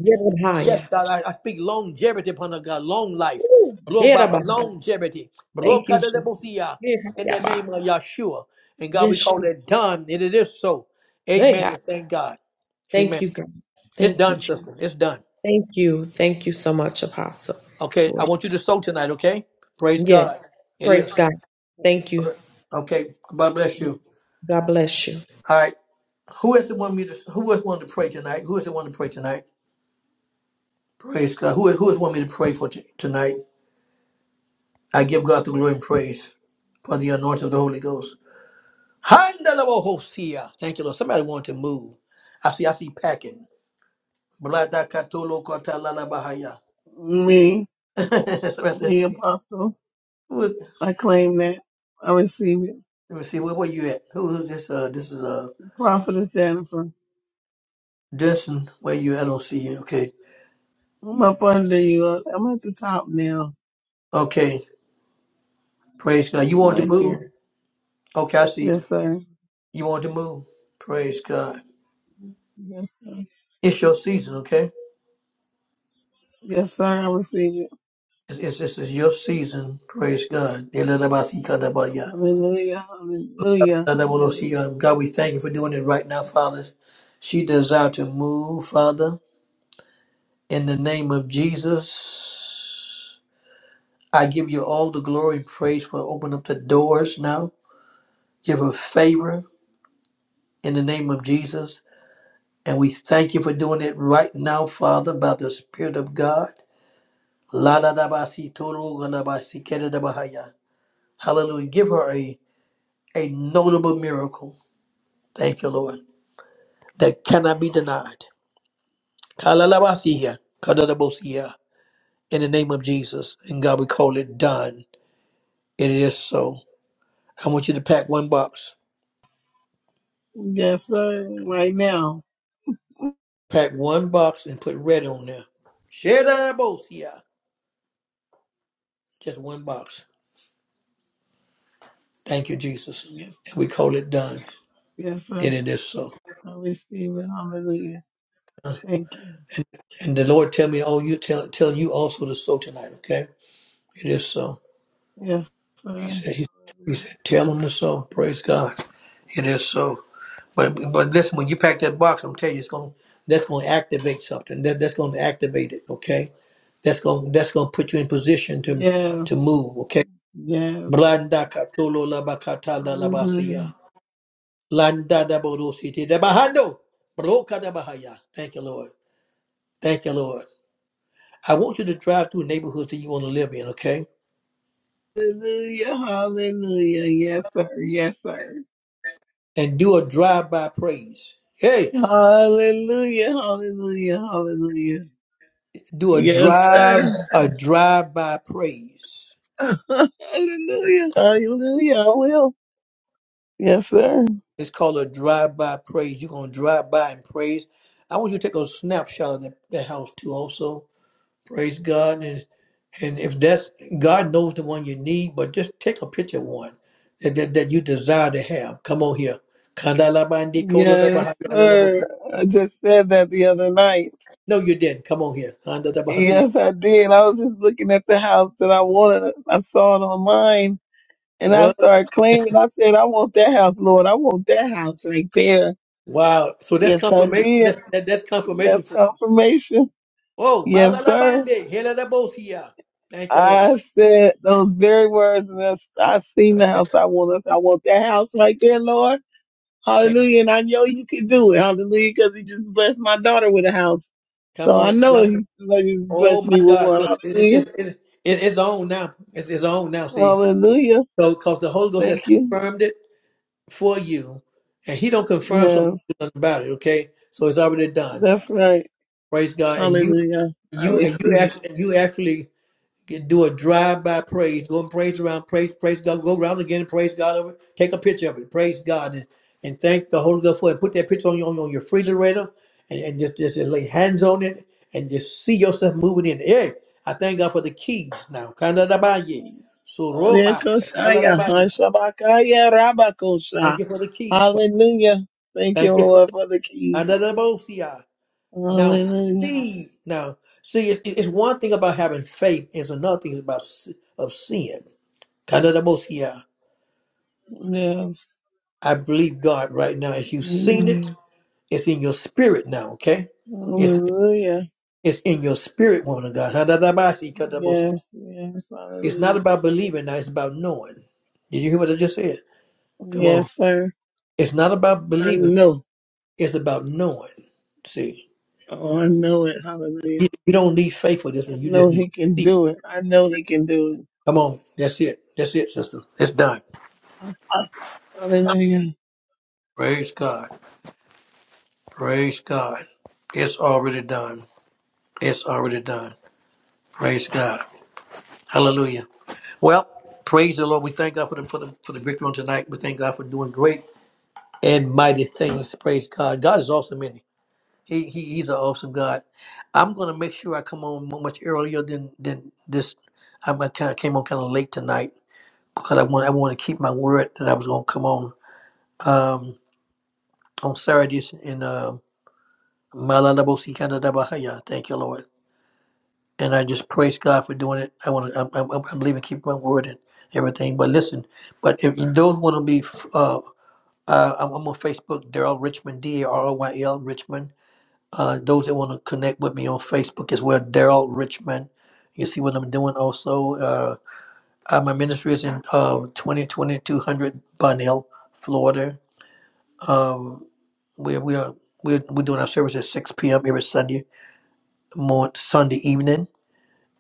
Speaker 1: Yes,
Speaker 7: Yadabahaya.
Speaker 1: God, I, I speak longevity upon us, God, long life.
Speaker 7: Woo!
Speaker 1: Blow Baba,
Speaker 7: Yadabahaya.
Speaker 1: longevity. Blow
Speaker 7: Thank you, Jesus.
Speaker 1: Kadadabosia. In
Speaker 7: Yadabahaya,
Speaker 1: the
Speaker 7: bah.
Speaker 1: name of Yeshua. And God, we
Speaker 7: Yes,
Speaker 1: call
Speaker 7: Jesus.
Speaker 1: it done. And it is so. Amen.
Speaker 7: Yeah.
Speaker 1: And thank God. Amen.
Speaker 7: Thank you, God.
Speaker 1: It's
Speaker 7: Thank you.
Speaker 1: done, sister. It's done.
Speaker 7: Thank you. Thank you so much, Apostle.
Speaker 1: Okay. I
Speaker 7: Lord.
Speaker 1: want you to sow tonight, okay? Praise
Speaker 7: Yes.
Speaker 1: God. It
Speaker 7: Praise
Speaker 1: is.
Speaker 7: God. Thank you.
Speaker 1: Okay. God bless you.
Speaker 7: God bless you.
Speaker 1: All right. Who is the one me to who is one to pray tonight? Who is the one to pray tonight? Praise God. Who is who is one me to pray for t- tonight? I give God the glory and praise for the anointing of the Holy Ghost. Handalabohosia. Thank you, Lord. Somebody want to move. I see I see packing. Bladakatolokotalalabahaya.
Speaker 6: Me,
Speaker 1: Somebody said,
Speaker 6: me, Apostle.
Speaker 1: who is-
Speaker 6: I claim that. I receive it.
Speaker 1: let me see, where were you at? Who, who's this? Uh, this is uh,
Speaker 6: Prophetess Jennifer,
Speaker 1: Justin, where you? I don't see you. Okay.
Speaker 6: I'm up under you. I'm at the top now,
Speaker 1: Okay. Praise God. You want to
Speaker 6: right
Speaker 1: move?
Speaker 6: here.
Speaker 1: Okay, I see you.
Speaker 6: Yes, sir.
Speaker 1: You want to move? Praise God.
Speaker 6: Yes, sir.
Speaker 1: It's your season, okay?
Speaker 6: Yes, sir. I receive it.
Speaker 1: It's, it's, it's, it's your season. Praise God. God,
Speaker 6: Hallelujah. Hallelujah. Hallelujah.
Speaker 1: we thank you for doing it right now, Father. She desires to move, Father. In the name of Jesus, I give you all the glory and praise for opening up the doors now. Give her favor in the name of Jesus. And we thank you for doing it right now, Father, by the Spirit of God. La da da ba si to ro ga da ba si ke da da ba ha ya. Hallelujah. Give her a, a notable miracle. Thank you, Lord. That cannot be denied. Ka la la ba si ya, ka da da bo si ya. In the name of Jesus. And God, we call it done. It is so. I want you to pack one box.
Speaker 6: Yes, sir. Right now.
Speaker 1: Pack one box and put red on there. She da da bo si Just one box. Thank you, Jesus.
Speaker 6: Yes, sir.
Speaker 1: And we call it done.
Speaker 6: Yes,
Speaker 1: And
Speaker 6: sir.
Speaker 1: it is so.
Speaker 6: I receive it. Hallelujah. Thank you.
Speaker 1: And the Lord tell me, oh, you tell tell you also to sow tonight, okay? It is so.
Speaker 6: Yes,
Speaker 1: He
Speaker 6: sir.
Speaker 1: said, he, he said, tell them to sow. Praise God. It is so. But but listen, when you pack that box, I'm telling you, it's going that's going to activate something. That that's going to activate it, okay? That's going that's going to put you in position to
Speaker 6: Yes,
Speaker 1: to move, okay?
Speaker 6: yes.
Speaker 1: Blanda katolo la bakata la la
Speaker 6: Hallelujah.
Speaker 1: basia. Landa da borosi te da bahando. Broka da bahaya. Thank you, Lord. Thank you, Lord. I want you to drive through neighborhoods that you want to live in, okay?
Speaker 6: Hallelujah. Hallelujah. Yes, sir. Yes, sir.
Speaker 1: and do a drive-by praise. Hey,
Speaker 6: Hallelujah. Hallelujah. Hallelujah.
Speaker 1: do a
Speaker 6: Yes,
Speaker 1: drive
Speaker 6: sir.
Speaker 1: a drive-by praise.
Speaker 6: Hallelujah. Hallelujah. I will. Yes, sir.
Speaker 1: It's called a drive-by praise. You're gonna drive by and praise. I want you to take a snapshot of that, that house too. Also, praise God. And and if that's God knows the one you need, but just take a picture of one that, that, that you desire to have. Come on here.
Speaker 6: Yes, sir. I just said that the other night.
Speaker 1: No, you didn't. Come on here.
Speaker 6: Yes, I did. I was just looking at the house that I wanted. I saw it online And I
Speaker 1: What?
Speaker 6: started claiming. I said, I want that house, Lord. I want that house right there.
Speaker 1: Wow. So that's
Speaker 6: Yes, I
Speaker 1: confirmation.
Speaker 6: did.
Speaker 1: That's that, that's
Speaker 6: That's
Speaker 1: confirmation
Speaker 6: confirmation.
Speaker 1: Oh,
Speaker 6: Yes, sir.
Speaker 1: malalabande, heladabosia. Thank you, Lord.
Speaker 6: I said those very words, and that's, I seen the house I want. us. I want that house right there, Lord.
Speaker 1: Take,
Speaker 6: Hallelujah. And I know you can do it. Hallelujah. Because he just blessed my daughter with a house.
Speaker 1: come
Speaker 6: So I
Speaker 1: on. it's
Speaker 6: know
Speaker 1: brother.
Speaker 6: he's ready to
Speaker 1: Oh
Speaker 6: bless me
Speaker 1: my
Speaker 6: with
Speaker 1: God,
Speaker 6: one.
Speaker 1: sister. It's,
Speaker 6: Hallelujah.
Speaker 1: it's, it's, it's it's on now. It's, it's on now. See,
Speaker 6: Hallelujah.
Speaker 1: so because the Holy Ghost has
Speaker 6: Thank you.
Speaker 1: confirmed it for you, and He don't confirm something
Speaker 6: Yes,
Speaker 1: about it. Okay, so it's already done.
Speaker 6: that's right.
Speaker 1: Praise God. And you,
Speaker 6: Hallelujah. I
Speaker 1: you, and you
Speaker 6: receive
Speaker 1: actually, you actually Get, do a drive-by praise. Go and praise around, praise, praise God. Go around again and praise God over. it. Take a picture of it. Praise God and, and thank the Holy Ghost for it. Put that picture on your on your refrigerator and, and just, just just lay hands on it and just see yourself moving in. Hey, I thank God for the keys now. Kandalabaye.
Speaker 6: it.
Speaker 1: Suroma.
Speaker 6: Alekosaya,
Speaker 1: Kalalabaye.
Speaker 6: Hashabakaya,
Speaker 1: Thank
Speaker 6: Rabakosha.
Speaker 1: you for the keys. Father.
Speaker 6: Hallelujah. Thank you,
Speaker 1: Thank you for
Speaker 6: Lord,
Speaker 1: the
Speaker 6: for the keys.
Speaker 1: Kandalabosia. Now
Speaker 6: Hallelujah.
Speaker 1: see now see it, it- it's one thing about having faith, it's another thing about s- of sin. Kandalabosia.
Speaker 6: Yes.
Speaker 1: I believe God right now. As you've seen it,
Speaker 6: Hallelujah.
Speaker 1: it's in your spirit now, okay? It's
Speaker 6: Hallelujah.
Speaker 1: it's in your spirit, woman of God. Hadadabashi katabosi.
Speaker 6: Yes. Yes.
Speaker 1: It's not
Speaker 6: Hallelujah.
Speaker 1: about believing now, it's about knowing. Did you hear what I just said? Come on.
Speaker 6: Yes, sir.
Speaker 1: It's not about
Speaker 6: I
Speaker 1: believing,
Speaker 6: know.
Speaker 1: it's about knowing. See.
Speaker 6: Oh, I know it. Hallelujah.
Speaker 1: You, you don't need faith for this
Speaker 6: I
Speaker 1: one, you
Speaker 6: know
Speaker 1: just need to
Speaker 6: he can
Speaker 1: see. it.
Speaker 6: do it. I know he can do
Speaker 1: Come on. That's it. That's it, sister. It's done.
Speaker 6: it. Hallelujah.
Speaker 1: Praise God. Praise God. It's already done. It's already done. Praise God. Hallelujah. Well, praise the Lord. We thank God for the for the for the victory on tonight. We thank God for doing great and mighty things. Praise God. God is awesome, isn't he? He, he he's an awesome God. I'm gonna make sure I come on mu- much earlier than than this. I kind of came on kind of late tonight because I want I want to keep my word that I was gonna come on um on Saturdays in uh Malalabosi Kanadabahaya. Thank you, Lord. And I just praise God for doing it. I want to. I, I, I believe in keeping my word and everything. But listen, but if you don't want to be uh, Uh, I'm, I'm on Facebook, Daryl Richmond, D A R O Y L Richmond. Uh, those that want to connect with me on Facebook is where Daryl Richmond. You see what I'm doing also. Uh, uh, my ministry is in uh, 202200 Bunnell, Florida. Um, we, we are, we're, we're doing our service at 6 p.m. every Sunday morning, Sunday evening.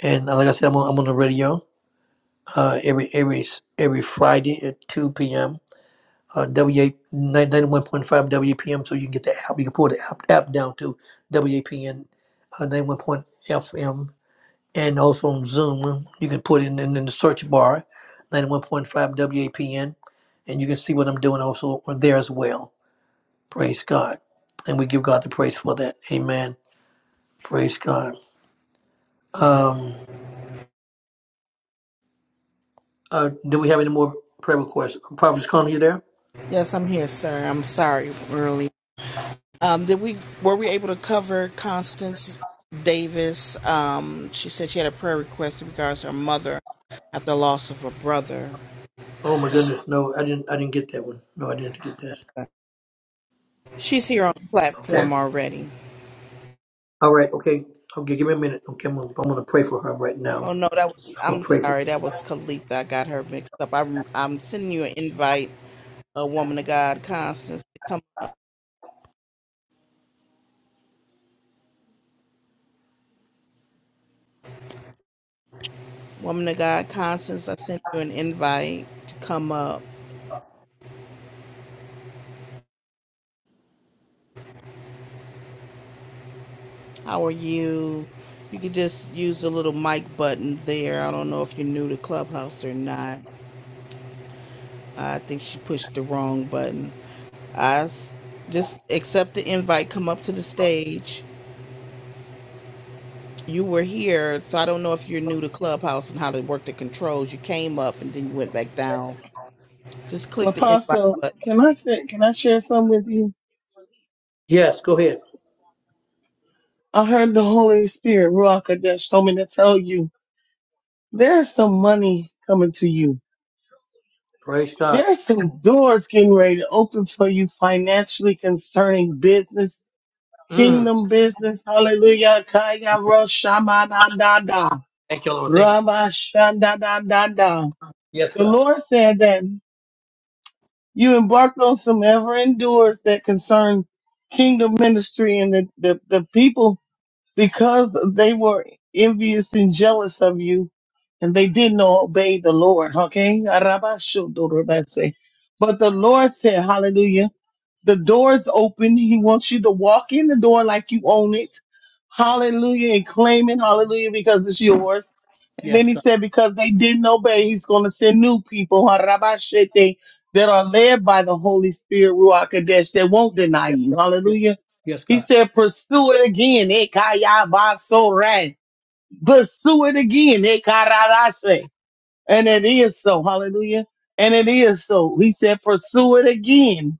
Speaker 1: And uh, like I said, I'm on, I'm on the radio uh, every every every Friday at 2 p.m. uh, WA 91.5 WAPM so you can get the app. You can pull the app, app down to WAPN uh, FM, and also on Zoom. You can put in, in, in the search bar 91.5 WAPN and you can see what I'm doing also there as well. Praise God. And we give God the praise for that. Amen. Praise God. Um, uh, do we have any more prayer requests? Prophets, calling you there?
Speaker 2: Yes, I'm here, sir. I'm sorry, early. Um, did we were we able to cover Constance Davis? Um, she said she had a prayer request in regards to her mother at the loss of her brother.
Speaker 1: Oh my goodness, no, I didn't. I didn't get that one. No, I didn't get that.
Speaker 2: She's here on the
Speaker 1: Okay.
Speaker 2: platform already.
Speaker 1: All right, okay. Okay, give me a minute. Okay, I'm gonna, I'm gonna pray for her right
Speaker 2: Oh
Speaker 1: now.
Speaker 2: no, that was
Speaker 1: I'm gonna
Speaker 2: I'm
Speaker 1: pray for.
Speaker 2: sorry, that was Kalitha. I got her mixed up. I'm I'm sending you an invite, a woman of God, Constance, to come up. Woman of God, Constance, I sent you an invite to come up. How are you? You could just use the little mic button there. I don't know if you're new to Clubhouse or not. I think she pushed the wrong button. I s- just accept the invite, come up to the stage. You were here, so I don't know if you're new to Clubhouse and how to work the controls. You came up and then you went back down. Just click the invite
Speaker 6: Apostle,
Speaker 2: button.
Speaker 6: can I say, can I share some with you?
Speaker 1: Yes, go ahead.
Speaker 6: I heard the Holy Spirit, Ruach Kodesh, told me to tell you. There's some money coming to you.
Speaker 1: Praise God.
Speaker 6: There's some doors getting ready to open for you financially concerning business,
Speaker 1: Mm.
Speaker 6: kingdom business. Hallelujah. Kaya ro shama da da da.
Speaker 1: Thank you, Lord. Thank you.
Speaker 6: Rama shanda da da da.
Speaker 1: Yes,
Speaker 6: The
Speaker 1: God.
Speaker 6: Lord said that you embarked on some ever doors that concern kingdom ministry and the, the, the people because they were envious and jealous of you, and they didn't obey the Lord. Okay,
Speaker 1: Yes,
Speaker 6: Arabashodorobase. but the Lord said, "Hallelujah." The door is open. He wants you to walk in the door like you own it. Hallelujah. And claim it. Hallelujah. Because it's yours. And
Speaker 1: yes,
Speaker 6: then he
Speaker 1: God.
Speaker 6: said, because they didn't obey, he's going to send new people, harabashete, that are led by the Holy Spirit, Ruach Kadesh, that won't deny
Speaker 1: Yes,
Speaker 6: you.
Speaker 1: God. Yes,
Speaker 6: Hallelujah.
Speaker 1: yes,
Speaker 6: He
Speaker 1: God.
Speaker 6: said, pursue it again. ekayabasore. Pursue it again. ekararashe. And it is so. Hallelujah. And it is so. He said, pursue it again.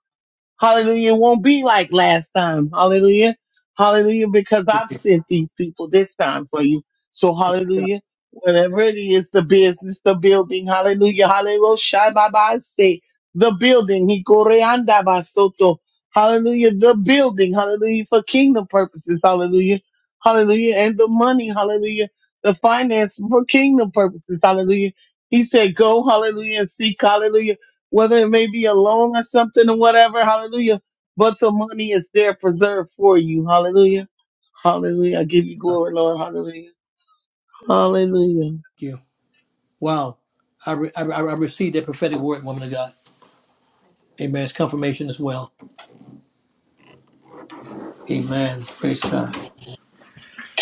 Speaker 6: Hallelujah. It won't be like last time. Hallelujah. Hallelujah. Because I've sent these people this time for you. So
Speaker 1: Thank
Speaker 6: hallelujah. Whatever it is, the business, the building. Hallelujah. Hallelujah. Shai Baba say the building. He koreanda basoto. Hallelujah. The building. Hallelujah. For kingdom purposes. Hallelujah. Hallelujah. And the money. Hallelujah. The finance for kingdom purposes. Hallelujah. He said, go. Hallelujah. and Seek. Hallelujah whether it may be a loan or something or whatever, hallelujah. But the money is there preserved for you, hallelujah. Hallelujah. I give you glory, Lord, hallelujah. Hallelujah.
Speaker 1: you. Wow. I, re- I, re- I received that prophetic word, woman of God. Amen. It's confirmation as well. Amen. Praise God.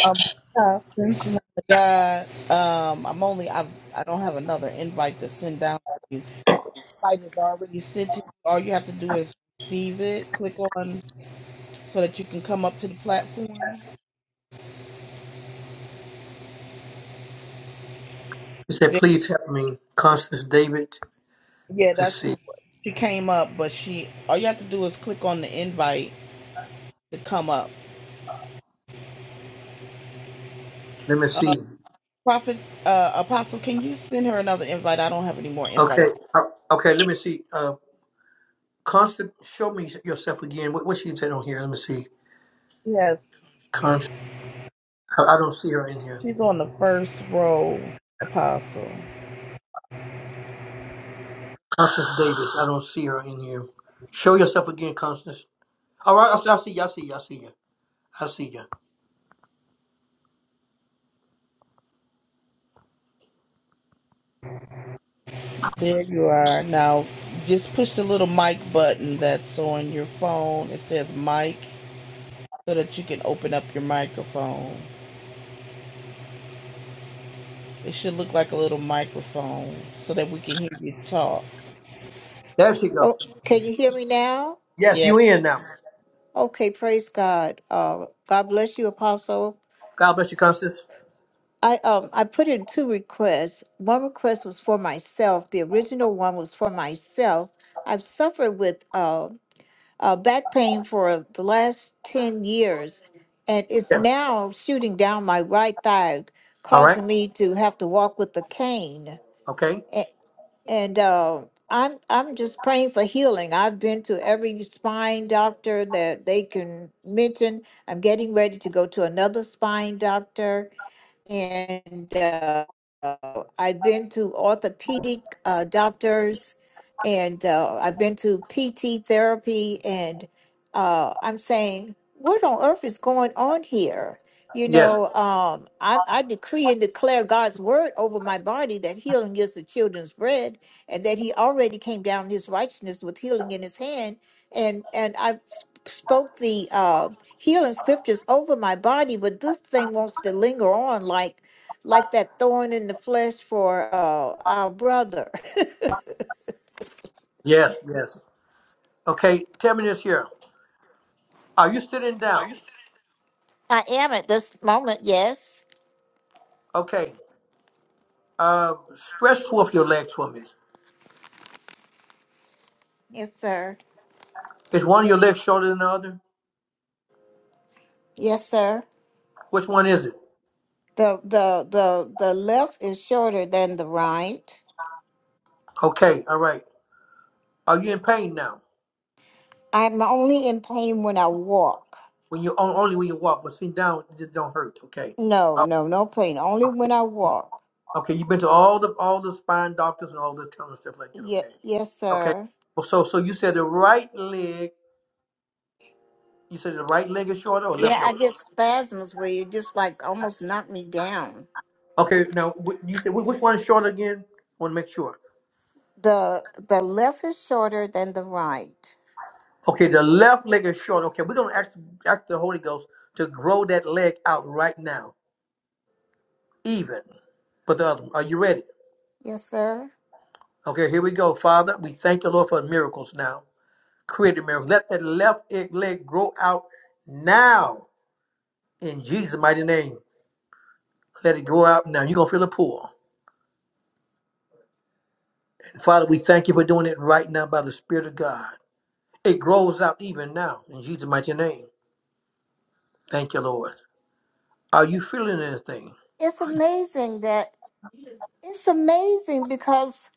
Speaker 2: Um, Constance, my God, um, I'm only I I don't have another invite to send down. invite is already sent to you. All you have to do is receive it. Click on so that you can come up to the platform.
Speaker 1: He said,
Speaker 2: There-
Speaker 1: "Please help me, Constance David."
Speaker 2: Yeah,
Speaker 1: Let's
Speaker 2: that's
Speaker 1: see.
Speaker 2: who she came up, but she all you have to do is click on the invite to come up.
Speaker 1: Let me
Speaker 2: Uh,
Speaker 1: see.
Speaker 2: Prophet uh, Apostle, can you send her another invite? I don't have any more
Speaker 1: Okay.
Speaker 2: invites.
Speaker 1: Uh, Okay. Let me see. Uh, Constance, show me yourself again. What, what she said on here? Let me see.
Speaker 2: Yes,
Speaker 1: I, I don't see her in here.
Speaker 2: she's on the first row. Apostle,
Speaker 1: Constance Davis, I don't see her in here. Show yourself again, Constance. All right, I see, I see you, I see you, I see you. I see you.
Speaker 2: there you are. Now, just push the little mic button that's on your phone. It says mic so that you can open up your microphone. It should look like a little microphone so that we can hear you talk.
Speaker 1: There she go.
Speaker 8: Oh, can you hear me now?
Speaker 1: Yes,
Speaker 2: Yes.
Speaker 1: you in now.
Speaker 8: Okay, praise God. Uh, God bless you, Apostle.
Speaker 1: God bless you, Constance.
Speaker 8: I um I put in two requests. One request was for myself. The original one was for myself. I've suffered with uh, uh back pain for the last ten years, and it's
Speaker 1: Yes.
Speaker 8: now shooting down my right thigh,
Speaker 1: All right.
Speaker 8: causing me to have to walk with a cane.
Speaker 1: Okay.
Speaker 8: And uh, I'm I'm just praying for healing. I've been to every spine doctor that they can mention. I'm getting ready to go to another spine doctor and uh, I've been to orthopedic uh, doctors, and uh, I've been to PT therapy, and uh, I'm saying, what on earth is going on here? You
Speaker 1: Yes.
Speaker 8: know, um, I, I decree and declare God's word over my body that healing is the children's bread, and that He already came down His righteousness with healing in His hand, and and I sp- spoke the uh, healing scriptures over my body, but this thing wants to linger on like like that thorn in the flesh for uh, our brother.
Speaker 1: Yes. Yes. Okay. Tell me this here. Are you sitting
Speaker 8: Are you
Speaker 1: down?
Speaker 8: serious? I am at this moment, yes.
Speaker 1: Okay. Uh, stretch forth your legs for me.
Speaker 8: Yes, sir.
Speaker 1: Is one of your legs shorter than the other?
Speaker 8: Yes, sir.
Speaker 1: Which one is it?
Speaker 8: The the the the left is shorter than the right.
Speaker 1: Okay. All right. Are you in pain now?
Speaker 8: I'm only in pain when I walk.
Speaker 1: When you on- only when you walk, but sitting down, it just don't hurt. Okay.
Speaker 8: No, no, no pain. Only when I walk.
Speaker 1: Okay, you've been to all the all the spine doctors and all that kind of stuff like that.
Speaker 8: Yeah,
Speaker 1: Okay.
Speaker 8: yes,
Speaker 1: Okay.
Speaker 8: sir.
Speaker 1: Well, so so you said the right leg. You said the right leg is shorter or left
Speaker 8: Yeah, I
Speaker 1: leg?
Speaker 8: get spasms where you just like almost knock me down.
Speaker 1: Okay. Now wh- you said wh- which one is shorter again? I want to make sure.
Speaker 8: The the left is shorter than the right.
Speaker 1: Okay, the left leg is short. Okay, we're gonna ask, ask the Holy Ghost to grow that leg out right now, even. But the other, one. are you ready?
Speaker 8: Yes, sir.
Speaker 1: Okay, here we go, Father. We thank you, Lord, for miracles now. Create a miracle. Let that left e, leg grow out now in Jesus' mighty name. Let it grow out now. You're going to feel a pull. And Father, we thank you for doing it right now by the Spirit of God. It grows out even now in Jesus' mighty name. Thank you, Lord. Are you feeling anything?
Speaker 8: It's
Speaker 1: Are you-
Speaker 8: amazing that it's amazing because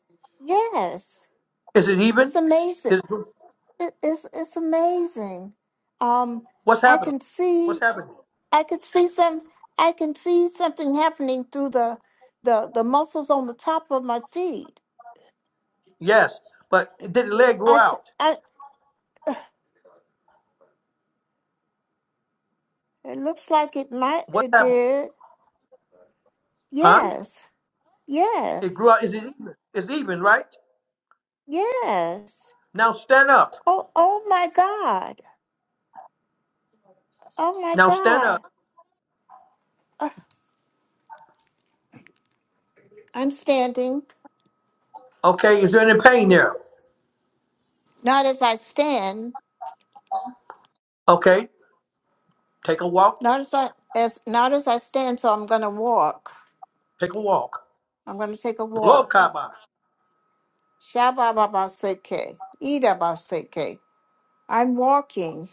Speaker 8: yes,
Speaker 1: Is it even?
Speaker 8: it's amazing.
Speaker 1: Is it-
Speaker 8: It, it's it's amazing. Um,
Speaker 1: what's
Speaker 8: I
Speaker 1: happening?
Speaker 8: can
Speaker 1: What's
Speaker 8: see
Speaker 1: happening?
Speaker 8: I can see some I can see something happening through the the the muscles on the top of my feet.
Speaker 1: Yes, but did the leg
Speaker 8: I,
Speaker 1: grow
Speaker 8: s-
Speaker 1: out?
Speaker 8: I- it looks like it might
Speaker 1: What
Speaker 8: it
Speaker 1: happened?
Speaker 8: did.
Speaker 1: Huh?
Speaker 8: Yes,
Speaker 1: It grew
Speaker 8: yes,
Speaker 1: out. Is it even? It's even, right?
Speaker 8: yes.
Speaker 1: Now stand up.
Speaker 8: Oh oh my God. Oh my
Speaker 1: Now stand up.
Speaker 8: God. Uh, I'm standing,
Speaker 1: Okay, is there any pain there?
Speaker 8: not as I stand,
Speaker 1: Okay, take a walk.
Speaker 8: not as I as not as I stand, so I'm gonna walk.
Speaker 1: Take a walk.
Speaker 8: I'm gonna take a
Speaker 1: Lord,
Speaker 8: walk.
Speaker 1: Kaba.
Speaker 8: Shabababaseke. Idabaseke. I'm walking.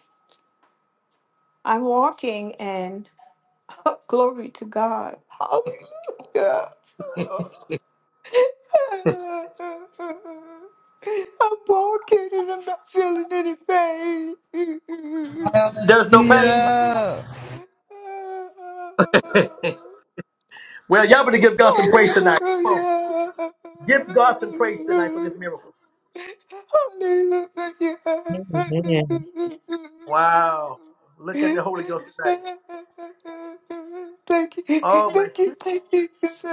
Speaker 8: I'm walking and glory to God. Hallelujah. I'm walking and I'm not feeling any pain.
Speaker 1: There's no pain.
Speaker 2: Hallelujah!
Speaker 1: Well, y'all better give God some praise
Speaker 8: Hallelujah.
Speaker 1: tonight. Come on.
Speaker 8: Hallelujah.
Speaker 1: Give God some praise tonight for this miracle.
Speaker 7: Amen.
Speaker 1: Wow. Look at the Holy Ghost tonight.
Speaker 8: Thank you,
Speaker 1: Oh my
Speaker 8: thank
Speaker 1: she,
Speaker 8: you, thank you, Jesus.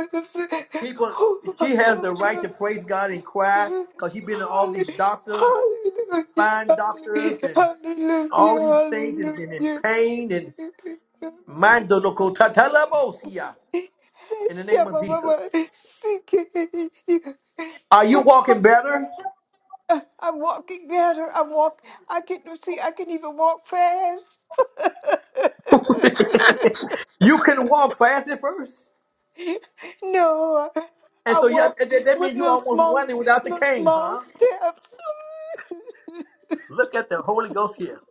Speaker 1: people she has the right to praise God and cry because she's been to all these doctors,
Speaker 8: Hallelujah,
Speaker 1: fine doctors
Speaker 8: hallelujah,
Speaker 1: and
Speaker 8: hallelujah,
Speaker 1: all these things and been in
Speaker 8: hallelujah,
Speaker 1: pain and mind loco tatalabosia in the name of Jesus. Are you
Speaker 8: Oh,
Speaker 1: walking
Speaker 8: honey,
Speaker 1: better?
Speaker 8: I- I'm walking better. I walk. I can see. I can even walk fast.
Speaker 1: you can walk fast at first.
Speaker 8: no, I,
Speaker 1: And
Speaker 8: I
Speaker 1: so yeah,
Speaker 8: walk
Speaker 1: that, that
Speaker 8: with
Speaker 1: means you
Speaker 8: little
Speaker 1: almost
Speaker 8: small,
Speaker 1: running without the
Speaker 8: little
Speaker 1: cane,
Speaker 8: small
Speaker 1: huh?
Speaker 8: steps.
Speaker 1: Look at the Holy Ghost here.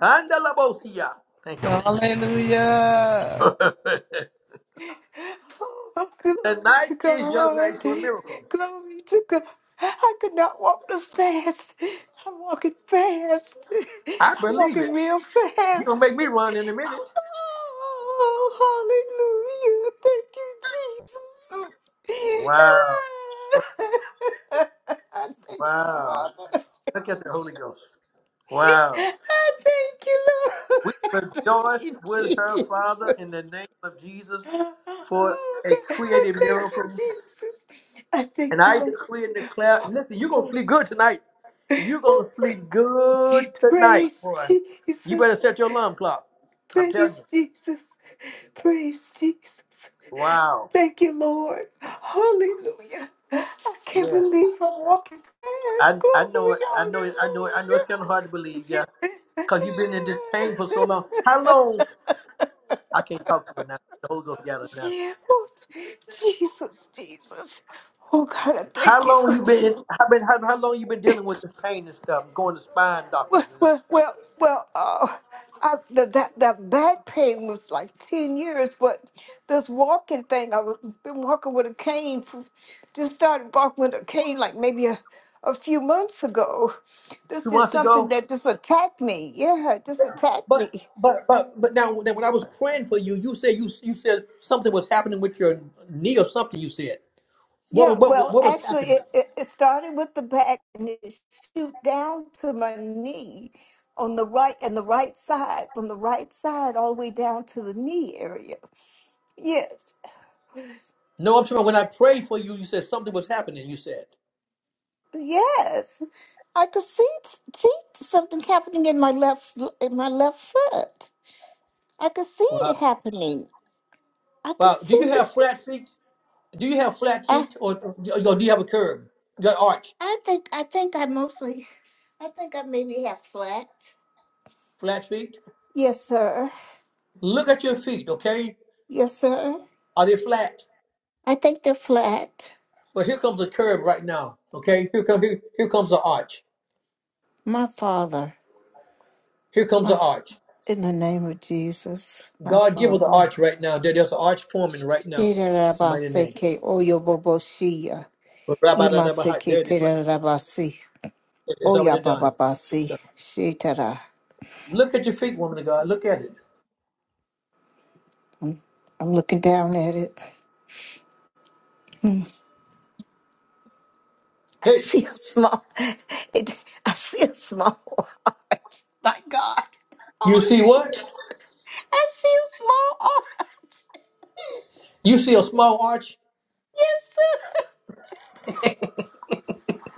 Speaker 1: Kandalabosia. Thank you, Lord.
Speaker 2: Hallelujah!
Speaker 8: Oh, glory
Speaker 1: Tonight
Speaker 8: to
Speaker 1: is your night
Speaker 8: God.
Speaker 1: for a miracle.
Speaker 8: Glory to God. I could not walk this fast. I'm walking fast.
Speaker 1: I
Speaker 8: I'm
Speaker 1: believe it.
Speaker 8: walking real
Speaker 1: You're going to make
Speaker 8: fast.
Speaker 1: me run in a minute.
Speaker 8: Oh, hallelujah. Thank you, Jesus.
Speaker 1: Wow.
Speaker 8: I thank you,
Speaker 1: Wow.
Speaker 8: Father.
Speaker 1: Look at the Holy Ghost.
Speaker 8: I
Speaker 1: Wow.
Speaker 8: thank you, Lord.
Speaker 1: We
Speaker 8: I thank
Speaker 1: rejoice
Speaker 8: you,
Speaker 1: with her, Father,
Speaker 8: Jesus.
Speaker 1: in the name of Jesus
Speaker 8: Oh
Speaker 1: for a
Speaker 8: God, I
Speaker 1: creative
Speaker 8: thank you,
Speaker 1: miracle.
Speaker 8: Jesus. I
Speaker 1: And
Speaker 8: thank you,
Speaker 1: I
Speaker 8: Lord.
Speaker 1: decree and declare, and listen, you're going to
Speaker 8: Oh,
Speaker 1: sleep good tonight. You're
Speaker 8: oh,
Speaker 1: going to
Speaker 8: pra-
Speaker 1: sleep good tonight,
Speaker 8: praise
Speaker 1: boy. You
Speaker 8: Jesus.
Speaker 1: better set your alarm clock. I'm telling you.
Speaker 8: Praise Jesus. Praise Jesus.
Speaker 1: Wow.
Speaker 8: Thank you, Lord. Hallelujah. I can't
Speaker 1: Yes.
Speaker 8: believe I'm walking past
Speaker 1: I I know
Speaker 8: glory.
Speaker 1: it. I know it. I know it. I know it's kind of hard to believe, yeah,
Speaker 8: Hallelujah.
Speaker 1: because you've been in this pain for so long. How long? I can't talk to her now. The Holy Ghost got her now.
Speaker 8: Oh, Jesus, Jesus. Oh God, I
Speaker 1: How
Speaker 8: thank you.
Speaker 1: long you been? in- How been? How, how long you been dealing with this pain and stuff? and going to spine doctors
Speaker 8: Well,
Speaker 1: and everything.
Speaker 8: well, well, well uh, I, the, that that back pain was like ten years, but this walking thing, I was been walking with a cane, for, just started walking with a cane like maybe a, a few months ago.
Speaker 1: two
Speaker 8: This is
Speaker 1: months
Speaker 8: something
Speaker 1: ago.
Speaker 8: that just attacked me. Yeah, it just attacked
Speaker 1: But
Speaker 8: me.
Speaker 1: but but but now when when I was praying for you, you said you you said something was happening with your knee or something. You said
Speaker 8: Yeah,
Speaker 1: what what
Speaker 8: well,
Speaker 1: what was
Speaker 8: actually,
Speaker 1: happening?
Speaker 8: it, it, it started with the back and it shoot down to my knee on the right and the right side, from the right side all the way down to the knee area. Yes,
Speaker 1: No, I'm sorry. When I prayed for you, you said something was happening. You said.
Speaker 8: yes, I could see see something happening in my left in my left foot. I could see
Speaker 1: wow.
Speaker 8: it happening. I could
Speaker 1: Wow. Do
Speaker 8: see
Speaker 1: you have flat
Speaker 8: it.
Speaker 1: feet? Do you have flat
Speaker 8: I
Speaker 1: feet or, or do you have a curve? You got arch,
Speaker 8: I think I think I mostly I think I maybe have flat.
Speaker 1: flat feet?
Speaker 8: Yes, sir.
Speaker 1: Look at your feet, okay?
Speaker 8: Yes, sir.
Speaker 1: Are they flat?
Speaker 8: I take the flat.
Speaker 1: Well, here comes the curve right now, okay? Here, comes here, here comes the arch.
Speaker 8: My Father,
Speaker 1: Here comes
Speaker 8: my
Speaker 1: the arch.
Speaker 8: in the name of Jesus, my
Speaker 1: God give us the
Speaker 8: Father.
Speaker 1: arch right now. There, there's an arch forming right now. Jesus' mighty name.
Speaker 8: Shirarabaseke oyoboboshia.
Speaker 1: Ra-ba-da-da-ba-ha.
Speaker 8: Imaseke
Speaker 1: There it is. Right.
Speaker 8: terarabasi.
Speaker 1: there. It's already done.
Speaker 8: Oyabababasi. Shitara.
Speaker 1: Look at your feet, woman of God. Look at it.
Speaker 8: Mm, I'm looking down at it. Mm, I
Speaker 1: Hey,
Speaker 8: see a small, it, I see a small orange. My God.
Speaker 1: you
Speaker 8: Oh,
Speaker 1: see
Speaker 8: Jesus.
Speaker 1: what?
Speaker 8: I see a small orange.
Speaker 1: You see a small arch?
Speaker 8: Yes, sir.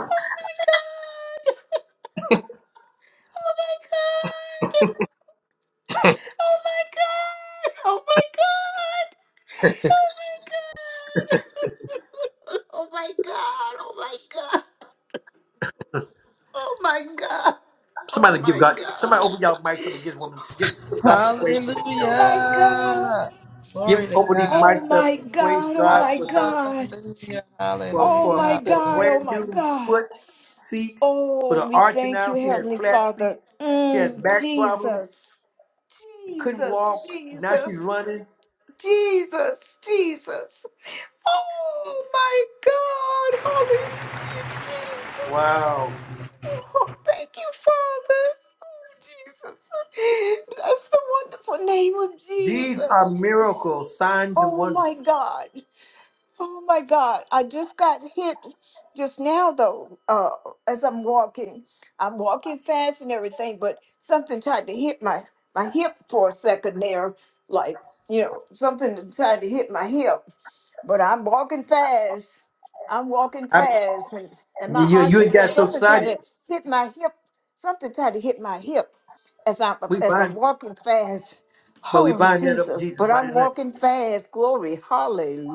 Speaker 8: Oh, my God. Oh my god! Oh my god! Oh my god! Oh my god! Oh my god! Oh my god! Oh my god! Oh
Speaker 1: Somebody give
Speaker 8: my
Speaker 1: God. Somebody open
Speaker 8: god!
Speaker 1: y'all mics up and give woman. Give, God some praise for this miracle.
Speaker 2: Hallelujah!
Speaker 1: Give
Speaker 2: Glory to
Speaker 1: open these
Speaker 2: God.
Speaker 8: Oh
Speaker 1: mics up
Speaker 8: my
Speaker 1: and praise
Speaker 8: god! Oh
Speaker 1: God
Speaker 8: my
Speaker 1: with her
Speaker 8: god!
Speaker 2: Hallelujah!
Speaker 1: for
Speaker 2: Hallelujah!
Speaker 8: Oh
Speaker 1: for
Speaker 8: my god! Oh my
Speaker 1: for a
Speaker 8: god!
Speaker 2: Hallelujah!
Speaker 8: Oh
Speaker 1: brand
Speaker 8: my
Speaker 1: new
Speaker 8: god!
Speaker 1: foot, feet, with
Speaker 8: Oh,
Speaker 1: an
Speaker 8: we
Speaker 1: arching
Speaker 8: thank
Speaker 1: now.
Speaker 8: you,
Speaker 1: She had
Speaker 8: Heavenly
Speaker 1: flat feet.
Speaker 8: Father.
Speaker 1: She had
Speaker 8: Mm,
Speaker 1: back problems.
Speaker 8: Jesus.
Speaker 1: Couldn't
Speaker 8: Jesus,
Speaker 1: walk. Now she's
Speaker 8: Jesus,
Speaker 1: running.
Speaker 8: Jesus, Jesus. Oh my God. Hallelujah, Jesus.
Speaker 1: Wow.
Speaker 8: Oh, thank you, Father. Oh, Jesus. Bless the wonderful name of
Speaker 1: These are
Speaker 8: Jesus.
Speaker 1: miracles, signs and
Speaker 8: Oh
Speaker 1: wonders.
Speaker 8: my God. Oh my God, I just got hit just now though, uh, as I'm walking. I'm walking fast and everything, but something tried to hit my, my hip for a second there, like, you know, something that tried to hit my hip. But I'm walking fast. I'm walking
Speaker 1: I,
Speaker 8: fast and, and my
Speaker 1: you
Speaker 8: arch
Speaker 1: you
Speaker 8: is
Speaker 1: ain't
Speaker 8: there.
Speaker 1: got so
Speaker 8: Something tried
Speaker 1: excited.
Speaker 8: to hit my hip. Something tried to hit my hip as I'm
Speaker 1: We
Speaker 8: as I'm
Speaker 1: bind,
Speaker 8: walking fast.
Speaker 1: but we
Speaker 8: Oh
Speaker 1: bind that up in
Speaker 8: Jesus,
Speaker 1: Jesus'
Speaker 8: but I'm
Speaker 1: mighty name.
Speaker 8: walking fast. Glory.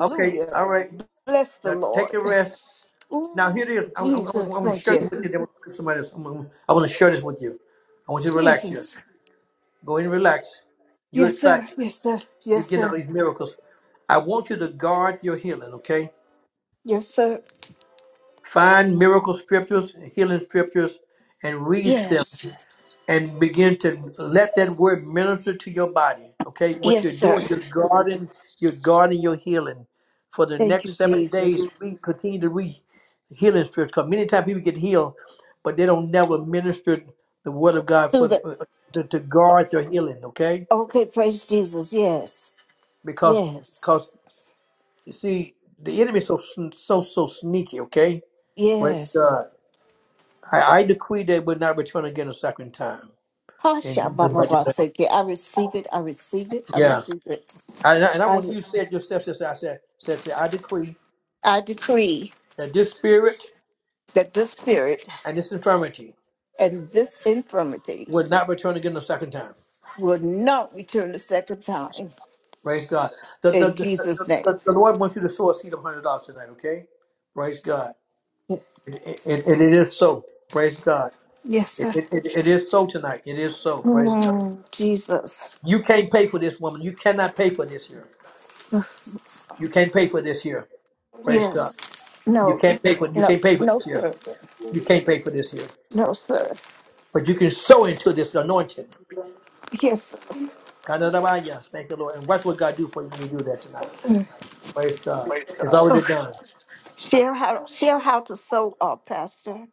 Speaker 1: Okay, all right.
Speaker 8: Bless the
Speaker 1: Now take
Speaker 8: Lord.
Speaker 1: a rest. Now here it
Speaker 8: Ooh,
Speaker 1: is. I'm, I'm, I'm
Speaker 8: Jesus,
Speaker 1: going to
Speaker 8: thank
Speaker 1: share
Speaker 8: you.
Speaker 1: this with you. Then we'll put somebody else. I'm, I'm- I want to share this with you. I want you to relax here.
Speaker 8: Jesus.
Speaker 1: Go in, relax. You're
Speaker 8: Yes,
Speaker 1: excited.
Speaker 8: sir. Yes, sir.
Speaker 1: You're
Speaker 8: Yes,
Speaker 1: getting all
Speaker 8: sir.
Speaker 1: these miracles. I want you to guard your healing. Okay.
Speaker 8: Yes, sir.
Speaker 1: Find miracle scriptures, healing scriptures, and read them.
Speaker 8: Yes.
Speaker 1: and begin to let that word minister to your body. Okay, what
Speaker 8: Yes,
Speaker 1: you're doing,
Speaker 8: sir.
Speaker 1: you're guarding, you're guarding your healing. For the
Speaker 8: Thank you,
Speaker 1: next seven days,
Speaker 8: Jesus.
Speaker 1: we continue to read healing scriptures. Because many times people get healed, but they don't never minister the word of God
Speaker 8: So
Speaker 1: for the,
Speaker 8: the
Speaker 1: uh, to, to
Speaker 8: o-
Speaker 1: guard their healing. Okay,
Speaker 8: okay, praise Jesus. Yes.
Speaker 1: because
Speaker 8: Yes.
Speaker 1: because you see the enemy is so sn- so so sneaky. Okay, praise
Speaker 8: Yes.
Speaker 1: God. I, I decree they will not return again a second time in
Speaker 8: Hasha
Speaker 1: Jesus'
Speaker 8: Baba
Speaker 1: mighty name.
Speaker 8: Baseke. I receive it. I receive it. I
Speaker 1: Yeah.
Speaker 8: receive it.
Speaker 1: And I, and I want
Speaker 8: I
Speaker 1: you to say it yourself, sister. I said, said, said, I decree
Speaker 8: I decree
Speaker 1: that this spirit
Speaker 8: that this spirit
Speaker 1: and this infirmity
Speaker 8: and this infirmity
Speaker 1: will not return again the second time.
Speaker 8: will not return a second time
Speaker 1: Praise God. The, the,
Speaker 8: in
Speaker 1: the, the,
Speaker 8: Jesus'
Speaker 1: the-
Speaker 8: name.
Speaker 1: the Lord wants you to sow a seed of $100 tonight, okay? Praise God. It, it, it it is so. Praise God.
Speaker 8: Yes,
Speaker 1: It,
Speaker 8: sir.
Speaker 1: it, it it is so tonight. It is so. Praise God.
Speaker 8: Mm, Jesus.
Speaker 1: You can't pay for this woman. You cannot pay for this here. You can't pay for this here. Praise God.
Speaker 8: Yes.
Speaker 1: You
Speaker 8: No.
Speaker 1: can't pay for you
Speaker 8: No.
Speaker 1: can't pay for
Speaker 8: No,
Speaker 1: this here.
Speaker 8: sir.
Speaker 1: You can't pay for this here.
Speaker 8: No, sir.
Speaker 1: But you can sow into this anointing.
Speaker 8: Yes.
Speaker 1: Kadadabaya. Thank you, Lord. And watch what God do for you when you do that tonight. Praise God.
Speaker 8: sir.
Speaker 1: It's already
Speaker 8: Oh,
Speaker 1: done.
Speaker 8: share how share how to sew, uh, Pastor.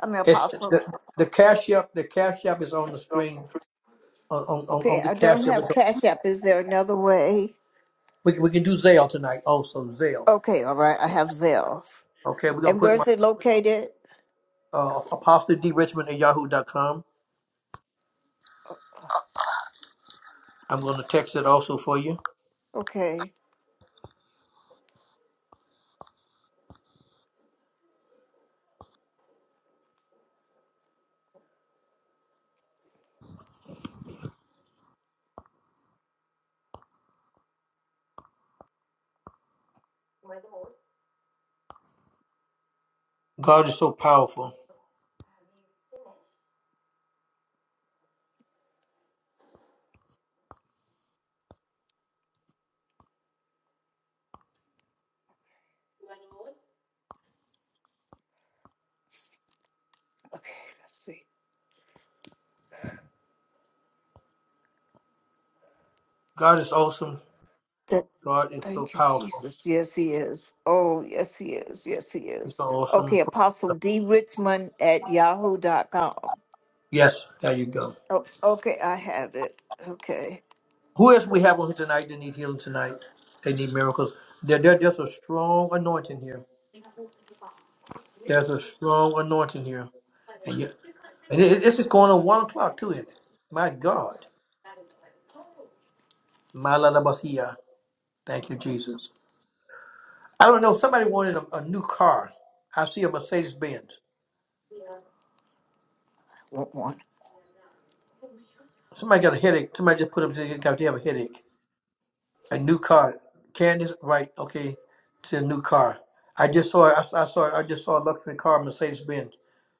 Speaker 8: I'm an
Speaker 1: It's
Speaker 8: apostle.
Speaker 1: the, the cash app. The cash app is on the screen on on, on on
Speaker 8: Okay,
Speaker 1: the
Speaker 8: I
Speaker 1: cash
Speaker 8: don't
Speaker 1: app.
Speaker 8: have
Speaker 1: It's-
Speaker 8: Cash App. Is there another way?
Speaker 1: We, we can do Zelle tonight. Also Zelle.
Speaker 8: Okay, all right. I have Zelle.
Speaker 1: Okay, we're gonna
Speaker 8: And
Speaker 1: put
Speaker 8: where's
Speaker 1: my
Speaker 8: it located?
Speaker 1: uh, apostle d richmond at yahoo.com. I'm gonna text it also for you.
Speaker 8: Okay.
Speaker 1: God is so powerful.
Speaker 8: Okay. Let's see.
Speaker 1: God is awesome.
Speaker 8: Th-
Speaker 1: God is so
Speaker 8: Thank you,
Speaker 1: powerful.
Speaker 8: Jesus. Yes, he is. Oh, yes, he is. Yes, he
Speaker 1: He's
Speaker 8: is.
Speaker 1: so awesome.
Speaker 8: Okay, Apostle D. Richmond at yahoo.com.
Speaker 1: Yes, there you go.
Speaker 8: Oh, okay, I have it. Okay,
Speaker 1: Who else we have on here tonight that need healing tonight? They need miracles. There, there, there's a strong anointing here. There's a strong anointing here. And, you, and it, it- this is going on 1 o'clock too, isn't it? My God. Malalabasia. Thank you, Jesus. I don't know. Somebody wanted a, a new car. I see a Mercedes Benz.
Speaker 8: want one.
Speaker 1: Somebody got a headache. Somebody just put up, they got- they have a headache. A new car. Candace, right? Okay, it's a new car. I just saw. I, I saw. I just saw a luxury car, Mercedes Benz.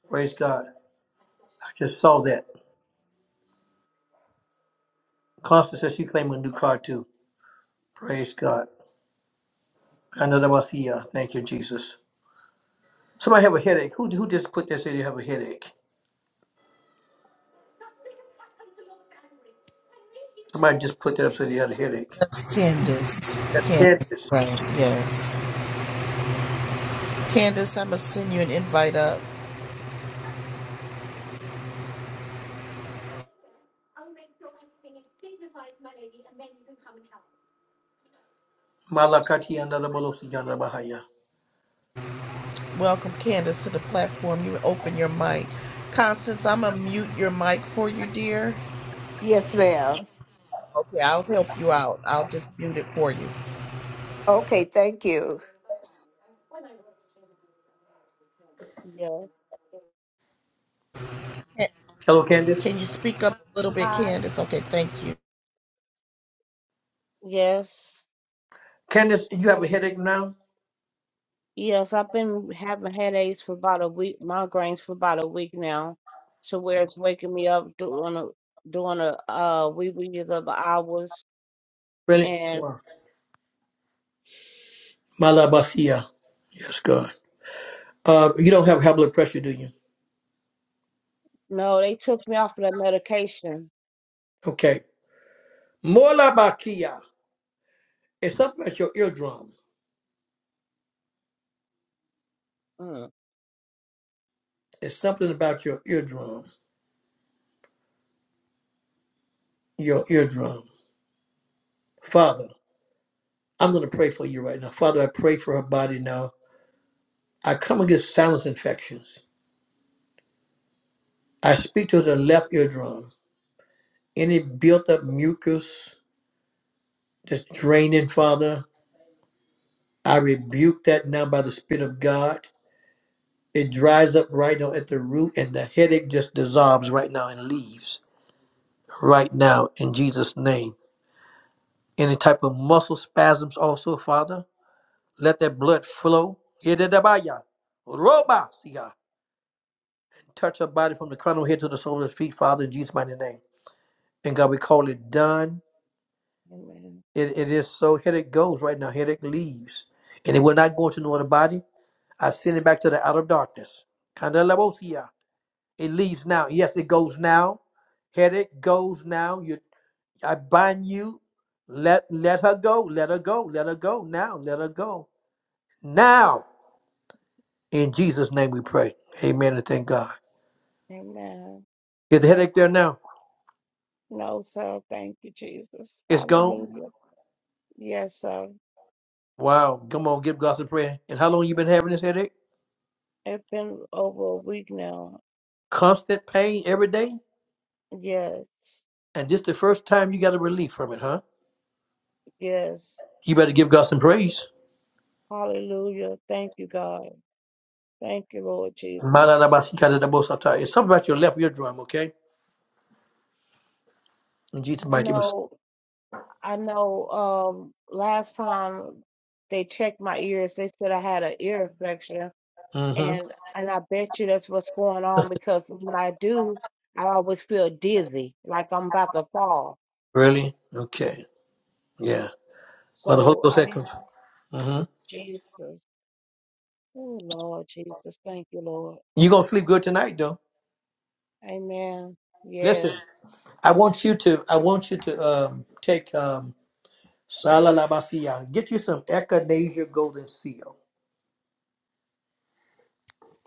Speaker 1: Praise God. I just saw that. Constance says she claiming a new car too. Praise God. Kanadabasia. Thank you, Jesus. Somebody have a headache. Who who just put that said you have a headache? Somebody just put that up said you had a headache.
Speaker 2: That's Candace.
Speaker 1: That's
Speaker 2: Candace,
Speaker 1: Candace.
Speaker 2: right? Yes. Candace, I'm gonna send you an invite up.
Speaker 1: Malakati andadabolosi yandabahaya.
Speaker 2: Welcome, Candace, to the platform. You open your mic. Constance, I'm gonna mute your mic for you, dear.
Speaker 8: Yes, ma'am.
Speaker 2: Okay, I'll help you out. I'll just mute it for you.
Speaker 8: Okay, thank you.
Speaker 9: Yes.
Speaker 2: Can
Speaker 1: Hello, Candace.
Speaker 2: can you speak up a little bit,
Speaker 9: Hi.
Speaker 2: Candace? Okay, thank you.
Speaker 9: Yes.
Speaker 1: Candace, you have a headache now?
Speaker 9: Yes, I've been having headaches for about a week, migraines for about a week now, to where it's waking me up doing a doing a uh wee wee's of hours.
Speaker 1: Really?
Speaker 9: And
Speaker 1: Wow. Malabasia. Yes, God. Uh, you don't have high blood pressure, do you?
Speaker 9: no, they took me off of that medication.
Speaker 1: Okay. Molabakia. It's something about your eardrum.
Speaker 9: Mm.
Speaker 1: It's something about your eardrum. Your eardrum. Father. I'm going to pray for you right now. Father, I pray for her body now. I come against sinus infections. I speak to her left eardrum. Any built up mucus that's draining, Father, I rebuke that now by the Spirit of God. It dries up right now at the root, and the headache just dissolves right now and leaves right now in Jesus' name. Any type of muscle spasms, also, Father, let that blood flow. Yedidabaya. Roba. see, Touch her body from the crown of her head to the sole of her feet, Father, in Jesus' mighty name. And God, we call it done.
Speaker 9: Amen.
Speaker 1: It, it is so. Headache goes right now. Headache leaves. And it will not go into no other body. I send it back to the outer darkness. Kandalabosia. It leaves now. Yes, it goes now. Headache goes now. You, I bind you. Let let her go. Let her go. Let her go now. Let her go now. In Jesus' name, we pray. Amen. And thank God.
Speaker 9: Amen.
Speaker 1: Is the
Speaker 9: Thank
Speaker 1: headache
Speaker 9: you,
Speaker 1: there
Speaker 9: God.
Speaker 1: now?
Speaker 9: No, sir. Thank you, Jesus.
Speaker 1: It's gone.
Speaker 9: Hallelujah. Yes, sir.
Speaker 1: Wow, come on, give God some prayer. And how long you been having this headache?
Speaker 9: It's been over a week now.
Speaker 1: Constant pain every day?
Speaker 9: Yes.
Speaker 1: And this the first time you got a relief from it, huh?
Speaker 9: Yes.
Speaker 1: You better give God some praise.
Speaker 9: Hallelujah. Thank you, God. Thank you, Lord Jesus.
Speaker 1: Mananabasikadadabosata. It's something about your left eardrum, okay? In Jesus'
Speaker 9: I
Speaker 1: mighty name.
Speaker 9: know, I know, um, last time they checked my ears, they said I had an ear infection.
Speaker 1: Mm-hmm.
Speaker 9: And and I bet you that's what's going on because when I do, I always feel dizzy, like I'm about to fall.
Speaker 1: Really? Okay. Yeah. Well, the Holy
Speaker 9: So
Speaker 1: Ghost
Speaker 9: I
Speaker 1: that
Speaker 9: need
Speaker 1: comes. Mm-hmm.
Speaker 9: Jesus. Oh, Lord Jesus. Thank you, Lord.
Speaker 1: You're gonna sleep good tonight though.
Speaker 9: Amen. Yes.
Speaker 1: Listen, I want you to I want you to um take um Salalabasia. Get you some Echinacea Golden Seal.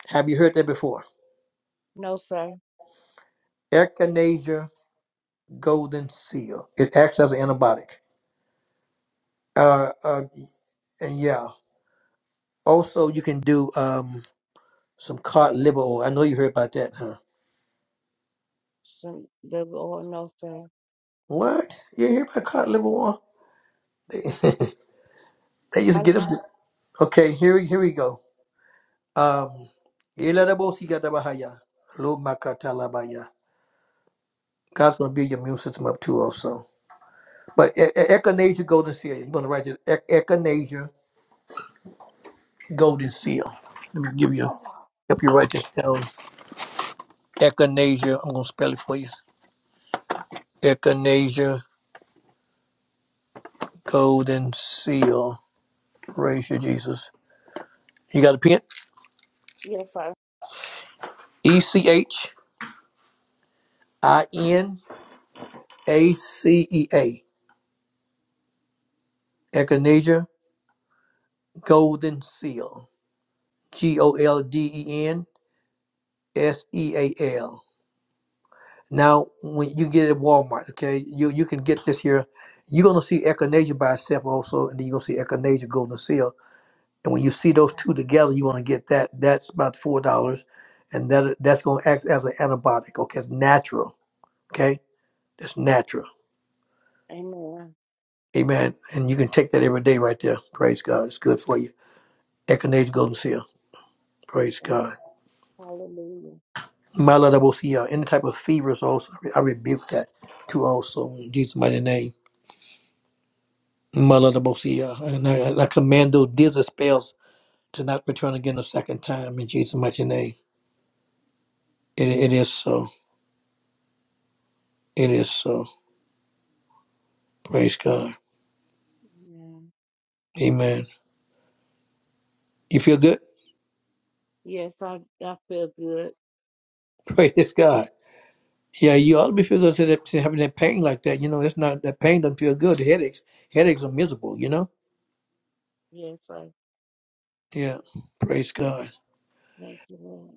Speaker 1: Have you heard that before?
Speaker 9: No, sir.
Speaker 1: Echinacea golden seal. It acts as an antibiotic. Uh, uh, and yeah. Also, you can do um some cod liver oil. I know you heard about that, huh?
Speaker 9: Some- The Lord, no, sir.
Speaker 1: What? You hear about cod liver oil? They, they used
Speaker 9: I,
Speaker 1: to get up. The, okay, here here we go. Um, Eladabosikadabahaya, Lobakatalabaya. God's gonna build your immune system up too, also. But E- E- echinacea golden seal. You're gonna write it. E- echinacea golden seal. Let me give you help you write this down. Echinacea. I'm gonna spell it for you. Echinacea golden seal. Praise you, Jesus. You got a pen?
Speaker 9: yes, sir.
Speaker 1: E C H I N A C E A. Echinacea golden seal. G O L D E N S E A L. Now, when you get it at Walmart, okay, you you can get this here. You're gonna see echinacea by itself also, and then you're gonna see echinacea golden seal. And when you see those two together, you want to get that. That's about four dollars, and that that's gonna act as an antibiotic. Okay, it's natural Okay? That's natural.
Speaker 9: Amen.
Speaker 1: Amen. And you can take that every day right there. Praise God. It's good for you. Echinacea golden seal. Praise
Speaker 9: Thank,
Speaker 1: God.
Speaker 9: hallelujah.
Speaker 1: Maladabosia. Any type of fevers also. I rebuke that too also in Jesus' mighty name. Maladabosia. And I, and I command those disease spells to not return again a second time in Jesus' mighty name. It, it is so. It is so. Praise God.
Speaker 9: Amen.
Speaker 1: Amen. You feel good?
Speaker 9: Yes, I, I feel good.
Speaker 1: Praise God. Yeah, you ought to be feeling those that having that pain like that. You know, that's not that pain doesn't feel good. The headaches, headaches are miserable. You know.
Speaker 9: Yes, I
Speaker 1: Yeah. Praise God.
Speaker 9: thank you, Lord.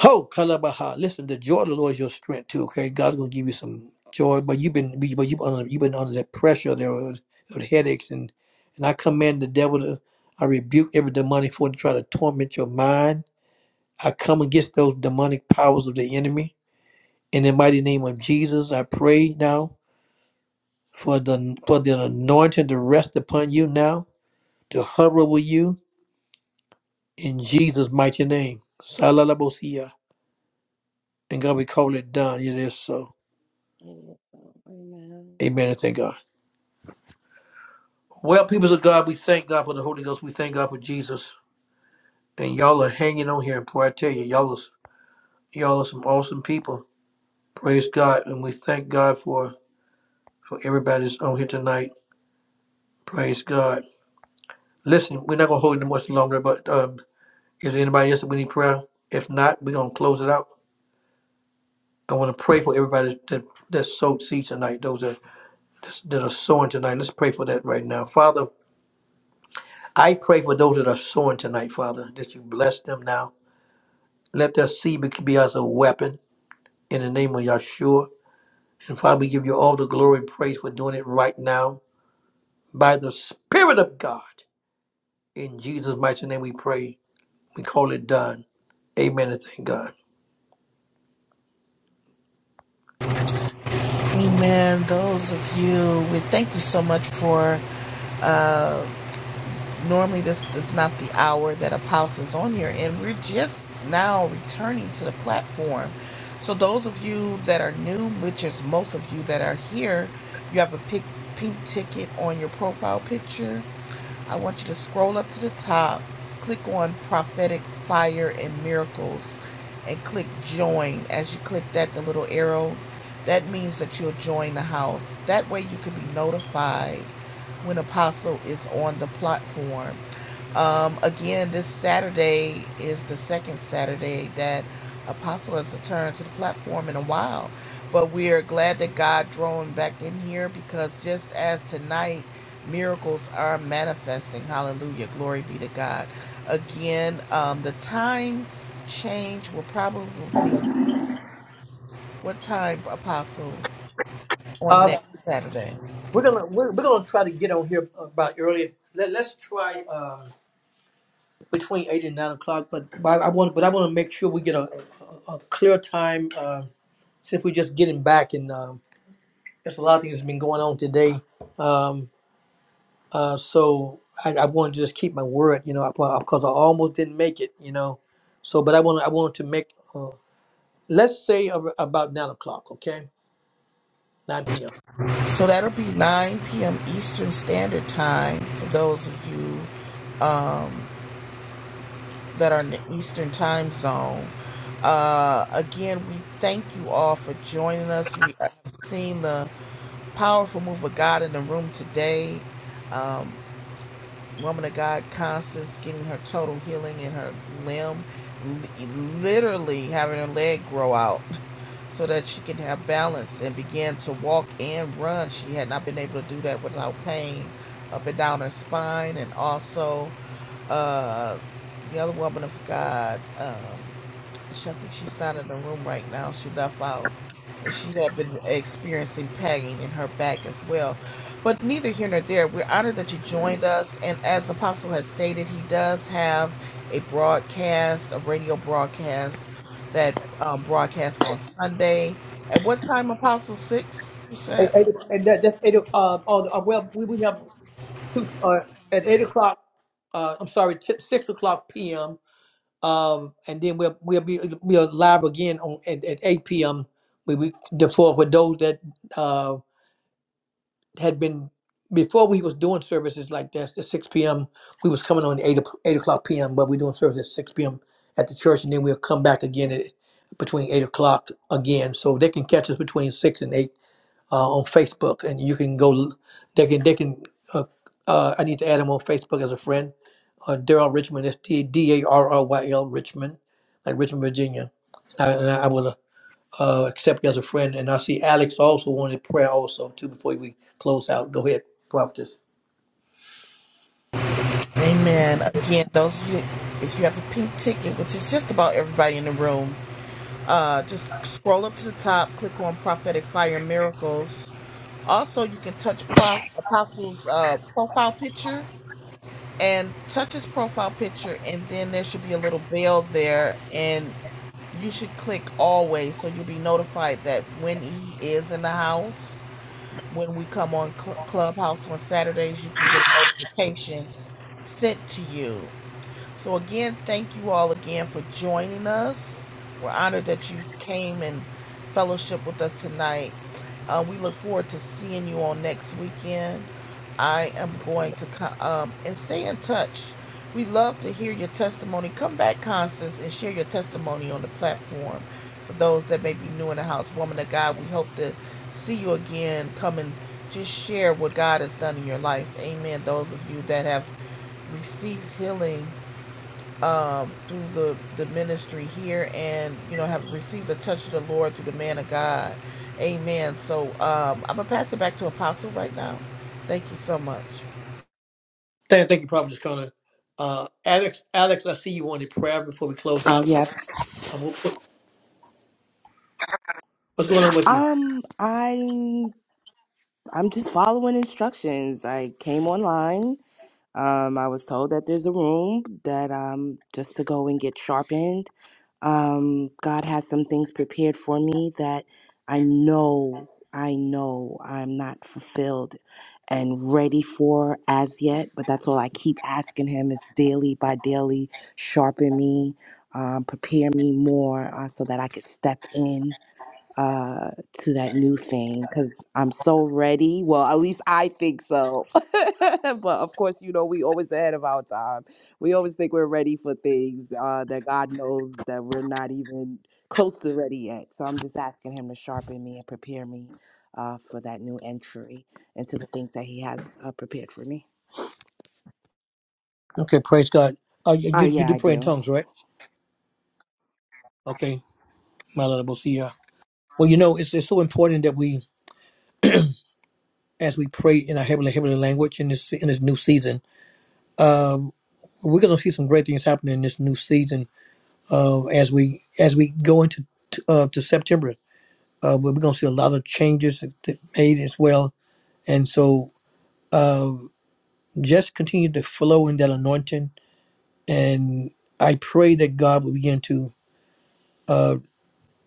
Speaker 1: Ho kalabaha. Listen, the joy of the Lord is your strength too. Okay, God's gonna give you some joy, but you've been but you've been under, you've been under that pressure there of, of headaches and and I command the devil to I rebuke every demonic force to try to torment your mind. I come against those demonic powers of the enemy in the mighty name of Jesus. I pray now. for the for the anointing to rest upon you now, to hover with you in Jesus' mighty name. Salalabosia. And God, we call it done. It is so.
Speaker 9: Yes, Lord. Amen.
Speaker 1: Amen and thank God. Well, people of God, we thank God for the Holy Ghost. We thank God for Jesus. And y'all are hanging on here. Boy, I tell you, y'all is y'all are some awesome people. Praise God. And we thank God for for everybody that's on here tonight. Praise God. Listen, we're not gonna hold it much longer, but um, is there anybody else that we need prayer? If not, we're gonna close it out. I want to pray for everybody that that sowed seed tonight. Those that that are sowing tonight. Let's pray for that right now, Father. I pray for those that are sowing tonight, Father, that you bless them now. Let their seed be, be as a weapon in the name of Yahshua. And Father, we give you all the glory and praise for doing it right now by the Spirit of God. In Jesus' mighty name, we pray. We call it done. Amen. And thank God.
Speaker 2: Amen. Those of you, we thank you so much for. Normally, this is not the hour that Apostle's on here, and we're just now returning to the platform. So, those of you that are new, which is most of you that are here, you have a pic- pink ticket on your profile picture. I want you to scroll up to the top, click on prophetic fire and miracles, and click join. As you click that, the little arrow, that means that you'll join the house. That way, you can be notified when Apostle is on the platform. Um, again, this Saturday is the second Saturday that Apostle has returned to the platform in a while. But we are glad that God drawn back in here because just as tonight, miracles are manifesting. Hallelujah. Glory be to God. Again, um, the time change will probably be what time, Apostle, on
Speaker 1: Uh,
Speaker 2: next Saturday?
Speaker 1: we're gonna we're, we're gonna try to get on here about earlier. Let, let's try. Um, between eight and nine o'clock. But, but I want, but I want to make sure we get a, a, a clear time uh, since we're just getting back, and um, there's a lot of things that's been going on today. Um, uh, so I, I want to just keep my word, you know, because I almost didn't make it, you know. So, but I want, I want to make, uh, let's say ar- about nine o'clock, okay, nine p.m.
Speaker 2: So that'll be 9 p.m. Eastern Standard Time for those of you. that are in the Eastern time zone. Uh, again, we thank you all for joining us. We have seen the powerful move of God in the room today. Woman of God, Constance, getting her total healing in her limb, li- literally having her leg grow out so that she can have balance and begin to walk and run. She had not been able to do that without pain up and down her spine, and also uh, the other woman of God. um, She, I think she's not in the room right now. She left out. And she had been experiencing pain in her back as well. But neither here nor there. We're honored that you joined us. And as Apostle has stated, he does have a broadcast, a radio broadcast that um, broadcast on Sunday. At what time, Apostle? Six? You
Speaker 1: Eight,
Speaker 2: said?
Speaker 1: eight, and that, that's eight. o- Uh, oh, uh, well, we, we have two uh, at eight o'clock. Uh, I'm sorry, t- six o'clock p.m. Um, and then we'll we'll be we'll live again on at, at 8 p.m. We we the for for those that uh had been before we was doing services like this at 6 p.m. We was coming on 8 o'clock- 8 o'clock p.m. But we're doing service at 6 p.m. at the church, and then we'll come back again at between 8 o'clock again, so they can catch us between 6 and 8 uh, on Facebook, and you can go. They can they can. Uh, uh, I need to add him on Facebook as a friend. Uh, Daryl Richmond. That's D D A R R Y L Richmond, like Richmond, Virginia. And I, and I will uh, accept you as a friend. And I see Alex also wanted prayer also too. Before we close out, go ahead, prophetess.
Speaker 2: Amen. Again, those of you, if you have a pink ticket, which is just about everybody in the room, Uh, just scroll up to the top, click on Prophetic Fire Miracles. Also, you can touch Pro- Apostle's uh, profile picture and touch his profile picture, and then there should be a little bell there, and you should click Always so you'll be notified that when he is in the house, when we come on Cl- Clubhouse on Saturdays, you can get a notification sent to you. So, again, thank you all again for joining us. We're honored that you came and fellowship with us tonight. Uh, we look forward to seeing you on next weekend. I am going to come um, and stay in touch. We love to hear your testimony. Come back, Constance, and share your testimony on the platform. For those that may be new in the house, woman of God, we hope to see you again. Come and just share what God has done in your life. Amen. Those of you that have received healing um, through the, the ministry here and, you know, have received the touch of the Lord through the man of God. Amen. So um, I'm going to pass it back to Apostle right now. Thank you so much.
Speaker 1: Thank, thank you, prophetess Connor. Uh, Alex, Alex, I see you wanted prayer before we close
Speaker 10: Uh,
Speaker 1: out.
Speaker 10: yeah.
Speaker 1: Um, wh- what's going on with you?
Speaker 10: Um, I'm I'm just following instructions. I came online. Um, I was told that there's a room that um just to go and get sharpened. Um, God has some things prepared for me that I know I know I'm not fulfilled and ready for as yet. But that's all I keep asking Him is daily by daily sharpen me, um, prepare me more uh, so that I could step in uh to that new thing because i'm so ready well at least i think so but of course you know we always ahead of our time we always think we're ready for things uh that god knows that we're not even close to ready yet so i'm just asking him to sharpen me and prepare me uh for that new entry into the things that he has uh, prepared for me
Speaker 1: Okay, praise God. Uh, you
Speaker 10: uh
Speaker 1: you you
Speaker 10: yeah
Speaker 1: do
Speaker 10: i
Speaker 1: pray in
Speaker 10: do
Speaker 1: tongues, right? Okay, my Lord, I will see you. Well, you know, it's, it's so important that we, as we pray in our heavenly heavenly language in this in this new season, um, we're going to see some great things happening in this new season. Uh, as we as we go into t- uh, to September, uh, we're going to see a lot of changes that that made as well. And so, uh, just continue to flow in that anointing, and I pray that God will begin to uh,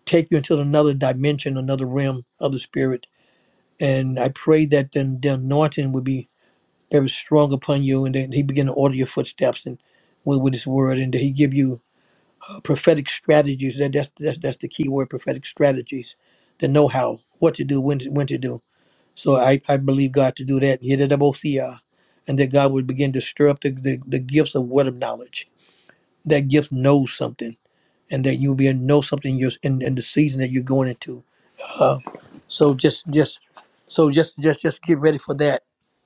Speaker 1: take you into another dimension, another realm of the Spirit. And I pray that then the anointing will be very strong upon you, and that He begin to order your footsteps and with, with His word, and that He give you uh, prophetic strategies. That that's, that's that's the key word: prophetic strategies, the know-how, what to do, when to, when to do. So I, I believe God to do that. Yedidabosia. And that God would begin to stir up the, the, the gifts of word of knowledge. That gift knows something, and that you'll be able to know something you're, in, in the season that you're going into. Uh, so just just so just just just get ready for that.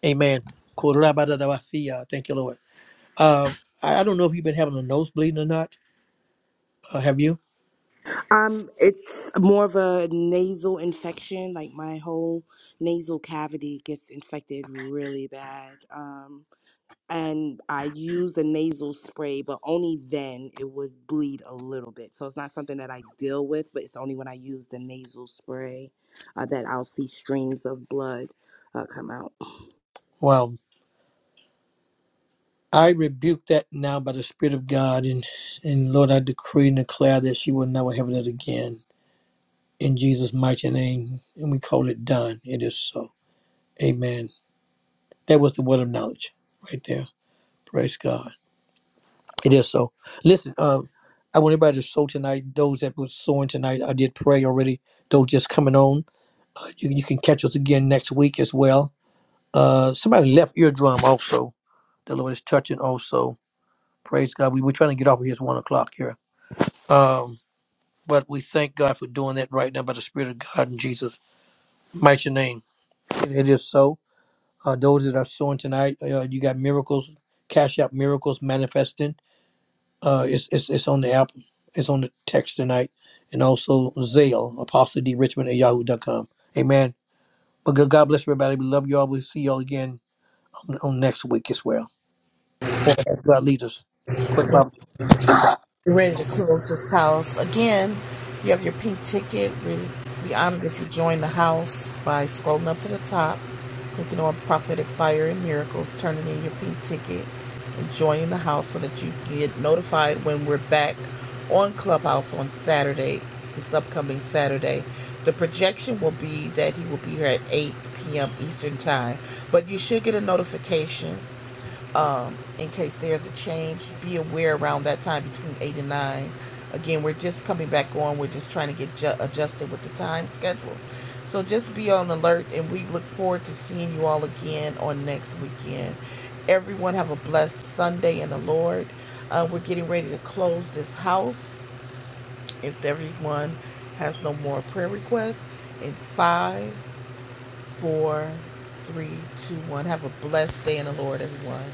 Speaker 1: Amen. Korabadadabasiya. Thank you, Lord. Uh, I, I don't know if you've been having a nosebleed or not. Uh, have you?
Speaker 10: Um, it's more of a nasal infection. Like my whole nasal cavity gets infected really bad. Um, and I use a nasal spray, but only then it would bleed a little bit. So it's not something that I deal with, but it's only when I use the nasal spray uh, that I'll see streams of blood uh, come out.
Speaker 1: Well, I rebuke that now by the Spirit of God, and and Lord, I decree and declare that she will never have that again in Jesus' mighty name. And we call it done. It is so. Amen. That was the word of knowledge right there. Praise God. It is so. Listen, uh, I want everybody to sow tonight. Those that was sowing tonight, I did pray already. Those just coming on, uh, you, you can catch us again next week as well. Uh, somebody left eardrum also. the Lord is touching also. Praise God. We were trying to get off of here. It's one o'clock here. Um, but we thank God for doing that right now by the Spirit of God in Jesus' mighty name. It it is so. Uh, those that are sowing tonight, uh, you got miracles, cash out miracles manifesting. Uh, it's, it's, it's on the app, it's on the text tonight, and also Zale, Apostle D. Richmond at Yahoo dot com. Amen. But God God bless everybody. We love you all. We'll see you all again on, on next week as well. Or as God leads us. Quick, Robert.
Speaker 2: We're ready to close this house. Again, you have your pink ticket. We'd be honored if you join the house by scrolling up to the top, clicking on Prophetic Fire and Miracles, turning in your pink ticket, and joining the house so that you get notified when we're back on Clubhouse on Saturday, this upcoming Saturday. The projection will be that he will be here at 8 p.m. Eastern Time, but you should get a notification um, in case there's a change. Be aware around that time between 8 and 9. Again, we're just coming back on. We're just trying to get ju- adjusted with the time schedule. So just be on alert, and we look forward to seeing you all again on next weekend. Everyone have a blessed Sunday in the Lord. Uh, we're getting ready to close this house. If everyone has no more prayer requests, in five, four, three, two, one. Have a blessed day in the Lord, everyone.